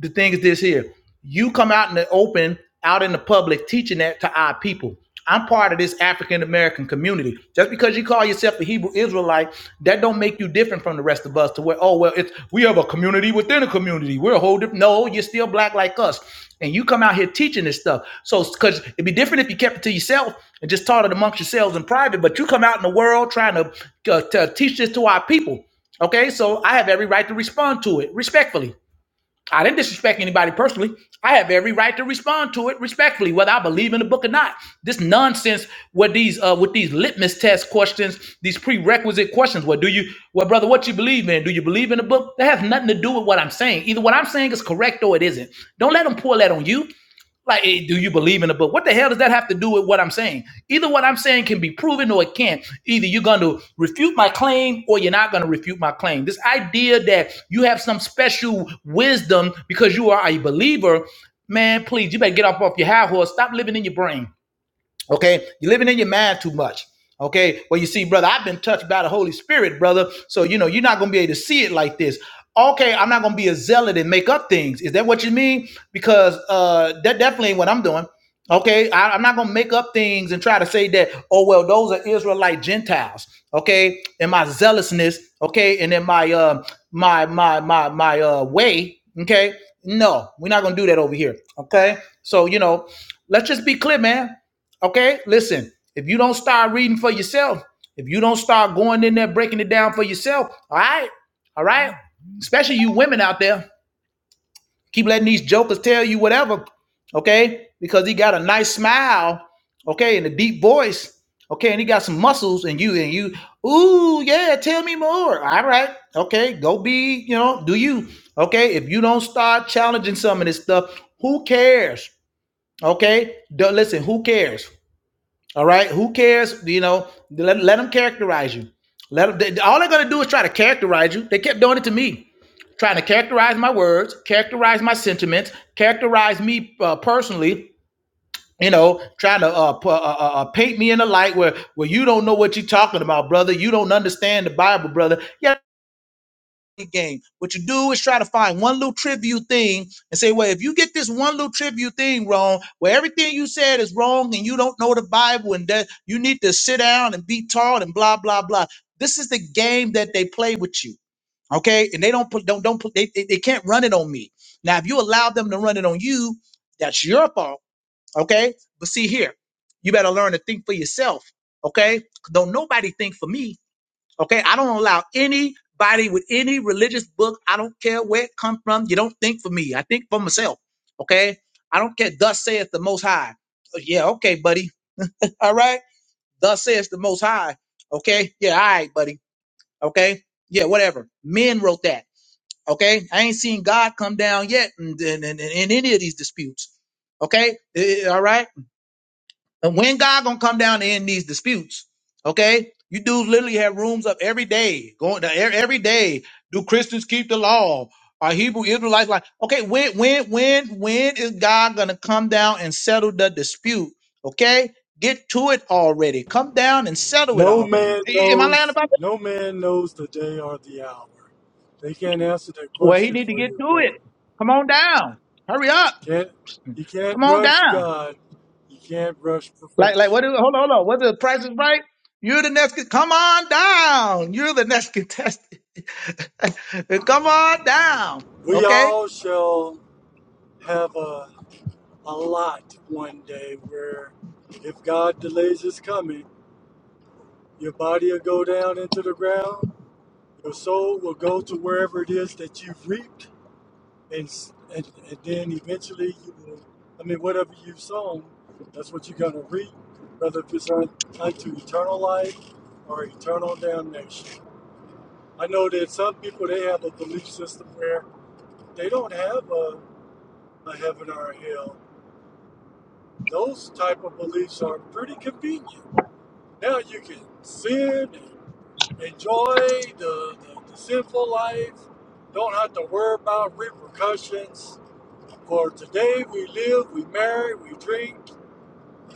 S1: the thing is this here: you come out in the open, out in the public, teaching that to our people. I'm part of this African American community. Just because you call yourself a Hebrew Israelite, that don't don't make you different from the rest of us to where, oh, well, it's we have a community within a community. We're a whole different. No, you're still black like us. And you come out here teaching this stuff. So, because it'd be different if you kept it to yourself and just taught it amongst yourselves in private, but you come out in the world trying to, uh, to teach this to our people. Okay, so I have every right to respond to it respectfully. I didn't disrespect anybody personally. I have every right to respond to it respectfully, whether I believe in the book or not. This nonsense with these uh, with these litmus test questions, these prerequisite questions. What do you, well, brother, what you believe in? Do you believe in the book? That has nothing to do with what I'm saying. Either what I'm saying is correct or it isn't. Don't let them pull that on you. Like, hey, do you believe in the book? What the hell does that have to do with what I'm saying? Either what I'm saying can be proven or it can't. Either you're going to refute my claim or you're not going to refute my claim. This idea that you have some special wisdom because you are a believer, man, please, you better get up off your high horse. Stop living in your brain. Okay, you're living in your mind too much. Okay, well, you see, brother, I've been touched by the Holy Spirit, brother. So, you know, you're not going to be able to see it like this. Okay, I'm not going to be a zealot and make up things. Is that what you mean? Because uh, that definitely ain't what I'm doing. Okay, I, I'm not going to make up things and try to say that, oh, well, those are Israelite Gentiles. Okay, and my zealousness, okay, and then my, uh, my, my, my, my uh, way. Okay, no, we're not going to do that over here. Okay, so, you know, let's just be clear, man Okay, listen, if you don't start reading for yourself, if you don't start going in there breaking it down for yourself, all right, all right, especially you women out there, keep letting these jokers tell you whatever, okay, because he got a nice smile, okay, and a deep voice, okay, and he got some muscles, and you, and you, ooh, yeah, tell me more, all right, okay, go be, you know, do you, okay, if you don't start challenging some of this stuff, who cares, okay, Don't- listen, who cares? All right. Who cares? You know, let, let them characterize you. Let 'em- they- all they're going to do is try to characterize you. They kept doing it to me, trying to characterize my words, characterize my sentiments, characterize me uh, personally. You know, trying to uh, pu- uh, uh, uh, paint me in a light where where you don't know what you're talking about, brother. You don't understand the Bible, brother. Yeah game. What you do is try to find one little tribute thing and say, well, if you get this one little tribute thing wrong, where everything you said is wrong and you don't know the Bible and that you need to sit down and be taught and blah blah blah. This is the game that they play with you. Okay, and they don't put don't don't put they, they, they can't run it on me. Now, if you allow them to run it on you, that's your fault. Okay, but see here, you better learn to think for yourself. Okay, don't nobody think for me. Okay, I don't allow anybody with any religious book. I don't care where it come from. You don't think for me. I think for myself. Okay, I don't care. Thus saith the Most High. Oh, Yeah, okay, buddy. All right. Thus saith the Most High. Okay. Yeah, all right, buddy. Okay. Yeah, whatever. Men wrote that. Okay, I ain't seen God come down yet in, in, in, in any of these disputes. Okay, Eh, eh, all right. And when God gonna come down and end these disputes, okay? You dudes literally have rooms up every day, going to e- every day. Do Christians keep the law? Are Hebrew Israelites like okay? When when when when is God gonna come down and settle the dispute? Okay, get to it already. Come down and settle it
S3: No
S1: already.
S3: man
S1: A- Am I lying
S3: knows.
S1: about that?
S3: No man knows the day or the hour. They can't answer that
S1: Well, he
S3: question
S1: need to
S3: for
S1: get
S3: you,
S1: to it.
S3: brother.
S1: Come on down. Hurry up.
S3: Can't you can't
S1: Come on
S3: rush
S1: down.
S3: God. You can't rush
S1: Like, like,
S3: perfection.
S1: what is, hold on, hold on. What is the price is right? You're the next, con- come on down. You're the next contestant. come on down.
S3: We
S1: Okay.
S3: all shall have a a lot one day where if God delays his coming, your body will go down into the ground, your soul will go to wherever it is that you've reaped, and, s- and, and then eventually you will, I mean, whatever you've sown, that's what you're going to reap, whether if it's un, unto eternal life or eternal damnation. I know that some people, they have a belief system where they don't have a, a heaven or a hell. Those type of beliefs are pretty convenient Now you can sin and enjoy the, the, the sinful life. Don't have to worry about repercussions. For today we live, we marry, we drink,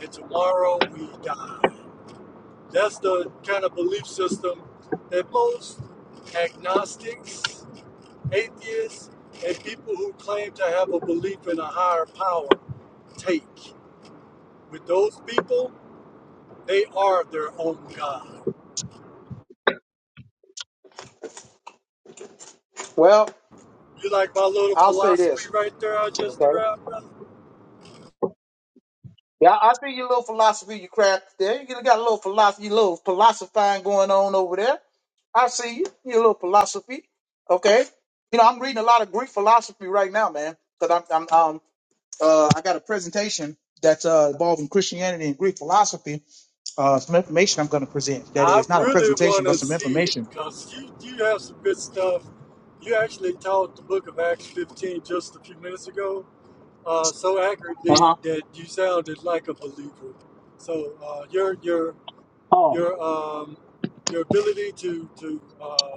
S3: and tomorrow we die. That's the kind of belief system that most agnostics, atheists, and people who claim to have a belief in a higher power take. With those people, they are their own God.
S1: Well,
S3: You like my little
S1: I'll say
S3: philosophy
S1: this.
S3: right there I just
S1: Okay.
S3: threw out, brother?
S1: Yeah, I I see your little philosophy, you crap there. You got a little philosophy, your little philosophizing going on over there. I see you, your little philosophy. Okay. You know, I'm reading a lot of Greek philosophy right now, man, because I'm, I'm, um, uh, I got a presentation that's uh, involving Christianity and Greek philosophy. uh, some information I'm going to present. That
S3: I
S1: is not a
S3: really
S1: presentation,
S3: want
S1: but
S3: to
S1: some
S3: see it
S1: information.
S3: because you, you have some good stuff. You actually taught the book of Acts 15 just a few minutes ago uh, so
S1: Uh
S3: accurately
S1: huh.
S3: that you sounded like a believer. So uh, your your
S1: Oh,
S3: your um, your ability to to uh,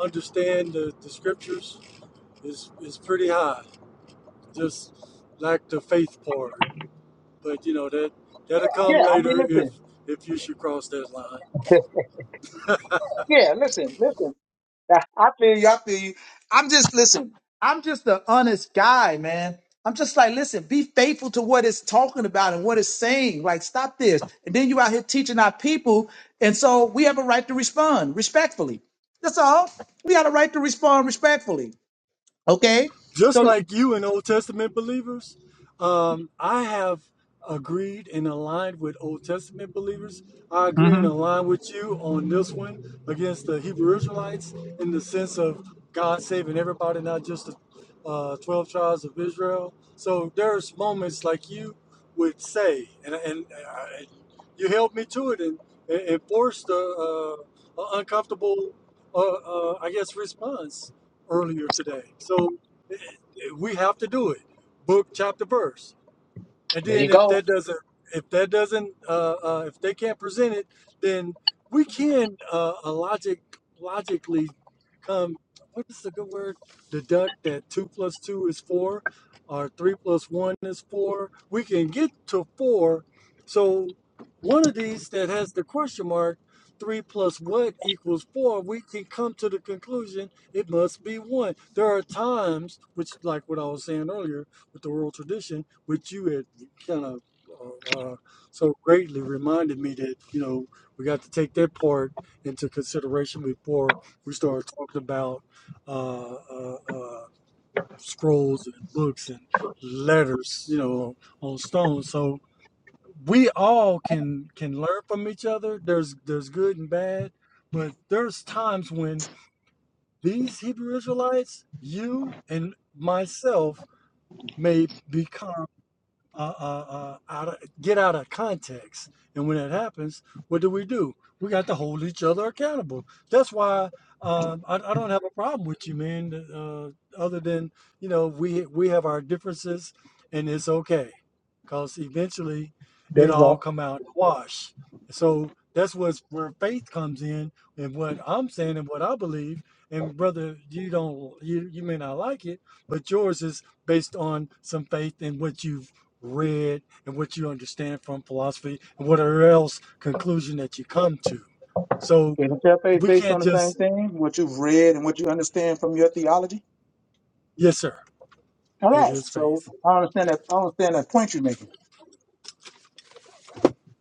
S3: understand the, the scriptures is is pretty high. Just like the faith part. but you know that that'll come
S1: yeah. I
S3: later
S1: mean,
S3: if
S1: listen.
S3: if you should cross that line.
S1: Yeah, listen, listen. I I feel you. I feel you. I'm just listen. I'm just an honest guy, man. I'm just like, listen, be faithful to what it's talking about and what it's saying. Like, stop this. And then you out here teaching our people, and so we have a right to respond respectfully. That's all. We got a right to respond respectfully. Okay.
S3: just
S1: So
S3: like you and Old Testament believers, um, I have agreed and aligned with Old Testament believers. I agree
S1: Mm-hmm.
S3: and align with you on this one against the Hebrew Israelites in the sense of God saving everybody, not just the uh, 12 tribes of Israel. So there's moments like you would say, and, and uh, you held me to it and, and forced a, uh, a uncomfortable, uh, uh, I guess, response earlier today. So we have to do it. Book, chapter, verse. And then if that doesn't, if that doesn't, uh, uh, if they can't present it, then we can uh, uh, logic logically come. What is a good word? Deduct that two plus two is four, or three plus one is four. We can get to four. So one of these that has the question mark, three plus what equals four. We can come to the conclusion it must be one. There are times, which like what I was saying earlier, with the world tradition, which you had kind of uh, uh, so greatly reminded me that you know we got to take that part into consideration before we start talking about uh, uh, uh, scrolls and books and letters, you know, on stone. So we all can can learn from each other. There's there's good and bad, but there's times when these Hebrew Israelites, you and myself, may become uh, uh, uh, out of, get out of context. And when it happens, what do we do? We got to hold each other accountable. That's why um, I, I don't have a problem with you, man. Uh, other than you know, we we have our differences, and it's okay, because eventually, it all come out in the wash. So that's what's where faith comes in, and what I'm saying and what I believe. And brother, you don't you you may not like it, but yours is based on some faith in what you've read and what you understand from philosophy and whatever else conclusion that you come to. So
S1: Isn't your faith
S3: we
S1: based on
S3: can't
S1: the same
S3: just,
S1: thing? What you've read and what you understand from your theology?
S3: yes, sir,
S1: All
S3: it
S1: right.
S3: is
S1: So
S3: faith.
S1: I understand that. I understand that point you're making.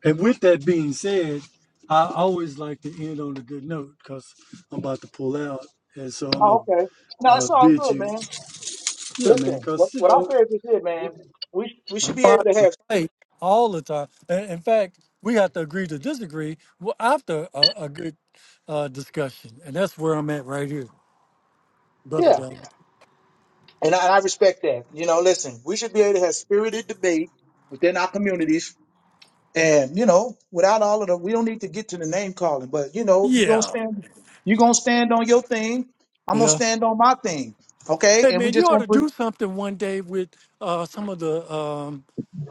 S3: And with that being said, I always like to end on a good note because I'm about to pull out. And so I'm
S1: Oh,
S3: going
S1: okay.
S3: to
S1: No,
S3: uh,
S1: it's all
S3: bid
S1: good,
S3: you,
S1: man.
S3: yeah, man,
S1: Listen, what,
S3: because, you
S1: what our
S3: know,
S1: therapist did, man, we we should be
S3: fight
S1: able to
S3: the
S1: have.
S3: fight all the time. And in fact, we have to agree to disagree w- after a, a good uh, discussion. And that's where I'm at right here, brother
S1: Yeah,
S3: Don.
S1: and I, I respect that. You know, listen, we should be able to have spirited debate within our communities, and you know, without all of the, we don't need to get to the name calling. But you know, you're gonna
S3: Yeah.
S1: stand, you're gonna stand on your thing. I'm gonna
S3: Yeah.
S1: stand on my thing. Okay,
S3: Hey
S1: and we
S3: man, you
S1: just
S3: ought to
S1: gonna
S3: do something one day with uh, some of the um,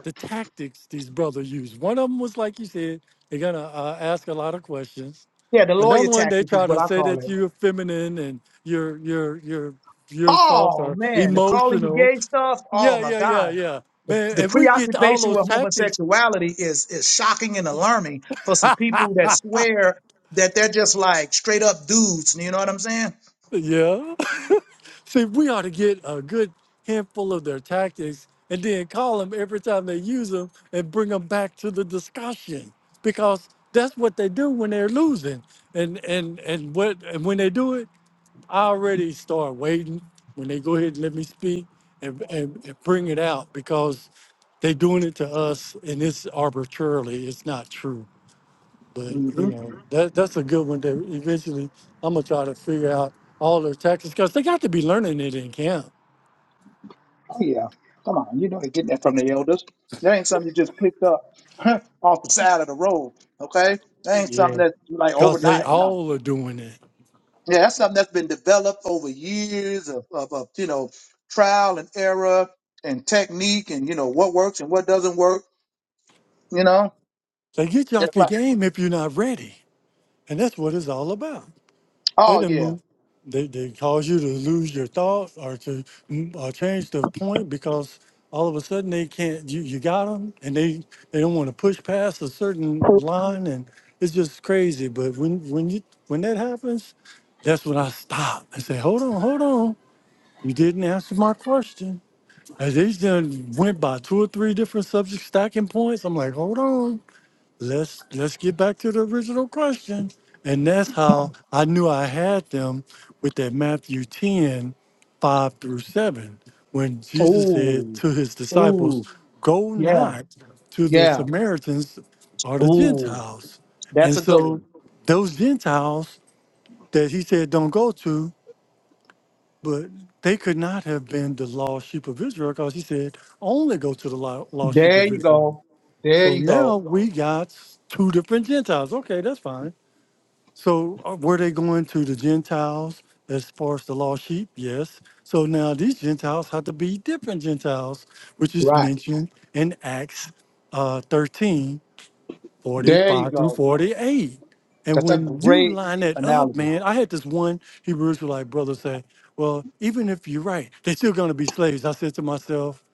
S3: the tactics these brothers use. One of them was like you said, they're gonna uh, ask a lot of questions.
S1: Yeah, the lawyer
S3: Another one, they
S1: tactic is
S3: try
S1: what
S3: to
S1: I
S3: say
S1: call
S3: that
S1: it.
S3: you're feminine and you're you're you're you're soft
S1: Oh
S3: or
S1: man, the calling you
S3: emotional.
S1: gay stuff. Oh
S3: Yeah,
S1: my
S3: yeah, yeah,
S1: God,
S3: yeah. Man,
S1: the
S3: if we get all
S1: preoccupation
S3: those
S1: with
S3: tactics,
S1: homosexuality is is shocking and alarming for some people that swear that they're just like straight up dudes. You know what I'm saying?
S3: yeah. See, we ought to get a good handful of their tactics and then call them every time they use them and bring them back to the discussion because that's what they do when they're losing. And and and what and when they do it, I already start waiting when they go ahead and let me speak and, and, and bring it out because they're doing it to us and it's arbitrarily, it's not true. But you
S1: Mm-hmm.
S3: know, that that's a good one. That eventually, I'm gonna try to figure out all their tactics because they got to be learning it in camp.
S1: Oh, yeah. Come on. You know they are getting that from the elders. That ain't something you just picked up off the side of the road, okay? That ain't something
S3: Yeah,
S1: that's like
S3: because they
S1: overnight. No.
S3: all are doing it.
S1: Yeah, that's something that's been developed over years of, of, of you know trial and error and technique and you know what works and what doesn't work. You know,
S3: So get you
S1: it's
S3: off your
S1: like
S3: game if you're not ready, and that's what it's all about. They
S1: oh
S3: didn't
S1: yeah,
S3: move. They they cause you to lose your thought or to mm, or change the point because all of a sudden they can't. You you got them and they they don't want to push past a certain line and it's just crazy. But when when you when that happens, that's when I stop and say, hold on, hold on. You didn't answer my question. As they done went by two or three different subject stacking points, I'm like, hold on let's let's get back to the original question and that's how i knew i had them with that matthew 10, 5 through 7 when jesus said
S1: Ooh,
S3: to his
S1: ooh,
S3: disciples go
S1: yeah,
S3: not to the
S1: yeah,
S3: samaritans or the
S1: ooh,
S3: gentiles
S1: that's
S3: and
S1: a good
S3: so
S1: one.
S3: those gentiles that he said don't go to but they could not have been the lost sheep of israel because he said only go to the lo- lost sheep
S1: There
S3: of
S1: you
S3: israel
S1: go. There
S3: so
S1: you
S3: now
S1: go.
S3: we got two different Gentiles. Okay, that's fine. So uh, were they going to the Gentiles as far as the lost sheep? Yes. So now these Gentiles have to be different Gentiles, which is
S1: Right.
S3: mentioned in Acts uh, 13,
S1: There you
S3: forty-five through
S1: go.
S3: 48. And
S1: That's a
S3: when you
S1: great
S3: line it up,
S1: analogy.
S3: man, I had this one Hebrew Israelite brother say, Well, even if you're right, they're still going to be slaves. I said to myself,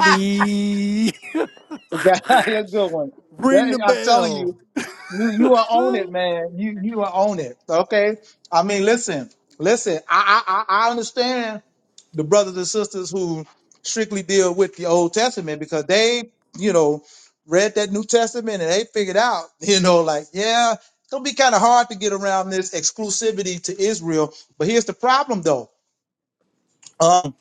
S1: That's a good one.
S3: ring
S1: That,
S3: the
S1: I'm telling
S3: bell.
S1: you, you you are on it, man. You you are on it. Okay. I mean, listen, listen. I I I I understand the brothers and sisters who strictly deal with the Old Testament because they, you know, read that New Testament and they figured out, you know, like yeah, it's gonna be kind of hard to get around this exclusivity to Israel. But here's the problem, though. Um,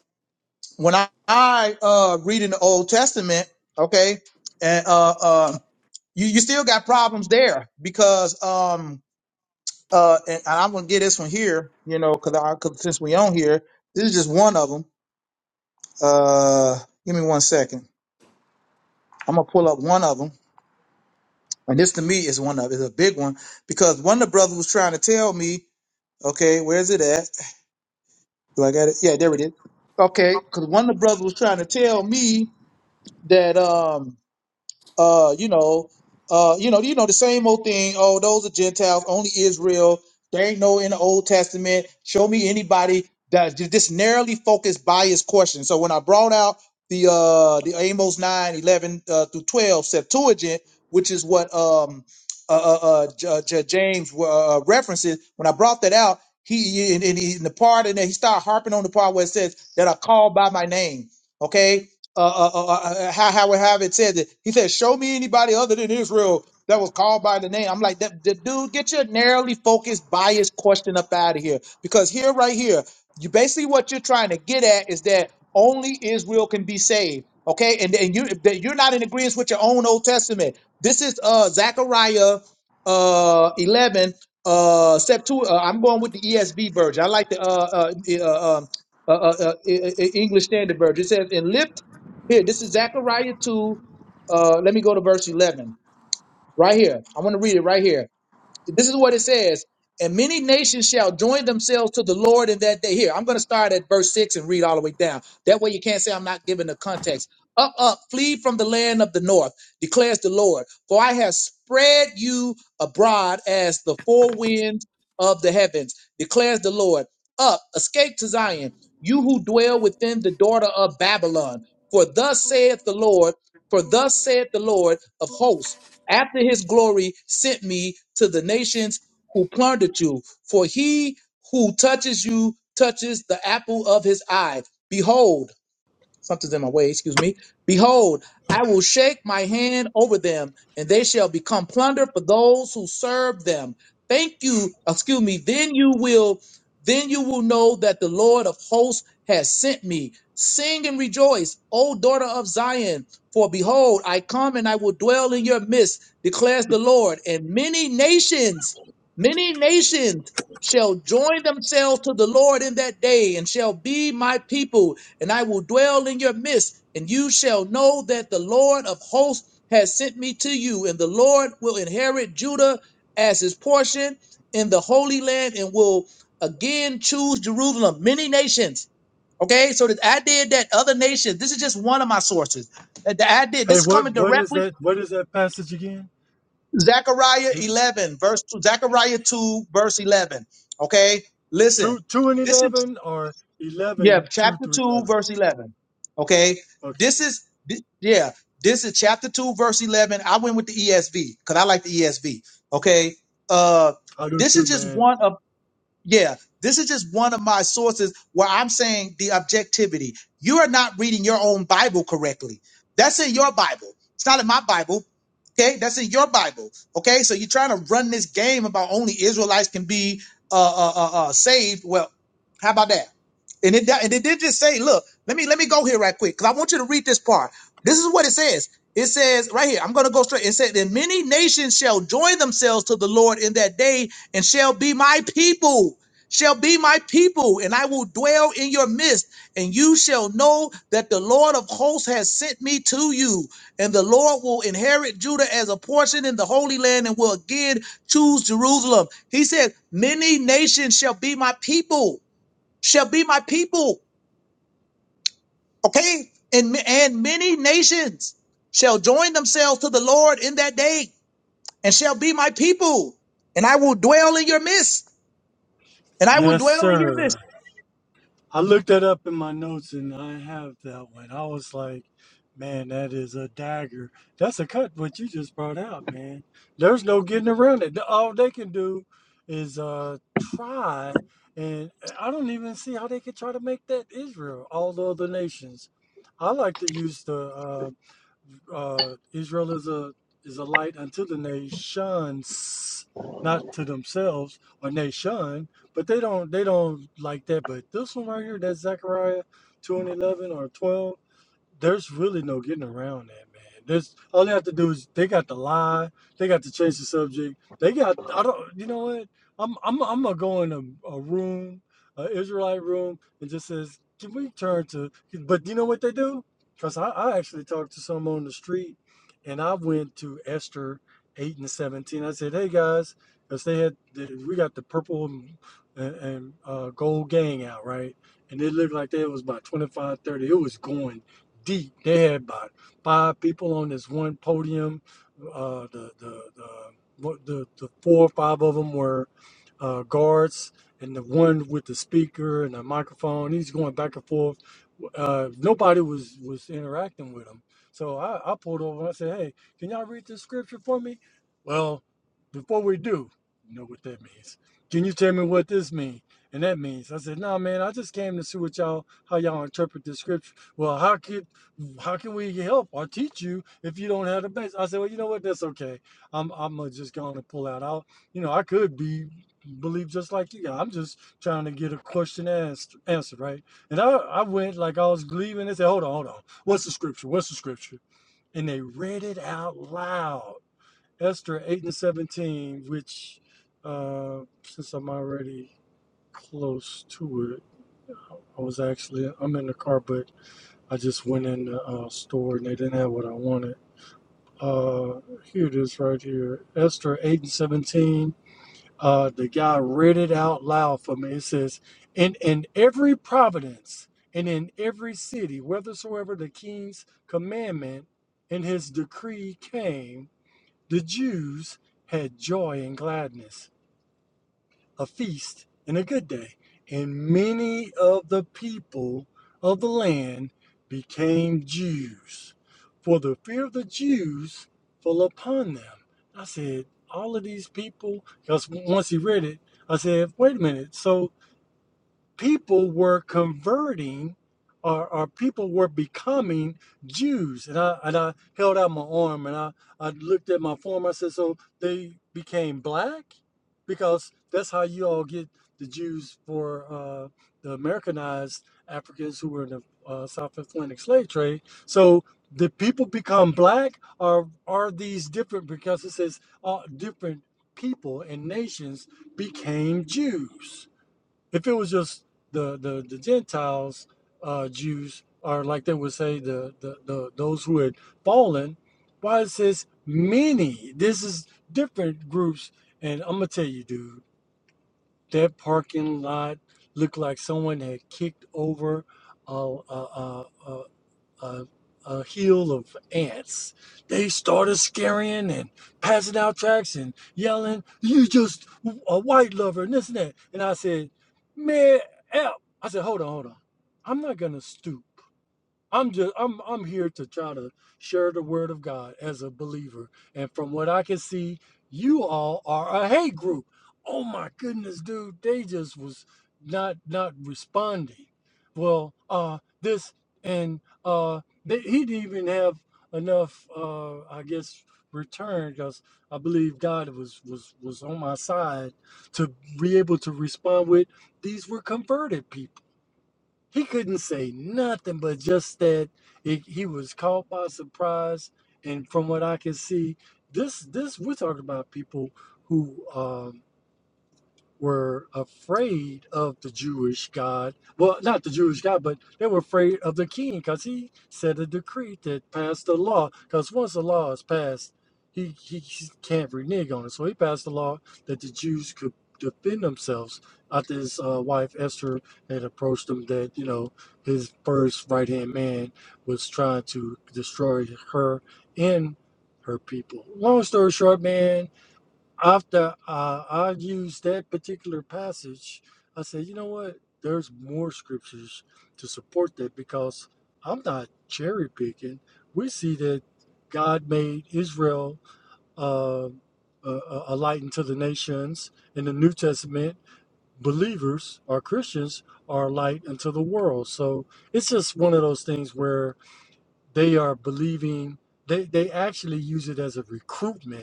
S1: when I, I uh read in the Old Testament, okay, and uh, uh you, you still got problems there because um uh and I'm gonna get this one here, you know, because I cause since we on here, this is just one of them. Uh, give me one second. I'm gonna pull up one of them, and this to me is one of is a big one because one of the brothers was trying to tell me, okay, where's it at? Do I got it? Yeah, there it is. Okay, because one of the brothers was trying to tell me that um uh, you know, uh, you know, you know, the same old thing. Oh, those are Gentiles, only Israel. There ain't no in the Old Testament. Show me anybody that this narrowly focused bias question. So when I brought out the uh the Amos 9 11 uh, through 12 Septuagint, which is what um uh, uh, uh J- uh, J- James uh, uh, references, when I brought that out, he and, and he, in the part in there, he started harping on the part where it says that are called by my name. Okay, uh, uh, uh, uh, uh, how how would have it said that he said, "Show me anybody other than Israel that was called by the name." I'm like, that, that dude, get your narrowly focused, biased question up out of here, because here, right here, you basically what you're trying to get at is that only Israel can be saved. Okay, and and you that you're not in agreement with your own Old Testament. This is uh Zechariah uh 11 uh Septu. Uh, I'm going with the ESV version. I like the uh uh, uh, uh, uh, uh, uh, uh, E, E, English Standard Version. It says, "And lift." Here, this is Zechariah 2. Uh, let me go to verse 11 right here. I want to read it right here. This is what it says. And many nations shall join themselves to the Lord in that day. Here, I'm going to start at verse 6 and read all the way down. That way you can't say I'm not giving the context. Up, up, flee from the land of the north, declares the Lord. For I have spread you abroad as the four winds of the heavens, declares the Lord. Up, escape to Zion, you who dwell within the daughter of Babylon. For thus saith the Lord, for thus saith the Lord of hosts after his glory sent me to the nations who plundered you. For he who touches you touches the apple of his eye. Behold, something's in my way, excuse me. Behold, I will shake my hand over them, and they shall become plunder for those who serve them. Thank you, excuse me, then you will then you will know that the Lord of hosts has sent me. Sing and rejoice, O daughter of Zion, for behold, I come and I will dwell in your midst, declares the Lord, and many nations, many nations shall join themselves to the Lord in that day and shall be my people and I will dwell in your midst, and you shall know that the Lord of hosts has sent me to you, and the Lord will inherit Judah as his portion in the Holy Land, and will again choose Jerusalem. Many nations. Okay, so the idea that other nations, this is just one of my sources. Uh, The idea, this
S3: Hey,
S1: is
S3: what
S1: coming
S3: what is
S1: directly
S3: that? What is that passage again?
S1: Zechariah
S3: Did you,
S1: 11, verse 2, Zechariah 2, verse 11. Okay,
S3: two
S1: listen,
S3: two and
S1: this is
S3: eleven or
S1: Yeah,
S3: eleven two
S1: chapter
S3: through
S1: 2,
S3: eleven?
S1: verse 11. Okay.
S3: Okay,
S1: This is, thi- yeah, this is chapter 2, verse 11. I went with the ESV because I like the ESV. Okay. Uh,
S3: I do
S1: this
S3: too,
S1: is just
S3: man.
S1: one of, yeah, this is just one of my sources where I'm saying the objectivity. You are not reading your own Bible correctly. That's in your Bible. It's not in my Bible. Okay. That's in your Bible. Okay. So you're trying to run this game about only Israelites can be uh, uh, uh, uh saved. Well, how about that? And it, and it did just say, look, let me let me go here right quick because I want you to read this part. This is what it says. It says right here, I'm going to go straight. It said, and many nations shall join themselves to the Lord in that day and shall be my people, shall be my people, and I will dwell in your midst. And you shall know that the Lord of hosts has sent me to you. And the Lord will inherit Judah as a portion in the Holy Land and will again choose Jerusalem. He said, many nations shall be my people shall be my people. Okay. And, and many nations shall join themselves to the Lord in that day and shall be my people. And I will dwell in your midst. And I will
S3: Yes,
S1: dwell in your midst.
S3: sir. I looked that up in my notes, and I have that one. I was like, man, that is a dagger. That's a cut. What you just brought out, man. There's no getting around it. All they can do is uh try, and I don't even see how they could try to make that Israel. All the other nations. I like to use the. uh, Uh, Israel is a is a light unto the nations, not to themselves or nation, but they don't they don't like that. But this one right here, that's Zechariah two and eleven or twelve there's really no getting around that, man. There's all they have to do is they got to lie, they got to change the subject, they got I don't you know what? I'm I'm I'm gonna go in a, a room, a Israelite room, and just says, can we turn to? But you know what they do? Cause I, I actually talked to some on the street, and I went to Esther eight and seventeen. I said, hey guys, cause they had the, we got the purple and, and uh, gold gang out right, and it looked like they was about 25 30. It was going deep They had about Five people on this one podium. Uh, the the the the, the four or five of them were uh, guards and the one with the speaker and the microphone. He's going back and forth. Uh, nobody was was interacting with him. So I, I pulled over and I said, "Hey, can y'all read this scripture for me?" Well, before we do, you know what that means. Can you tell me what this means? And that means I said, nah, man, I just came to see what y'all how y'all interpret this scripture. Well, how could how can we help or teach you if you don't have the base? I said, well, you know what? That's okay. I'm I'm gonna just going to pull out. I'll you know I could be believe just like you. Yeah, I'm just trying to get a question asked, answered, right? And I, I went like I was believing. They said, hold on, hold on. What's the scripture? What's the scripture? And they read it out loud. Esther 8 and 17, which, uh, since I'm already close to it, I was actually, I'm in the car, but I just went in the uh, store and they didn't have what I wanted. Uh, here it is right here. Esther 8 and 17 uh, the guy read it out loud for me. It says, "And in every providence and in every city, whithersoever the king's commandment and his decree came, the Jews had joy and gladness." a feast and a good day. And many of the people of the land became Jews, for the fear of the Jews fell upon them. I said, All of these people, because once he read it, I said, Wait a minute. So people were converting or, or people were becoming Jews. And I and I held out my arm and I, I looked at my form. I said, So they became black? Because that's how you all get the Jews for uh, the Americanized Africans who were in the uh, South Atlantic slave trade. So did people become black or are these different because it says all different people and nations became Jews? If it was just the the, the Gentiles, uh, Jews, or like they would say, the, the the those who had fallen, why it says many? This is different groups, and I'm gonna tell you, dude, that parking lot looked like someone had kicked over. a. a, a, a, a hill of ants. They started scaring and passing out tracts and yelling, "You just a white lover and this and that." And I said, "Man, help!" I said, "Hold on, hold on. I'm not gonna stoop. I'm just I'm I'm here to try to share the word of God as a believer. And from what I can see, you all are a hate group. Oh my goodness, dude, they just was not not responding. Well, uh this and uh they, he didn't even have enough uh I guess return because I believe God was was was on my side to be able to respond with these were converted people he couldn't say nothing but just that it, he was caught by surprise and from what i can see this this we're talking about people who um were afraid of the Jewish God. Well, not the Jewish God, but they were afraid of the king because he set a decree that passed the law. Because once the law is passed, he, he can't renege on it. So he passed the law that the Jews could defend themselves after his uh, wife Esther had approached him that, you know, his first right hand man was trying to destroy her and her people. Long story short, man, after uh, I used that particular passage, I said, you know what? There's more scriptures to support that because I'm not cherry picking. We see that God made Israel uh, a, a a light unto the nations. In the New Testament, believers or Christians are a light unto the world. So it's just one of those things where they are believing. They, they actually use it as a recruitment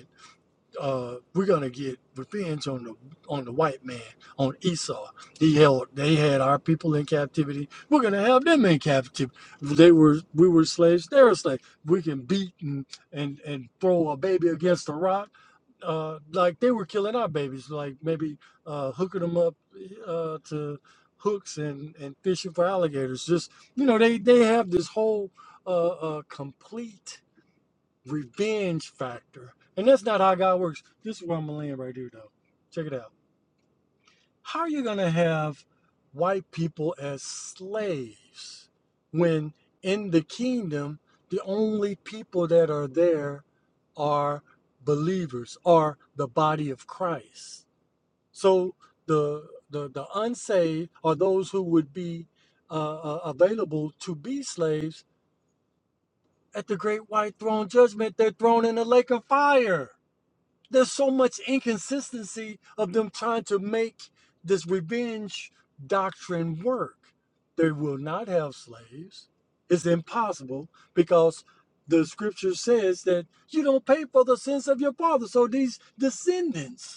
S3: uh, we're gonna get revenge on the on the white man, on Esau. He held they had our people in captivity. We're gonna have them in captivity. They were we were slaves, they were slaves. We can beat and and, and throw a baby against a rock. Uh, like they were killing our babies, like maybe uh, hooking them up uh, to hooks and, and fishing for alligators. Just you know, they they have this whole uh, uh, complete revenge factor. And that's not how God works. This is where I'm gonna land right here though. Check it out. How are you gonna have white people as slaves when in the kingdom the only people that are there are believers, are the body of Christ. So the the, the unsaved are those who would be uh, uh, available to be slaves at the great white throne judgment. They're thrown in the lake of fire. there's so much inconsistency of them trying to make this revenge doctrine work. They will not have slaves. It's impossible because the scripture says that you don't pay for the sins of your father. So these descendants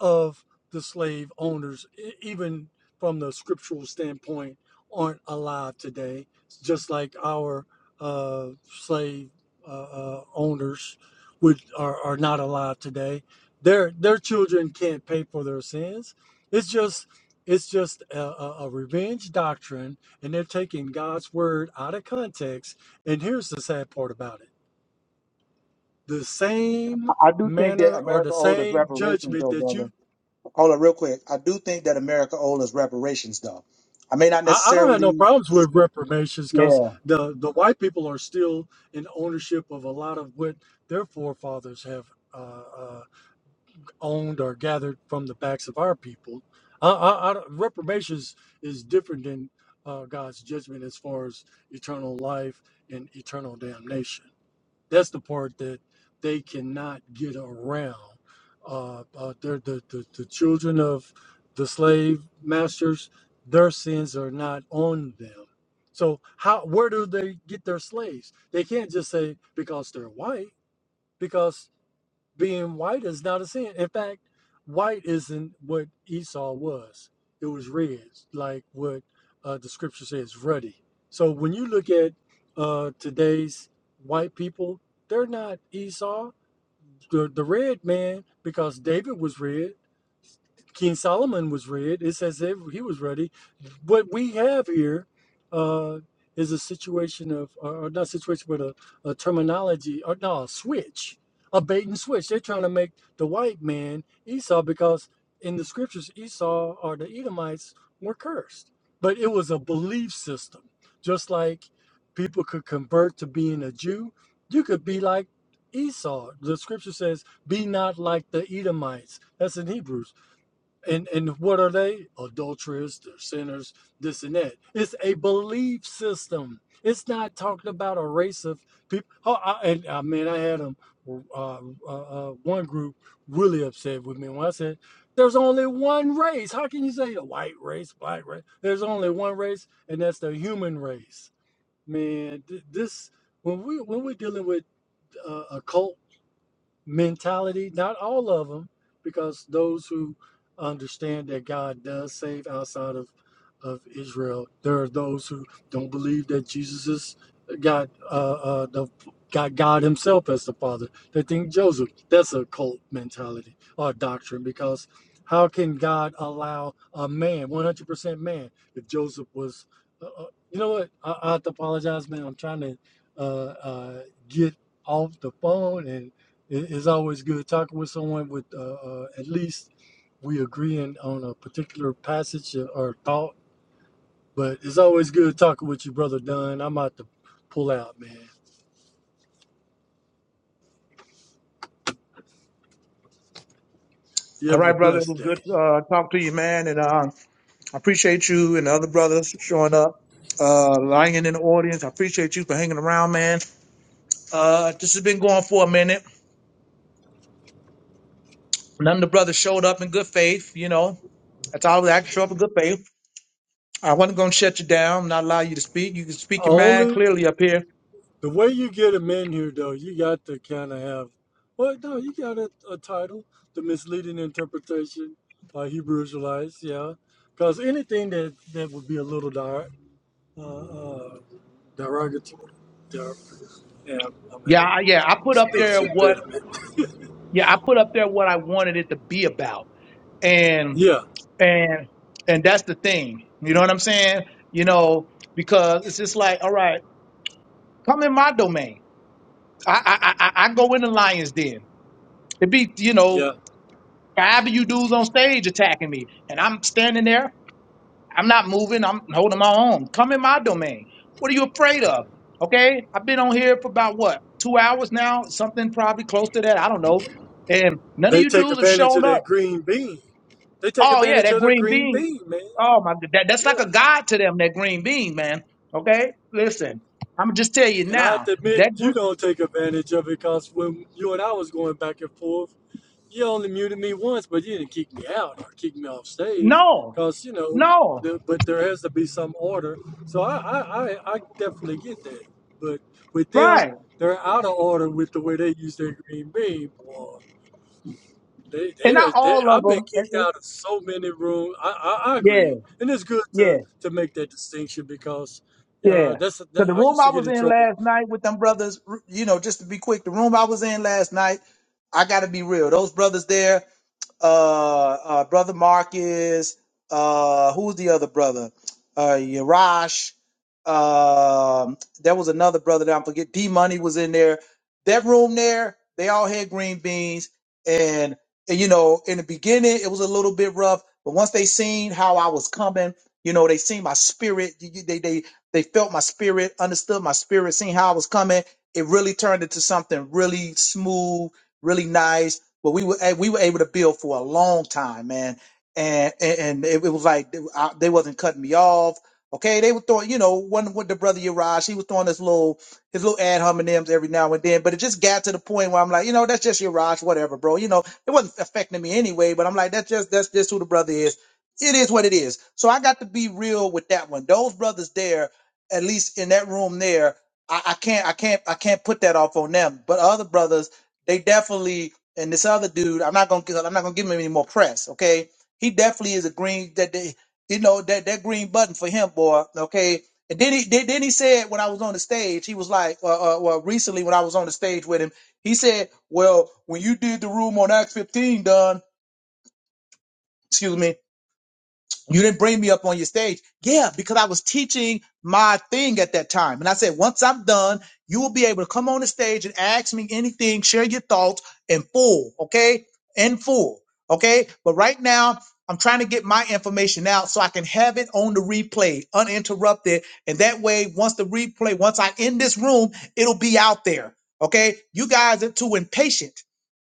S3: of the slave owners, e- even from the scriptural standpoint, aren't alive today, just like our uh, slave uh, uh, owners would are, are not alive today. Their their children can't pay for their sins. It's just it's just a, a, a revenge doctrine, and they're taking God's word out of context. And here's the sad part about it: the same
S1: I I do think that
S3: manner or
S1: America
S3: the
S1: owed us
S3: same
S1: reparations,
S3: judgment
S1: though,
S3: that you
S1: brother. Hold on, real quick. I do think that America owed us reparations, though. I may not
S3: I, I don't have no
S1: necessarily.
S3: problems with reparations
S1: Yeah.
S3: because the, the white people are still in ownership of a lot of what their forefathers have uh, uh, owned or gathered from the backs of our people. I, I, I, don't- reparations is different than uh, God's judgment as far as eternal life and eternal damnation. That's the part that they cannot get around. Uh, uh, they're the, the, the children of the slave masters, their sins are not on them. So how where do they get their slaves? They can't just say because they're white, because being white is not a sin. In fact, white isn't what Esau was. It was red, like what uh, the scripture says, ruddy. So when you look at uh, today's white people, they're not Esau, the, the red man, because David was red. King Solomon was read. It's as if he was ready. What we have here uh, is a situation of, or not situation, but a, a terminology, or no, a switch, a bait and switch. They're trying to make the white man Esau because in the scriptures, Esau or the Edomites were cursed. But it was a belief system. Just like people could convert to being a Jew, you could be like Esau. The scripture says, be not like the Edomites. That's in Hebrews and and what are they? Adulterers, they're sinners, this and that. It's a belief system. It's not talking about a race of people. Oh, I, and I mean, I had um, uh, uh, uh, one group really upset with me when I said, "There's only one race. How can you say a white race, black race? There's only one race, and that's the human race." Man, th- this when we when we're dealing with uh, a cult mentality. Not all of them, because those who understand that God does save outside of of Israel, there are those who don't believe that Jesus is God, uh, uh, the God, God Himself as the Father. They think Joseph. That's a cult mentality or doctrine, because how can God allow a man, 100% man, if Joseph was? Uh, uh, you know what? I, I have to apologize, man. I'm trying to uh, uh, get off the phone and it, it's always good talking with someone with uh, uh, at least we agreeing on a particular passage or or thought. But it's always good talking with you, brother Dunn. I'm about to pull out, man. You
S1: All
S3: have
S1: right,
S3: a
S1: brother. It
S3: blessed
S1: was
S3: day.
S1: good to uh, talk to you, man. And uh, I appreciate you and the other brothers showing up, uh, lying in the audience. I appreciate you for hanging around, man. Uh, this has been going for a minute. None of the brothers showed up in good faith. You know, that's all I can show up in good faith. I wasn't going to shut you down, not allow you to speak. You can speak your mind
S3: Only
S1: clearly up here.
S3: the way you get them in here, though, you got to kind of have. Well, no, you got a, a title, the misleading interpretation by Hebrew Israelites, yeah. Because anything that that would be a little dar, uh, uh, derogatory, der, yeah, I'm
S1: Yeah,
S3: having
S1: I- yeah. I put up there
S3: speech
S1: what,
S3: impediment.
S1: yeah, I put up there what I wanted it to be about, and
S3: Yeah,
S1: and and that's the thing. You know what I'm saying? You know, because it's just like, all right, come in my domain. I I I, I I go in the lion's den. It be you know
S3: yeah.
S1: five of you dudes on stage attacking me, and I'm standing there. I'm not moving. I'm holding my own. Come in my domain. What are you afraid of? Okay. I've been on here for about what, two hours now? Something probably close to that. I don't know. And none of
S3: They
S1: you
S3: take
S1: dudes have
S3: advantage
S1: shown
S3: of their
S1: up.
S3: green bean. They take
S1: Oh, yeah,
S3: advantage
S1: that
S3: of their
S1: green
S3: green
S1: bean.
S3: bean, man.
S1: Oh, my God. That, that's like a
S3: Yeah.
S1: god to them, that green bean, man. Okay. Listen, I'm just tell you
S3: And I have
S1: now
S3: to admit,
S1: that
S3: you
S1: green,
S3: don't take advantage of it because when you and I was going back and forth, you only muted me once, but you didn't kick me out or kick me off stage
S1: no,
S3: because, you know,
S1: no,
S3: the, but there has to be some order. So I, I, I, I definitely get that. But with them,
S1: right.
S3: they're out of order with the way they use their green bean. boy. They,
S1: And
S3: they, are,
S1: not
S3: they
S1: all
S3: I've been
S1: of
S3: kicked
S1: them.
S3: out of so many rooms. I, I, I
S1: Yeah,
S3: agree, and it's good
S1: yeah.
S3: to to make that distinction because uh,
S1: Yeah.
S3: that's
S1: So
S3: that,
S1: the
S3: I
S1: room
S3: used to
S1: I
S3: get
S1: was
S3: in
S1: in
S3: trouble.
S1: last night with them brothers, you know, just to be quick, the room I was in last night, I got to be real. Those brothers there, uh, uh, brother Marcus, uh, who's the other brother? Uh, Yarash. Um, there was another brother that I forget. D Money was in there. That room there, they all had green beans, and, and you know, in the beginning it was a little bit rough, but once they seen how I was coming, you know, they seen my spirit. you- you- They they they felt my spirit, understood my spirit, seen how I was coming. It really turned into something really smooth, really nice but we were a- we were able to build for a long time, man. And and, and it, it was like they, I, they wasn't cutting me off. Okay, they were throwing, you know, one with the brother Yaraj, he was throwing his little his little ad hominems every now and then, but it just got to the point where I'm like, you know, that's just Yaraj, whatever, bro. You know, it wasn't affecting me anyway, but I'm like, that's just that's just who the brother is. It is what it is. So I got to be real with that one. Those brothers there, at least in that room there, I, I can't I can't I can't put that off on them. But other brothers, they definitely and this other dude, I'm not gonna I'm not gonna give him any more press. Okay, he definitely is a green that they, you know that that green button for him, boy. Okay, and then he then, then he said when I was on the stage, he was like, uh, uh, well, recently when I was on the stage with him, he said, well, when you did the room on Act 15, Don, excuse me, you didn't bring me up on your stage. Yeah, because I was teaching my thing at that time. And I said, once I'm done, you will be able to come on the stage and ask me anything, share your thoughts in full, okay? In full, okay? But right now, I'm trying to get my information out so I can have it on the replay uninterrupted. And that way, once the replay, once I end this room, it'll be out there, okay? You guys are too impatient.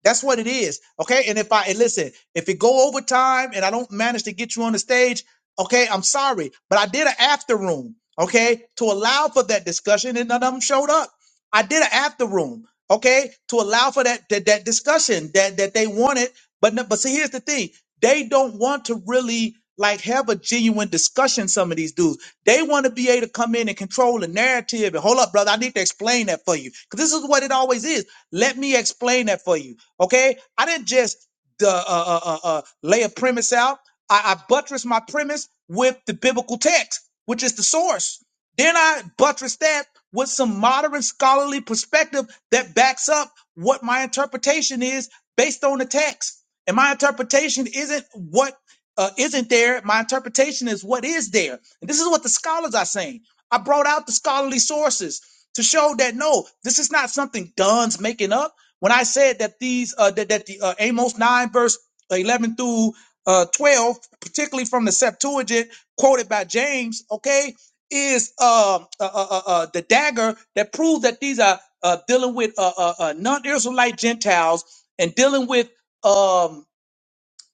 S1: That's what it is. Okay. And if I and listen, if it go over time and I don't manage to get you on the stage, okay, I'm sorry. But I did an after room, okay, to allow for that discussion and none of them showed up. I did an after room, okay, to allow for that that, that discussion that, that they wanted. But no, but see, here's the thing they don't want to really like have a genuine discussion some of these dudes they want to be able to come in and control the narrative and hold up brother i need to explain that for you because this is what it always is let me explain that for you okay i didn't just the uh, uh, uh, uh, lay a premise out I, I buttress my premise with the biblical text which is the source then I buttress that with some modern scholarly perspective that backs up what my interpretation is based on the text. And my interpretation isn't what uh, isn't there. My interpretation is what is there. And this is what the scholars are saying. I brought out the scholarly sources to show that no, this is not something Dunn's making up. When I said that these uh, that, that the uh, Amos nine verse eleven through uh, twelve, particularly from the Septuagint quoted by James, okay, is uh, uh, uh, uh, uh, the dagger that proves that these are uh, dealing with uh, uh, uh, non-Israelite Gentiles and dealing with um,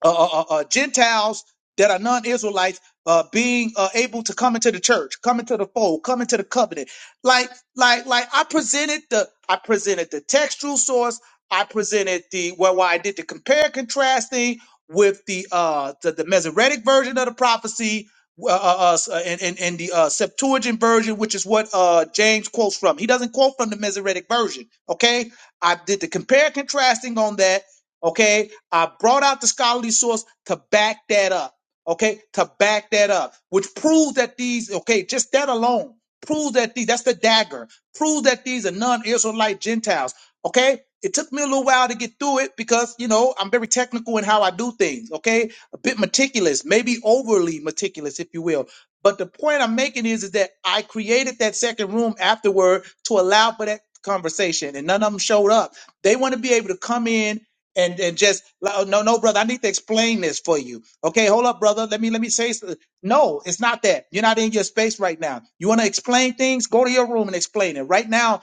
S1: uh, uh, uh, uh, Gentiles that are non-Israelites uh, being uh, able to come into the church, come into the fold, come into the covenant. Like, like, like I presented the, I presented the textual source. I presented the well, why I did the compare contrasting with the uh the, the Masoretic version of the prophecy. Uh, uh, uh, and, and, and the uh, Septuagint version, which is what uh, James quotes from. He doesn't quote from the Masoretic version. Okay, I did the compare contrasting on that. Okay, I brought out the scholarly source to back that up. Okay, to back that up, which proves that these, okay, just that alone proves that these, that's the dagger, proves that these are non Israelite Gentiles. Okay, it took me a little while to get through it because, you know, I'm very technical in how I do things. Okay, a bit meticulous, maybe overly meticulous, if you will. But the point I'm making is, is that I created that second room afterward to allow for that conversation, and none of them showed up. They want to be able to come in and and just like, oh, no no brother i need to explain this for you okay hold up brother let me let me say so- no it's not that you're not in your space right now you want to explain things go to your room and explain it right now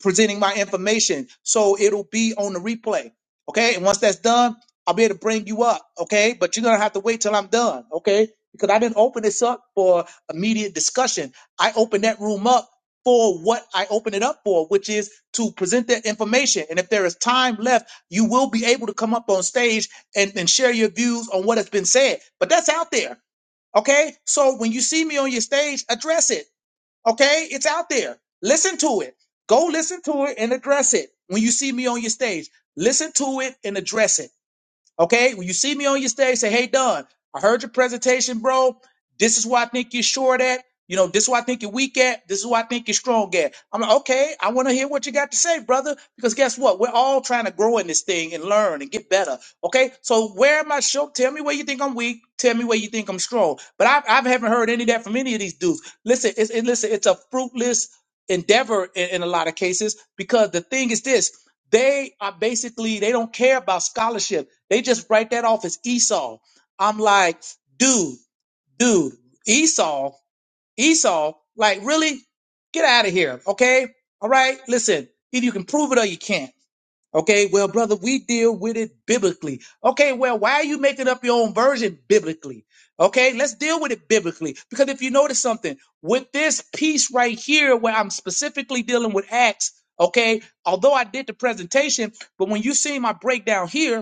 S1: presenting my information. So it'll be on the replay. Okay. And once that's done, I'll be able to bring you up. Okay. But you're going to have to wait till I'm done. Okay. Because I didn't open this up for immediate discussion. I opened that room up for what I opened it up for, which is to present that information. And if there is time left, you will be able to come up on stage and, and share your views on what has been said. But that's out there. Okay. So when you see me on your stage, address it. Okay, it's out there. Listen to it. Go listen to it and address it. When you see me on your stage, listen to it and address it. Okay, when you see me on your stage, say, "Hey, Don, I heard your presentation, bro. This is where I think you're short at. You know, this is where I think you're weak at. This is where I think you're strong at." I'm like, "Okay, I want to hear what you got to say, brother, because guess what? We're all trying to grow in this thing and learn and get better. Okay, so where am I short? Tell me where you think I'm weak. Tell me where you think I'm strong. But I, I haven't heard any of that from any of these dudes. Listen, it's, it, listen, it's a fruitless endeavor in, in a lot of cases because the thing is this." They are basically, they don't care about scholarship. They just write that off as Esau. I'm like, dude, dude, Esau, Esau, like really? Get out of here. Okay. All right. Listen, either you can prove it or you can't. Okay, well, brother, we deal with it biblically. Okay, well, why are you making up your own version biblically? Okay, let's deal with it biblically. Because if you notice something, with this piece right here, where I'm specifically dealing with Acts, okay, although I did the presentation, but when you see my breakdown here,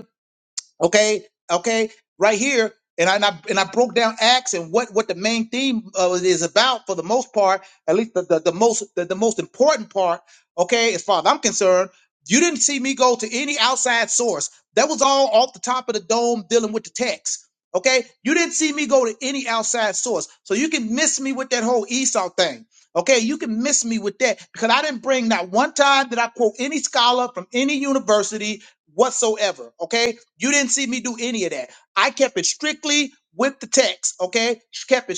S1: Okay, okay, right here, and I and I, and I broke down Acts and what what the main theme of it is about for the most part, at least the the, the most the, the most important part. Okay, as far as I'm concerned, you didn't see me go to any outside source. That was all off the top of the dome dealing with the text. Okay, you didn't see me go to any outside source, so you can miss me with that whole Esau thing. Okay, you can miss me with that because I didn't bring not one time that I quote any scholar from any university whatsoever. Okay, you didn't see me do any of that. I kept it strictly with the text, okay? Strictly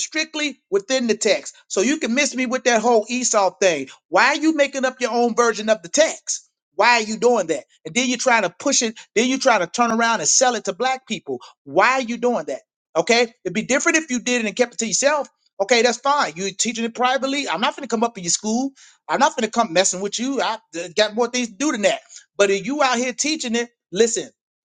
S1: within the text. So you can miss me with that whole Esau thing. Why are you making up your own version of the text? Why are you doing that? And then you're trying to push it. Then you're trying to turn around and sell it to black people. Why that? Okay? yourself, okay, that's fine. You're teaching it privately. I'm not going to come up in your school. I'm not going to come messing with you. I uh, got more things to do than that. But if you out here teaching it, listen,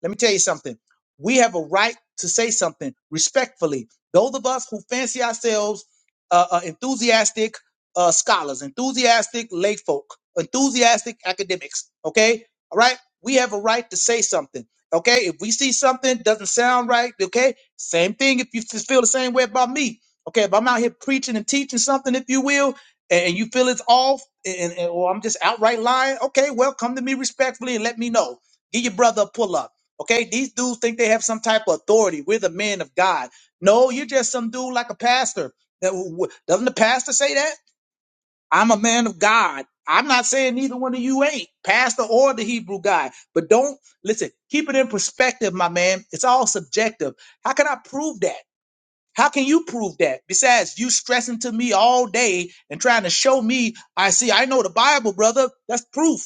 S1: let me tell you something. We have a right to say something respectfully. Those of us who fancy ourselves uh, uh, enthusiastic uh, scholars, enthusiastic lay folk, enthusiastic academics, okay? All right? We have a right to say something, okay? If we see something doesn't sound right, okay? Same thing if you f- feel the same way about me. Okay, if I'm out here preaching and teaching something, if you will, and you feel it's off, and, and- or I'm just outright lying, okay, well, come to me respectfully and let me know. Give your brother a pull up. Okay, these dudes think they have some type of authority. We're the men of God. No, you're just some dude like a pastor. That w- w- doesn't the pastor say that? I'm a man of God. I'm not saying neither one of you ain't pastor or the Hebrew guy. But don't listen. Keep it in perspective, my man. It's all subjective. How can I prove that? How can you prove that? Besides, you stressing to me all day and trying to show me, I see, I know the Bible, brother. That's proof.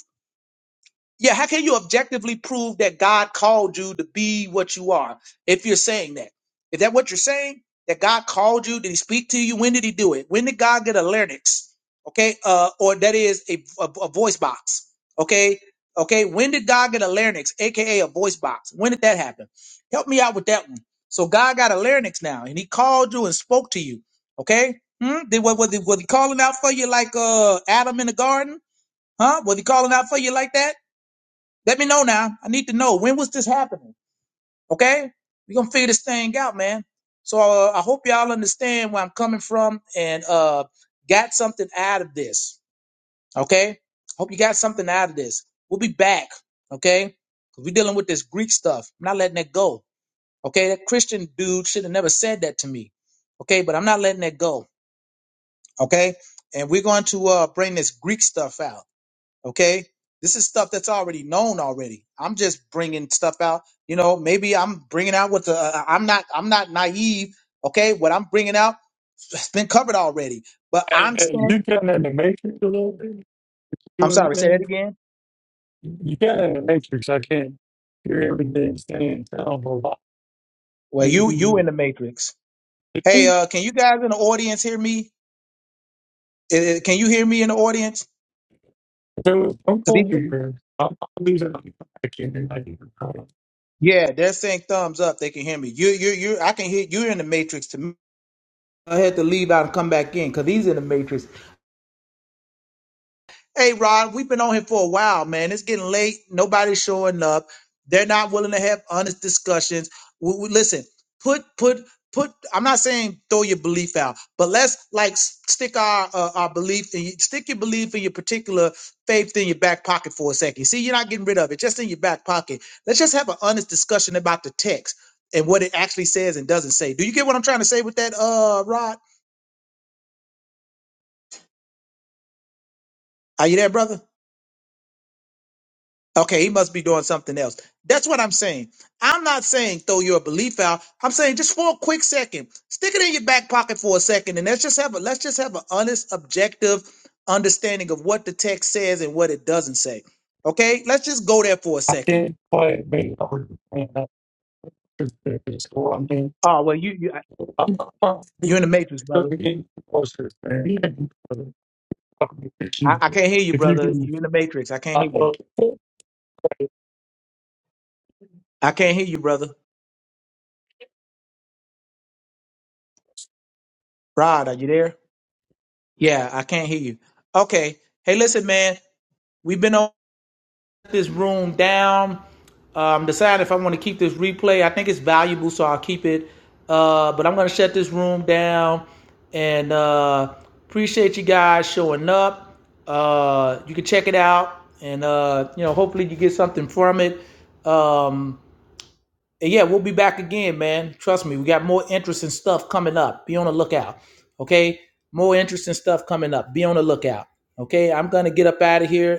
S1: Yeah, how can you objectively prove that God called you to be what you are if you're saying that? Is that what you're saying? That God called you? Did he speak to you? When did he do it? When did God get a larynx? Okay, uh, or that is a, a, a voice box. Okay, okay, when did God get a larynx, aka a voice box? When did that happen? Help me out with that one. So God got a larynx now, and he called you and spoke to you. Okay, hmm? Did what was he, was he calling out for you like uh Adam in the garden? Huh? Was he calling out for you like that? Let me know now. I need to know when was this happening. Okay, we're gonna figure this thing out, man. So uh, I hope y'all understand where I'm coming from and uh, got something out of this. Okay, hope you got something out of this. We'll be back. Okay, 'Cause we're dealing with this Greek stuff. I'm not letting that go. Okay, that Christian dude should have never said that to me. Okay, but I'm not letting that go. Okay, and we're going to uh, bring this Greek stuff out okay this is stuff that's already known already i'm just bringing stuff out you know maybe i'm bringing out what the uh, uh, i'm not i'm not naive okay what i'm bringing out has been covered already but
S3: Hey,
S1: i'm
S3: hey,
S1: saying
S3: you kind of in the matrix a little bit.
S1: i'm
S3: Do
S1: sorry say that
S3: anything.
S1: again
S3: You kind of in the matrix. I can't hear everything saying. Sound a lot.
S1: well you you in
S3: Mm,
S1: the matrix
S3: I
S1: hey
S3: think
S1: uh can you guys in the audience hear me Uh, can you hear me in the audience
S3: There was no
S1: 'Cause
S3: call
S1: these-
S3: here. I'm I'm losing. my- I can't hear. I can't hear.
S1: yeah they're saying thumbs up they can hear me you you you i can hear you're in the matrix to me i had to leave out and come back in because he's in the matrix Hey Rod, we've been on here for a while, man. It's getting late. Nobody's showing up. They're not willing to have honest discussions. We, we- listen, put put put. I'm not saying throw your belief out, but let's like s- stick our uh, our belief and stick your belief in your particular faith in your back pocket for a second. See, you're not getting rid of it, just in your back pocket. Let's just have an honest discussion about the text and what it actually says and doesn't say. Do you get what I'm trying to say with that, uh, Rod? Are you there, brother? Okay, he must be doing something else. That's what I'm saying. I'm not saying throw your belief out. I'm saying just for a quick second, stick it in your back pocket for a second, and let's just have a let's just have an honest, objective understanding of what the text says and what it doesn't say. Okay, let's just go there for a
S3: I
S1: second.
S3: did play me on I up to the school. I mean,
S1: Oh well, you you
S3: I'm not
S1: you're in the
S3: confident
S1: matrix,
S3: to
S1: brother.
S3: be in closer than even for the fucking
S1: I,
S3: pitching.
S1: I can't hear you,
S3: If you
S1: brother.
S3: can,
S1: You're in the matrix. I can't
S3: I
S1: hear you.
S3: love it.
S1: I can't hear you, brother. Rod, are you there? Yeah, I can't hear you. Okay. Hey, listen, man. We've been on. this room down. Um, decide if I want to keep this replay. I think it's valuable, so I'll keep it. Uh, but I'm gonna shut this room down, and uh, appreciate you guys showing up. Uh, you can check it out, and uh, you know, hopefully you get something from it. Um, and yeah, we'll be back again, man. Trust me, we got more interesting stuff coming up. Be on the lookout, okay? More interesting stuff coming up. Be on the lookout, okay? I'm gonna get up out of here.